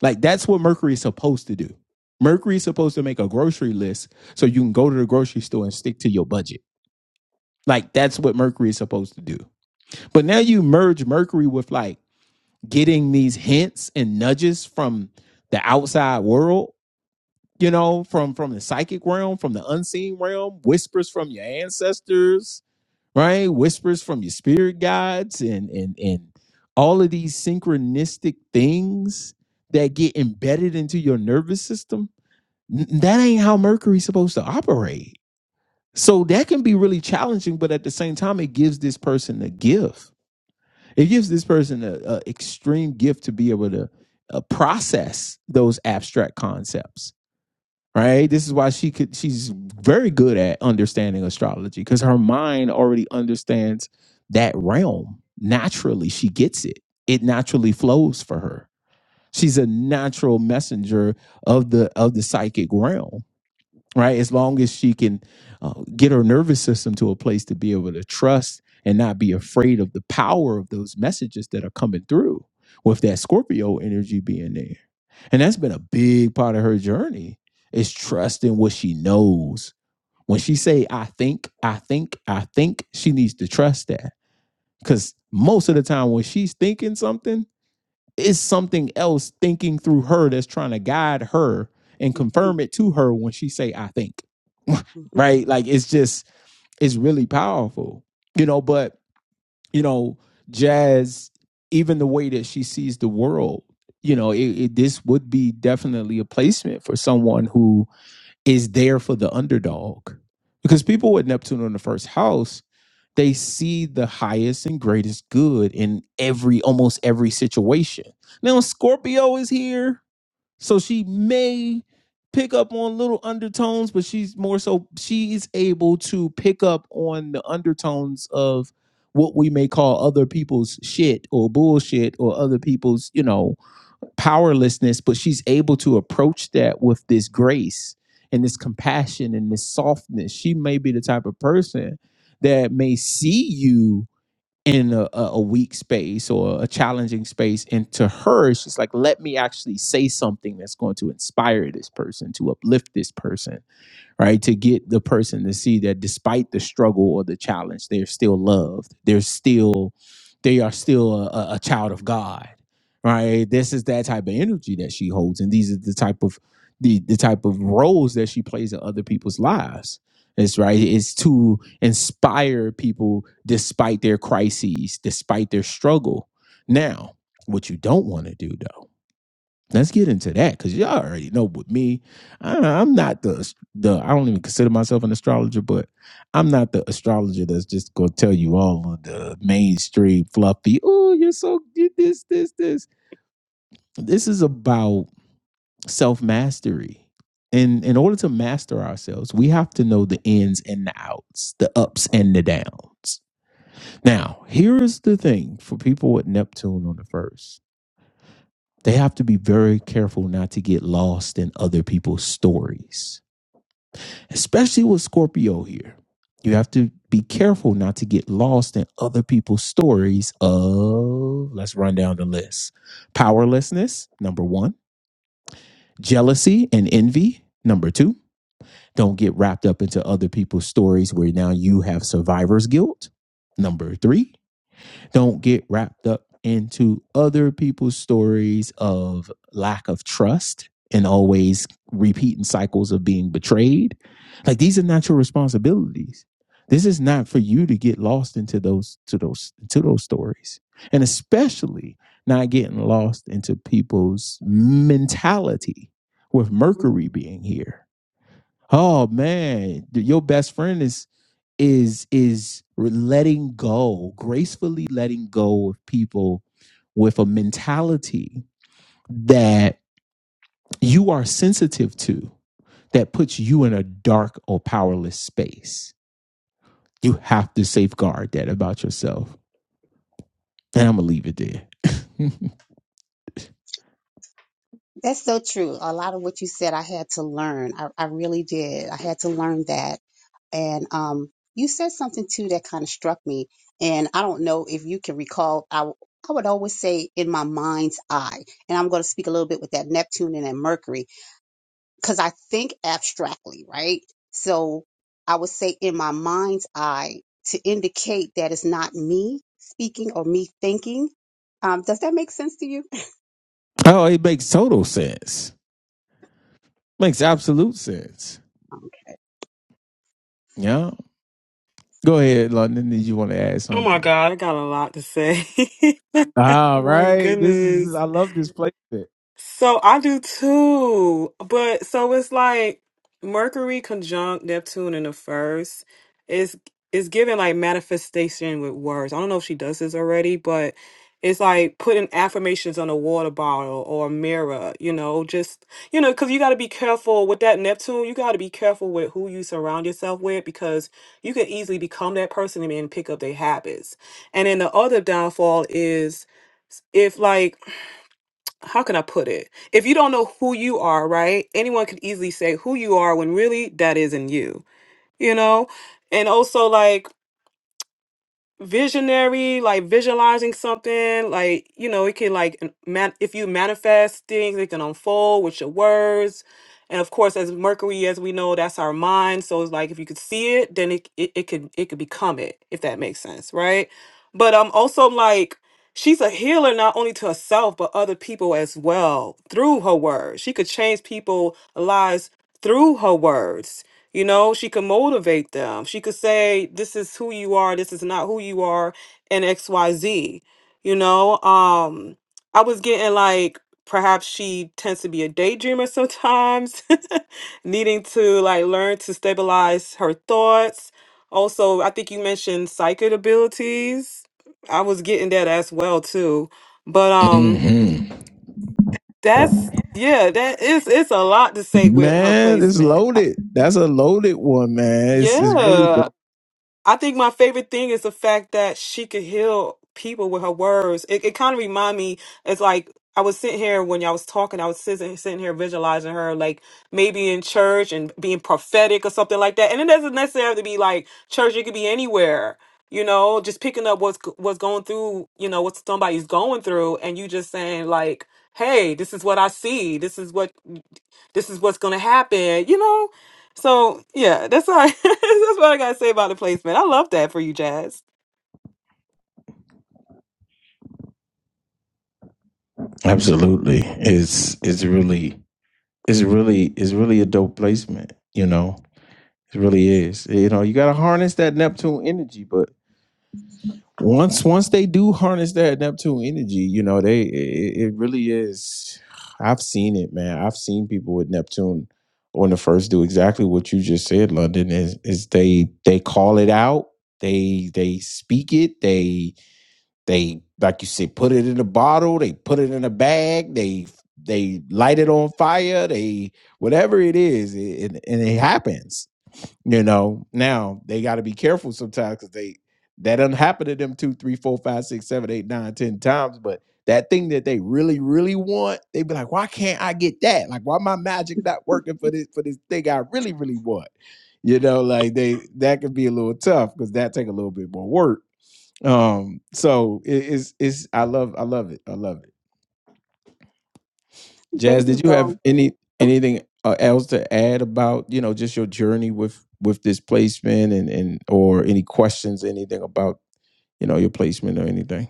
Like that's what Mercury is supposed to do. Mercury is supposed to make a grocery list so you can go to the grocery store and stick to your budget. Like that's what Mercury is supposed to do. But now you merge Mercury with like getting these hints and nudges from the outside world you know from from the psychic realm from the unseen realm whispers from your ancestors right whispers from your spirit guides and and and all of these synchronistic things that get embedded into your nervous system N- that ain't how mercury's supposed to operate so that can be really challenging but at the same time it gives this person a gift it gives this person an extreme gift to be able to uh, process those abstract concepts. Right. This is why she could. She's very good at understanding astrology because her mind already understands that realm naturally. She gets it. It naturally flows for her. She's a natural messenger of the of the psychic realm right? As long as she can uh, get her nervous system to a place to be able to trust and not be afraid of the power of those messages that are coming through with that Scorpio energy being there. And that's been a big part of her journey is trusting what she knows. When she say I think, I think, I think, she needs to trust that cuz most of the time when she's thinking something it's something else thinking through her that's trying to guide her and
Mhm, mhm,
confirm it to her when she say I think. [laughs] right? Like it's just it's really powerful. You know, but you know, jazz even the way that she sees the world, you know, it, it this would be definitely a placement for someone who is there for the underdog. Because people with Neptune in the first house they see the highest and greatest good in every almost every situation. Now Scorpio is here, so she may pick up on little undertones, but she's more so she is able to pick up on the undertones of what we may call other people's shit or bullshit or other people's, you know, powerlessness, but she's able to approach that with this grace and this compassion and this softness. She may be the type of person that may see you in a, a a weak space or a challenging space. And to her, she's like, let me actually say something that's going to inspire this person, to uplift this person right? To get the person to see that despite the struggle or the challenge, they're still loved. They're still, they are still a, a a child of God, right? This is that type of energy that she holds, and these are the type of the the type of roles that she plays in other people's lives. It's right. It's to inspire people despite their crises, despite their struggle. Now, what you don't want to do though Let's get into that because y'all already know with me, I, I'm not the the I don't even consider myself an astrologer, but I'm not the astrologer that's just gonna tell you all of the mainstream fluffy. Oh, you're so you this this this. This is about self mastery. And in order to master ourselves, we have to know the ins and the outs, the ups and the downs. Now, here's the thing for people with Neptune on the first They have to be very careful not to get lost in other people's stories, especially with Scorpio here. You have to be careful not to get lost in other people's stories of, let's run down the list powerlessness, number one, jealousy and envy, number two. Don't get wrapped up into other people's stories where now you have survivor's guilt, number three don't get wrapped up into other people's stories of lack of trust and always repeating cycles of being betrayed. Like these are not your responsibilities. This is not for you to get lost into those to those to those stories. And especially not getting lost into people's mentality with
mhm.
Mercury being here. Oh man, your best friend is is is letting go gracefully letting go of people with a mentality that you are sensitive to that puts you in a dark or powerless space you have to safeguard that about yourself and i'm gonna leave it there [laughs]
That's so true. A lot of what you said, I had to learn. I, I really did. I had to learn that. And um, you said something too that kind of struck me. And I don't know if you can recall. I w- I would always say in my mind's eye, and I'm going to speak a little bit with that Neptune and that Mercury because I think abstractly, right? So I would say in my mind's eye to indicate that it's not me speaking or me thinking. Um, does that make sense to you?
Oh, it makes total sense. Makes absolute sense. Yeah. Go ahead, London. Did you want to add
oh my
something?
god i got a lot to say [laughs]
All
my
right. This
goodness
is I love this placement.
So I do too. But so it's like Mercury conjunct Neptune in the first is is giving like manifestation with words. I don't know if she does this already, but it's like putting affirmations on a water bottle or a mirror, you know, just you know, because you got to be careful with that Neptune. You got to be careful with who you surround yourself with because you can easily become that person and then pick up their habits. And then the other downfall is if like how can I put it? If you don't know who you are, right? Anyone could easily say who you are when really that isn't you, you know? And also, like, visionary, like visualizing something, like you know, it can like an- man if you manifest things, it can unfold with your words. And of course, as Mercury, as we know, that's our mind. So it's like if you could see it, then it it, it could it could become it, if that makes sense, right? But um also like she's a healer not only to herself but other people as well through her words. She could change people lives through her words you know, she could motivate them. She could say, this is who you are, this is not who you are, and XYZ. You know, um, I was getting like perhaps she tends to be a daydreamer sometimes, [laughs] needing to like learn to stabilize her thoughts. Also, I think you mentioned psychic abilities. I was getting that as well too. But um
hmm
that's yeah, that is it's a lot to say with her
Man, it's
placement.
loaded. That's a loaded one, man. It's, it's really dope.
Yeah. I think my favorite thing is the fact that she could heal people with her words. It, it kind of remind me, it's like I was sitting here when y'all was talking, I was sitting, sitting here visualizing her like maybe in church and being prophetic or something like that. And it doesn't necessarily have to be like church, it could be anywhere. You know, just picking up what's what's going through, you know, what somebody's going through and you just saying like, "Hey, this is what I see. This is what this is what's going to happen." You know, so yeah, that's all. I, [laughs] that's what I gotta say about the placement. I love that for you, Jazz.
Absolutely. It's it's really it's really it's really a dope placement, you know. It really is. You know, you gotta harness that Neptune energy, but once once they do harness that Neptune energy, you know, they it, it really is I've seen it, man. I've seen people with Neptune on the first do exactly what you just said, London, is is they they call it out, they they speak it, they. They, like you said, put it in a bottle. They put it in a bag. They they light it on fire. They whatever it is, it, and and it happens. You know. Now they got to be careful sometimes because they that doesn't happen to them two, three, four, five, six, seven, eight, nine, ten times. But that thing that they really, really want, they be like, why can't I get that? Like, why my magic not working for this for this thing I really, really want? You know, like they that could be a little tough because that take a little bit more work um, so it is it's I love I love it. I love it.
[laughs]
Jazz,
Thank
did
you,
you
Bo.
have any anything uh, else to add about, you know, just your journey with with this placement and and or any questions anything about, you know, your placement or anything?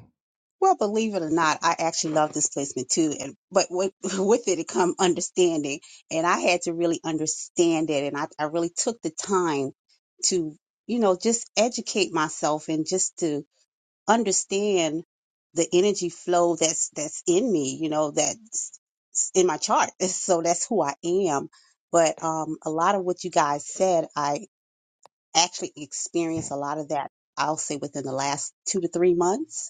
Well, believe it or not, I actually love displacement too, and but with, [laughs] with it, it come understanding, and I had to really understand it, and I, I really took the time to, you know, just educate myself and just to understand the energy flow that's that's in me you know that's in my chart [laughs] so that's who i am but um a lot of what you guys said i actually experienced a lot of that i'll say within the last two to three months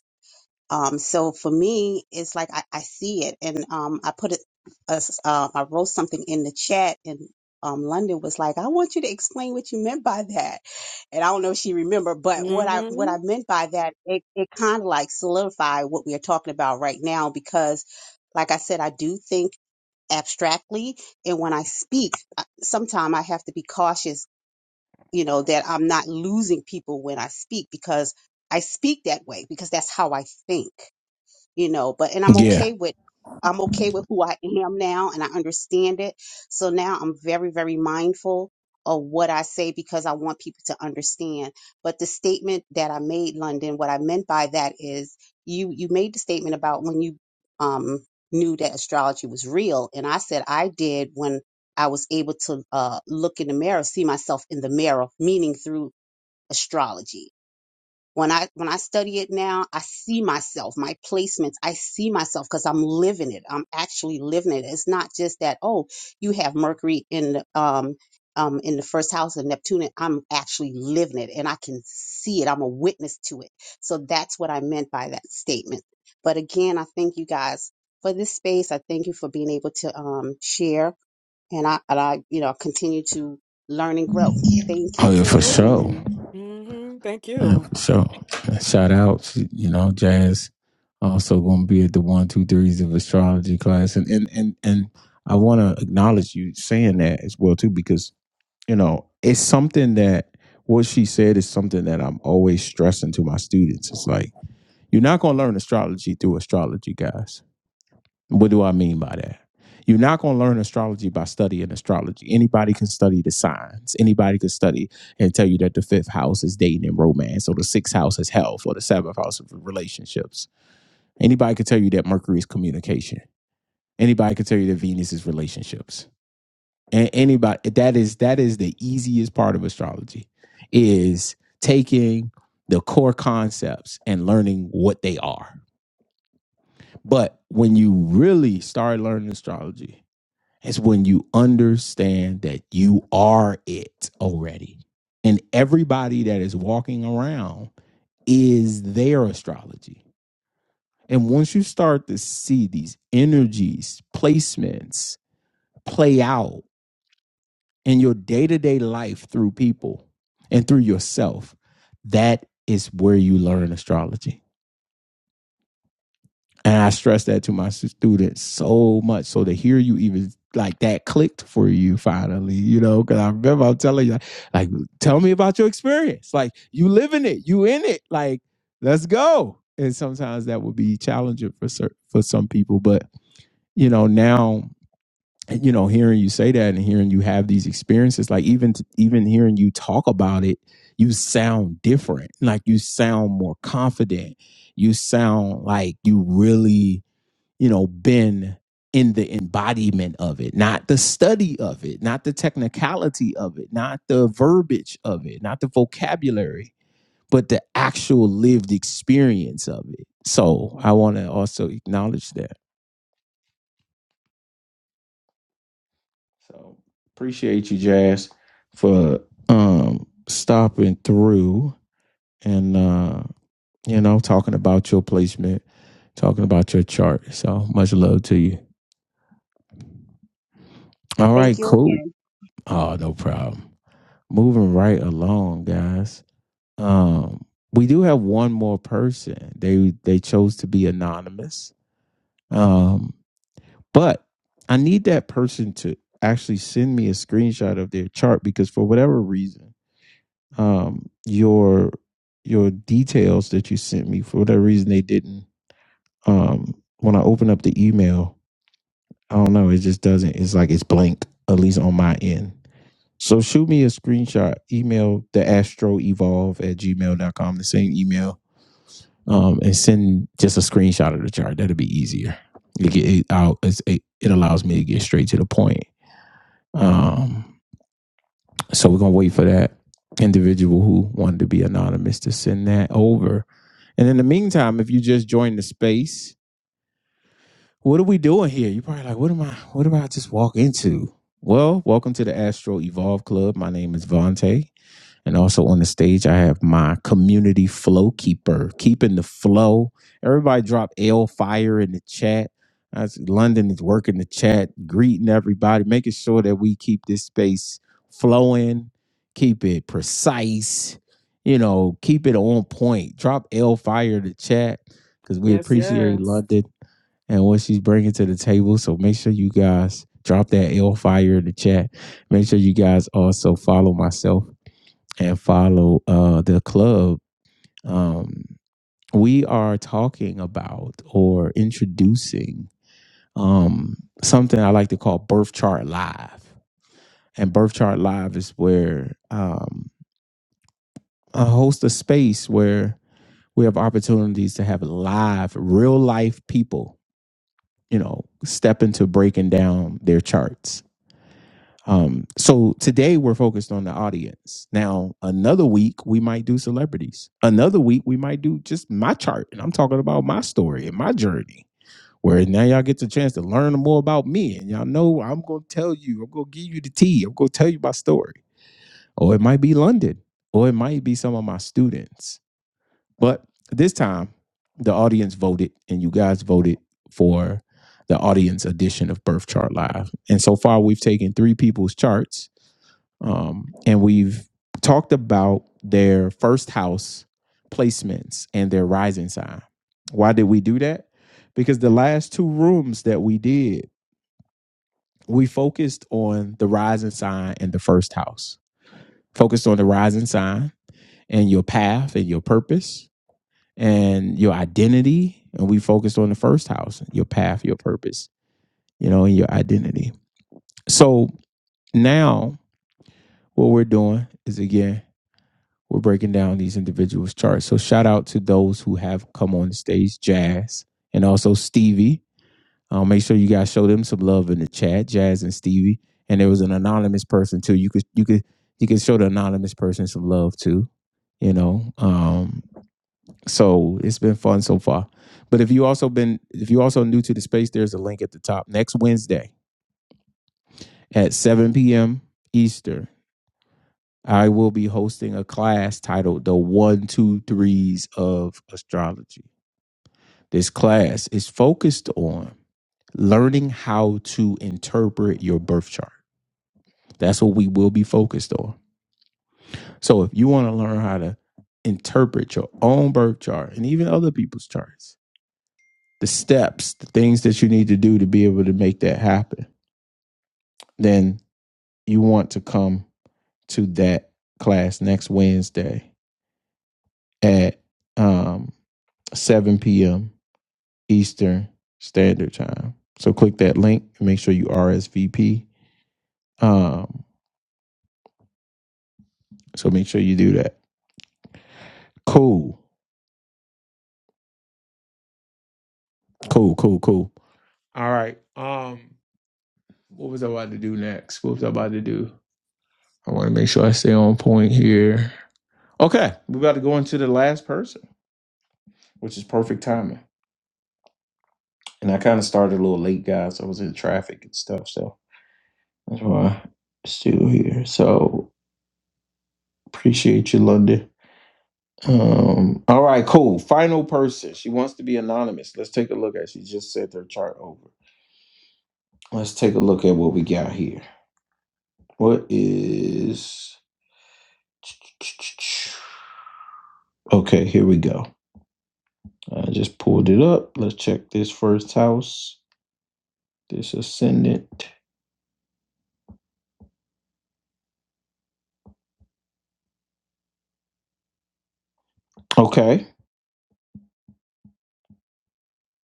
um, so for me, it's like I, I see it, and um, I put it. a s- Uh, I wrote something in the chat, and um, London was like, "I want you to explain what you meant by that." And I don't know if she remembered, but what I what
Mm-hmm.
I meant by that, it it kind of like solidified what we are talking about right now because, like I said, I do think abstractly, and when I speak, sometimes I have to be cautious, you know, that I'm not losing people when I speak because I speak that way because that's how I think you know but and i'm
Yeah.
okay with i'm okay with who i am now and i understand it so now i'm very very mindful of what i say because i want people to understand but the statement that i made london what i meant by that is you you made the statement about when you um knew that astrology was real and i said i did when i was able to uh look in the mirror see myself in the mirror meaning through astrology when i when i study it now i see myself my placements i see myself because i'm living it i'm actually living it it's not just that oh you have mercury in the um um in the first house of neptune and i'm actually living it and i can see it i'm a witness to it so that's what i meant by that statement but again i thank you guys for this space i thank you for being able to um share and i and i you know continue to learn and grow thank
Oh
you
yeah, for sure.
Absolutely. Mm-hmm. Thank
Yeah,
you.
for sure. And Shout out, you know, Jazz also gonna be at the one, two, threes of astrology class. And and and, and I wanna acknowledge you saying that as well too, because you know, it's something that what she said is something that I'm always stressing to my students. It's like, you're not gonna learn astrology through astrology, guys. What do I mean by that? You're not going to learn astrology by studying astrology. Anybody can study the signs. Anybody can study and tell you that the fifth house is dating and romance, or the sixth house is health, or the seventh house of relationships. Anybody can tell you that Mercury is communication. Anybody can tell you that Venus is relationships. And anybody that is that is the easiest part of astrology is taking the core concepts and learning what they are. But when you really start learning astrology, It's when you understand that you are it already. And everybody that is walking around is their astrology. And once you start to see these energies, placements play out in your day to day life through people and through yourself, that is where you learn astrology. And I stress that to my students so much. So to hear you even like that clicked for you finally, you know, because I remember I'm telling you, like, tell me about your experience. Like, you live in it, you in it. Like, let's go. And sometimes that would be challenging for certain for some people, but you know, now you know, hearing you say that and hearing you have these experiences, like even even hearing you talk about it, you sound different. Like you sound more confident. You sound like you really you know, been in the embodiment of it, not the study of it, not the technicality of it, not the verbiage of it, not the vocabulary, but the actual lived experience of it. So I want to also acknowledge that. So appreciate you, Jazz, for um stopping through and uh, you know, talking about your placement, talking about your chart. So much love to you. All
thank
right,
you
cool.
again
Oh, no problem. moving right along, guys. Um, we do have one more person. They they chose to be anonymous. Um, but I need that person to actually send me a screenshot of their chart because for whatever reason, um, your your details that you sent me for whatever reason they didn't. Um, when I open up the email, I don't know. It just doesn't. It's like it's blank at least on my end. So shoot me a screenshot, email the astro evolve at gmail dot com. the same email, um, and send just a screenshot of the chart. That'll be easier. It, get, it, out, it's, it, it allows me to get straight to the point. Um, so we're going to wait for that individual who wanted to be anonymous to send that over. And in the meantime, if you just joined the space, what are we doing here? You're probably like, what am I, what did I just walk into? Well, welcome to the Astro Evolve Club. My name is Vontae. And also on the stage, I have my community flow keeper, keeping the flow. Everybody drop L fire in the chat. As London is working the chat, greeting everybody, making sure that we keep this space flowing, keep it precise, you know, keep it on point. Drop L fire in the chat because we
Yes,
appreciate
yes.
London and what she's bringing to the table. So make sure you guys drop that L fire in the chat. Make sure you guys also follow myself and follow uh, the club, um, we are talking about or introducing um, something I like to call Birth Chart Live. And Birth Chart Live is where um, I host a space where we have opportunities to have live, real life people, you know, step into breaking down their charts Um, so today we're focused on the audience. Now, another week we might do celebrities. Another week we might do just my chart, and I'm talking about my story and my journey. Where now y'all get the chance to learn more about me, and y'all know I'm gonna tell you, I'm gonna give you the tea, I'm gonna tell you my story. Or it might be London, or it might be some of my students. But this time, the audience voted, and you guys voted for the audience edition of Birth Chart Live. And so far, we've taken three people's charts um, and we've talked about their first house placements and their rising sign. Why did we do that? Because the last two rooms that we did, we focused on the rising sign and the first house, focused on the rising sign and your path and your purpose and your identity. And we focused on the first house, your path, your purpose, you know, and your identity. So now what we're doing is again we're breaking down these individuals' charts. So shout out to those who have come on the stage, Jazz and also Stevie. Um, make sure you guys show them some love in the chat, Jazz and Stevie. And there was an anonymous person too. You could you could you could show the anonymous person some love too. You know, um, so it's been fun so far. But if you also been if you also new to the space, there's a link at the top. Next Wednesday at 7 p.m. Eastern. I will be hosting a class titled The One, Two, Threes of Astrology. This class is focused on learning how to interpret your birth chart. That's what we will be focused on. So if you want to learn how to interpret your own birth chart and even other people's charts, the steps, the things that you need to do to be able to make that happen, then you want to come to that class next Wednesday at um, 7 p.m Eastern Standard Time. So click that link and make sure you RSVP. Um, so make sure you do that. Cool. Cool, cool, cool. All right. Um, what was I about to do next? What was I about to do? I want to make sure I stay on point here. Okay, we're about to go into the last person, which is perfect timing. And I kind of started a little late, guys. So I was in traffic and stuff, so that's why I'm still here. So appreciate you, London. Um, all right, cool. Final person. She wants to be anonymous. Let's take a look at. She just sent her chart over. Let's take a look at what we got here. What is? [tsk] Okay, here we go. I just pulled it up. Let's check this first house. This ascendant. Okay.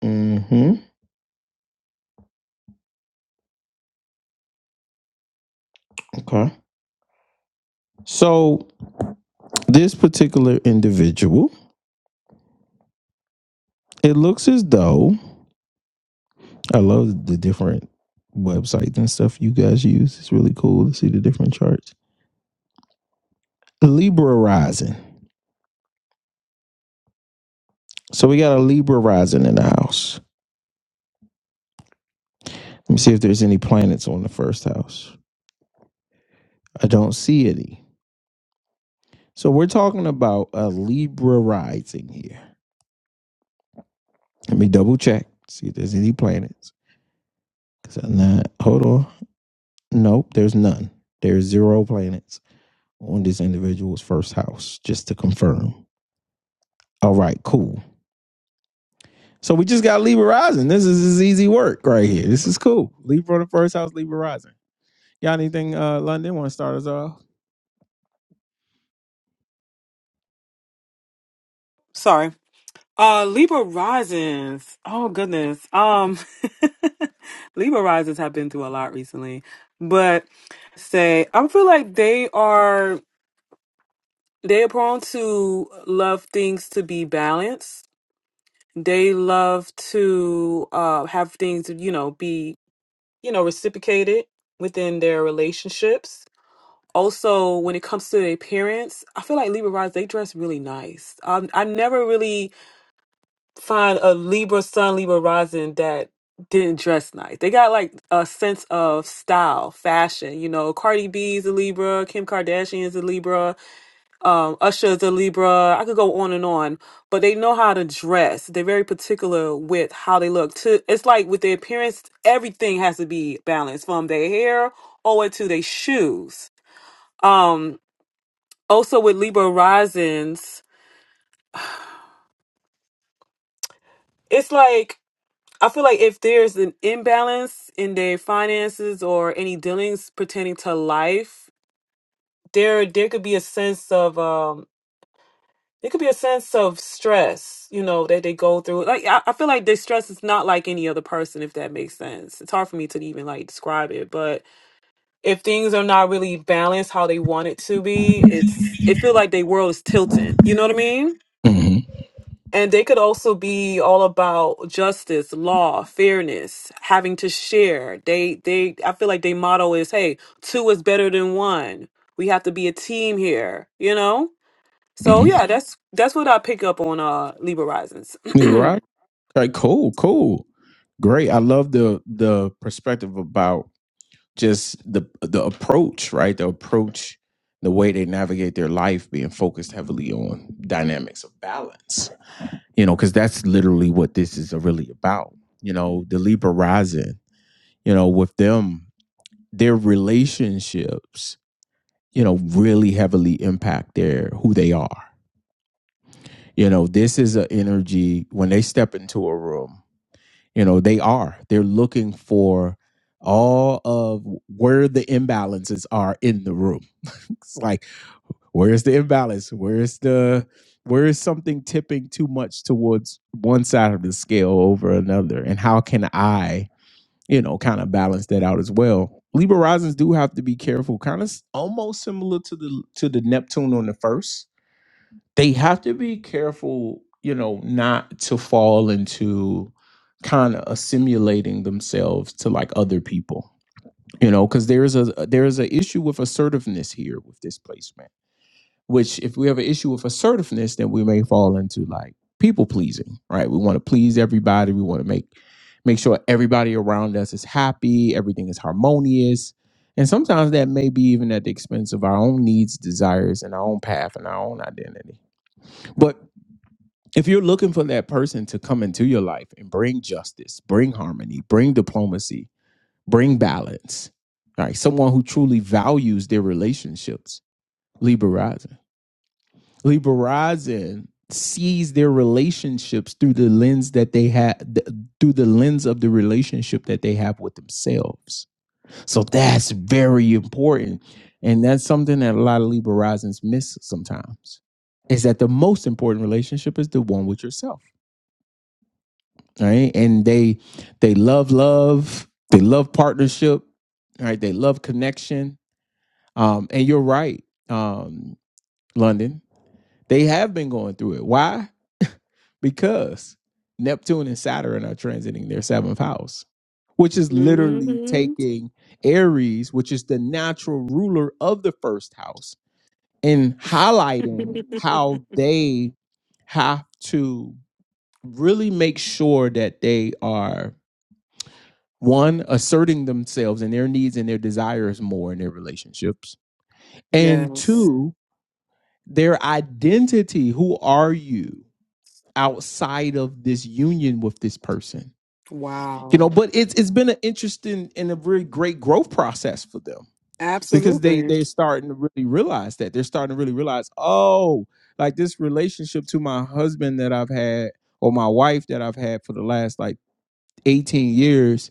Mm-hmm. Okay. So this particular individual, it looks as though I love the different websites and stuff you guys use. It's really cool to see the different charts Libra rising. So we got a Libra rising in the house. Let me see if there's any planets on the first house. I don't see any. So we're talking about a Libra rising here. Let me double check, see if there's any planets. Because I'm not, hold on. Nope, there's none. There's zero planets on this individual's first house, just to confirm. All right, cool. So we just got Libra rising. This is this is easy work right here. This is cool. Libra on the first house, Libra rising. Got anything, uh, London? Want to start us off?
Sorry. Uh Libra Risings. Oh goodness. Um [laughs] Libra Risings have been through a lot recently. But say I feel like they are they are prone to love things to be balanced. They love to uh have things, you know, be you know, reciprocated within their relationships. Also, when it comes to their appearance, I feel like Libra rising, they dress really nice. Um, I never really find a Libra sun, Libra rising that didn't dress nice. They got like a sense of style, fashion. You know, Cardi B is a Libra, Kim Kardashian is a Libra um Usher the Libra. I could go on and on, but they know how to dress. They're very particular with how they look. To it's like with their appearance, everything has to be balanced from their hair over to their shoes. Um also with Libra risings, it's like I feel like if there's an imbalance in their finances or any dealings pertaining to life, there there could be a sense of um, It could be a sense of stress, you know, that they go through. Like I, I feel like their stress is not like any other person, if that makes sense. It's hard for me to even like describe it, but if things are not really balanced how they want it to be, it's it feel like their world is tilting. You know what I mean?
hmm
And they could also be all about justice, law, fairness, having to share. They they I feel like their motto is, hey, two is better than one. We have to be a team here, you know? So
hmm
yeah, that's that's what I pick up on uh Libra Risings.
New
[clears throat]
Rock. Okay, cool, cool, great. I love the the perspective about just the the approach, right? The approach, the way they navigate their life, being focused heavily on dynamics of balance. You know, because that's literally what this is really about. You know, the Libra rising. You know, with them, their relationships. You know, really heavily impact their who they are. You know, this is an energy when they step into a room. You know, they are. They're looking for all of where the imbalances are in the room. [laughs] it's like, where's the imbalance? Where's the where is something tipping too much towards one side of the scale over another? And how can I, you know, kind of balance that out as well? Libra risings do have to be careful, kind of s- almost similar to the to the Neptune on the first they have to be careful, you know, not to fall into kind of assimilating themselves to like other people, you know, because there is a there is an issue with assertiveness here with this placement. Which, if we have an issue with assertiveness, then we may fall into like people pleasing, right? We want to please everybody. We want to make make sure everybody around us is happy, everything is harmonious. And sometimes that may be even at the expense of our own needs, desires, and our own path and our own identity. but if you're looking for that person to come into your life and bring justice, bring harmony, bring diplomacy, bring balance, all right, someone who truly values their relationships, Libra Rising. Libra Rising sees their relationships through the lens that they have, through the lens of the relationship that they have with themselves. So that's very important. And that's something that a lot of Libra Risings miss sometimes is that the most important relationship is the one with yourself right? And they they love love, they love partnership, right? They love connection. Um, and you're right, um, London. They have been going through it. Why? Because Neptune and Saturn are transiting their seventh house, which is literally
hmm
taking Aries, which is the natural ruler of the first house, and
[laughs]
highlighting how they have to really make sure that they are One, asserting themselves and their needs and their desires more in their relationships. And
Yes.
two, their identity. Who are you outside of this union with this person? You know,
Wow.
but it's it's been an interesting and a very great growth process for them because they
Absolutely.
they're starting to really realize that they're starting to really realize, oh, like this relationship to my husband that I've had or my wife that I've had for the last like 18 years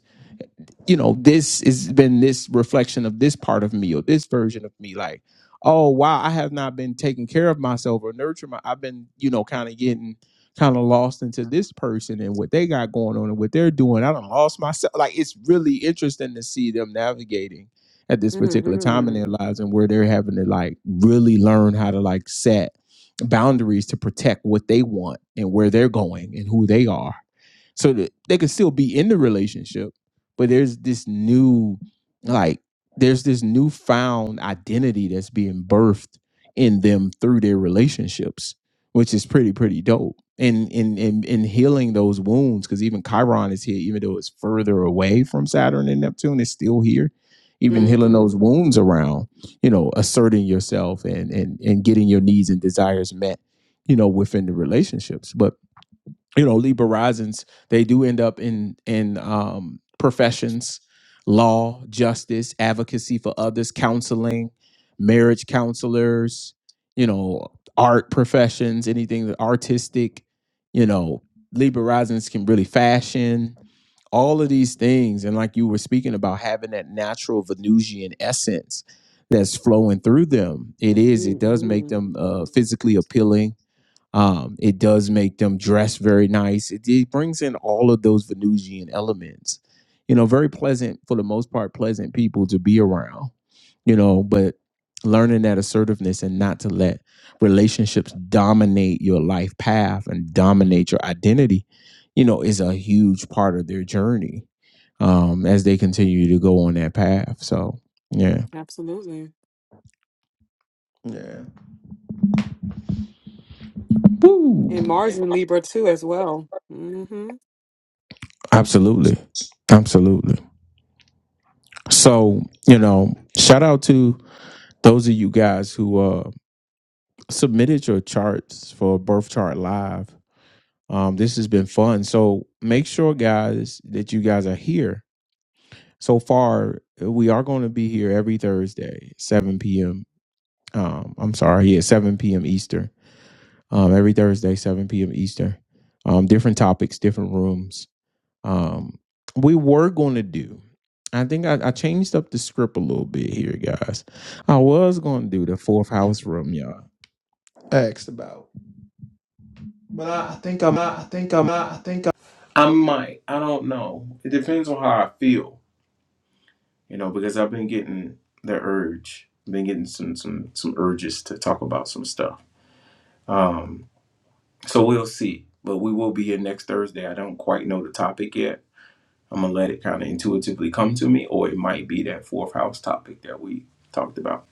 you know, this has been this reflection of this part of me or this version of me. Like, oh wow, I have not been taking care of myself or nurturing my. I've been, you know, kind of getting kind of lost into this person and what they got going on and what they're doing. I do lost myself. Like, it's really interesting to see them navigating at this particular time
hmm
in their lives and where they're having to like really learn how to like set boundaries to protect what they want and where they're going and who they are so that they could still be in the relationship but there's this new like there's this newfound identity that's being birthed in them through their relationships which is pretty pretty dope and in in in healing those wounds because even chiron is here even though it's further away from saturn and neptune it's still here even healing
hmm
those wounds around you know asserting yourself and and and getting your needs and desires met you know within the relationships but you know Libra risings they do end up in in um, professions law justice advocacy for others counseling marriage counselors you know art professions anything that artistic you know Libra risings can really fashion all of these things and like you were speaking about having that natural Venusian essence that's flowing through them it is it does make
hmm
them uh, physically appealing um, it does make them dress very nice. It, it brings in all of those Venusian elements. You know, very pleasant for the most part, pleasant people to be around. You know, but learning that assertiveness and not to let relationships dominate your life path and dominate your identity. You know, is a huge part of their journey um, as they continue to go on that path. So, yeah.
Absolutely.
Yeah. Woo!
And Mars in Libra too as well. hmm
Absolutely. Absolutely. So, you know, shout out to those of you guys who uh submitted your charts for Birth Chart Live. Um, this has been fun. So make sure, guys, that you guys are here. So far, we are going to be here every Thursday, 7 p.m. Um, I'm sorry, yeah, 7 p.m. Eastern. Um, every Thursday, 7 p.m. Eastern. Um, different topics, different rooms. um we were going to do i think I, I changed up the script a little bit here guys i was going to do the fourth house room y'all asked about but i, I think i'm i think i'm i think i i might i don't know it depends on how i feel you know because i've been getting the urge been getting some some some urges to talk about some stuff um so we'll see but we will be here next thursday i don't quite know the topic yet I'm gonna let it kind of intuitively come to me, or it might be that fourth house topic that we talked about.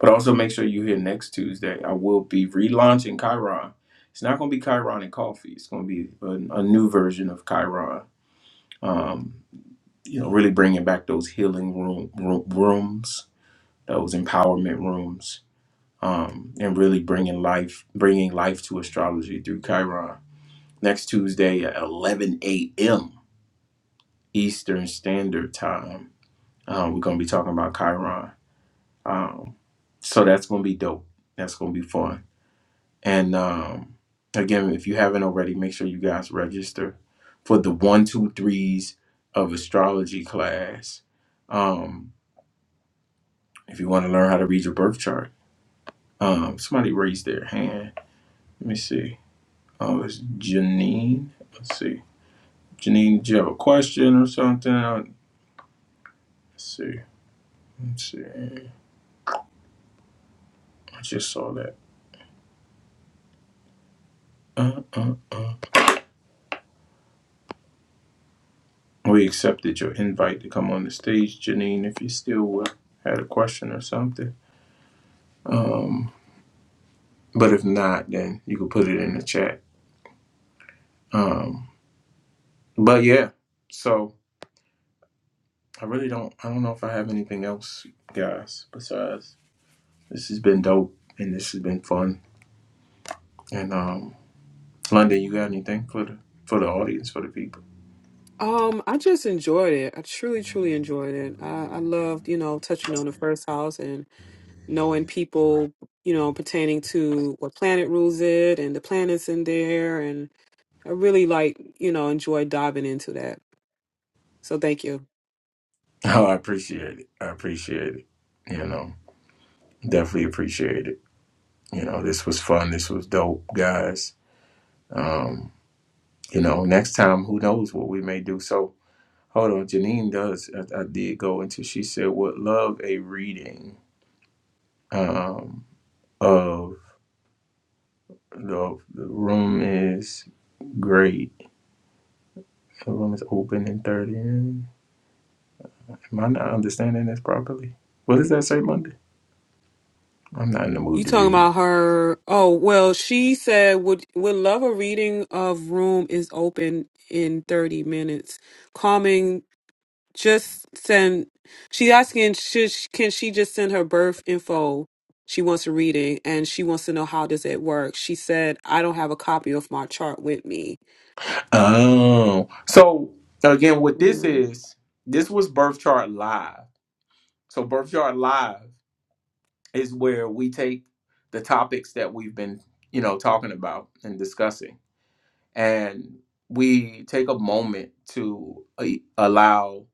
But also make sure you're here next Tuesday. I will be relaunching Chiron. It's not gonna be Chiron and coffee. It's gonna be a, a new version of Chiron. Um, you know, really bringing back those healing room, room rooms, those empowerment rooms, um, and really bringing life, bringing life to astrology through Chiron. Next Tuesday at 11 a.m. Eastern Standard Time Um, we're gonna be talking about Chiron. Um, so that's gonna be dope. That's gonna be fun. And um, again, if you haven't already, make sure you guys register for the one, two, threes of astrology class. Um, if you want to learn how to read your birth chart, um, somebody raised their hand. Let me see. Oh, it's Janine. Let's see. Janine, do you have a question or something? Uh, Let's see. Let's see. I just saw that. Uh. Uh. Uh. We accepted your invite to come on the stage, Janine, if you still uh, had a question or something. Um, but if not, then you can put it in the chat. Um, but yeah, so I really don't, I don't know if I have anything else, guys, besides this has been dope and this has been fun. And um, London, you got anything for the for the audience, for the people? [laughs]
Um, I just enjoyed it. I truly, truly enjoyed it. I, I loved, you know, touching on the first house and knowing people, you know, pertaining to what planet rules it and the planets in there I really like, you know, enjoy diving into that. So thank you.
Oh, I appreciate it. I appreciate it. You know, definitely appreciate it. You know, this was fun. This was dope, guys. Um, you know, next time, who knows what we may do. So hold on, Janine does. I, I did go into. She said, "Would love a reading um, of the, the room is great. The room is open in thirty. Am I not understanding this properly? What does that say, Monday? I'm not in the
You
mood to
talking
read.
about her? Oh well, she said would would love a reading of room is open in thirty minutes. Calming, just send. She asking should she- can she just send her birth info? She wants a reading and she wants to know how does it work. She said I don't have a copy of my chart with me.
Oh, so again, what this
Mhm.
is? This was Birth Chart Live. So Birth Chart Live. is where we take the topics that we've been, you know, talking about and discussing, and we take a moment to a- allow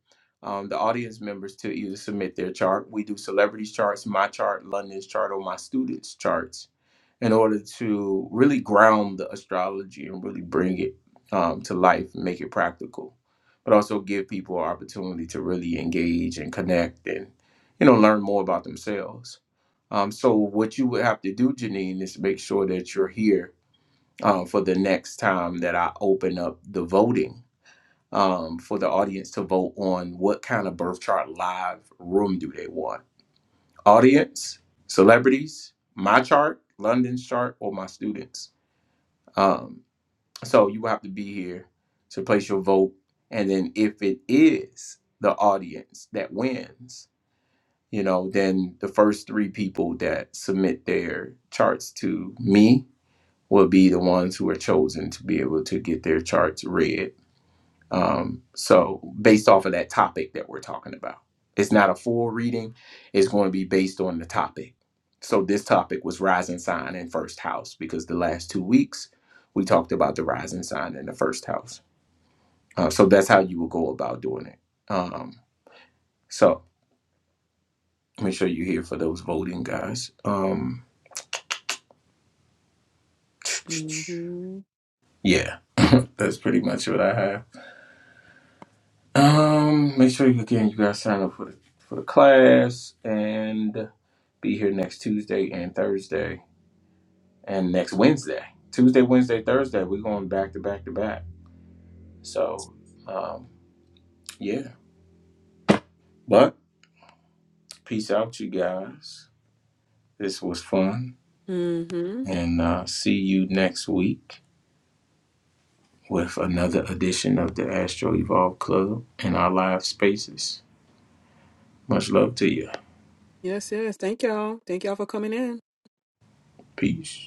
um, the audience members to either submit their chart. We do celebrities charts, my chart, London's chart, or my students' charts in order to really ground the astrology and really bring it um, to life and make it practical, but also give people an opportunity to really engage and connect and, you know, learn more about themselves um, so what you would have to do, Janine, is make sure that you're here um, for the next time that I open up the voting um, for the audience to vote on what kind of birth chart live room do they want? Audience, celebrities, my chart, London's chart, or my students. Um, so you will have to be here to place your vote, and then if it is the audience that wins, you know, then the first three people that submit their charts to me will be the ones who are chosen to be able to get their charts read. Um, so, based off of that topic that we're talking about, it's not a full reading, it's going to be based on the topic. So, this topic was rising sign in first house because the last two weeks we talked about the rising sign in the first house. Uh, so, that's how you will go about doing it. Um, so, make sure you're here for those voting guys. Um, [laughs]
Mhm.
yeah, that's pretty much what I have. Um, make sure you again you guys sign up for the for the class and be here next Tuesday and Thursday and next Wednesday. Tuesday, Wednesday, Thursday. We're going back to back to back. So um yeah. But peace out you guys. This was fun.
Mhm.
And uh see you next week with another edition of the Astro Evolve Club in our live spaces. Much love to you.
Yes. Yes. Thank y'all. Thank y'all for coming in.
Peace.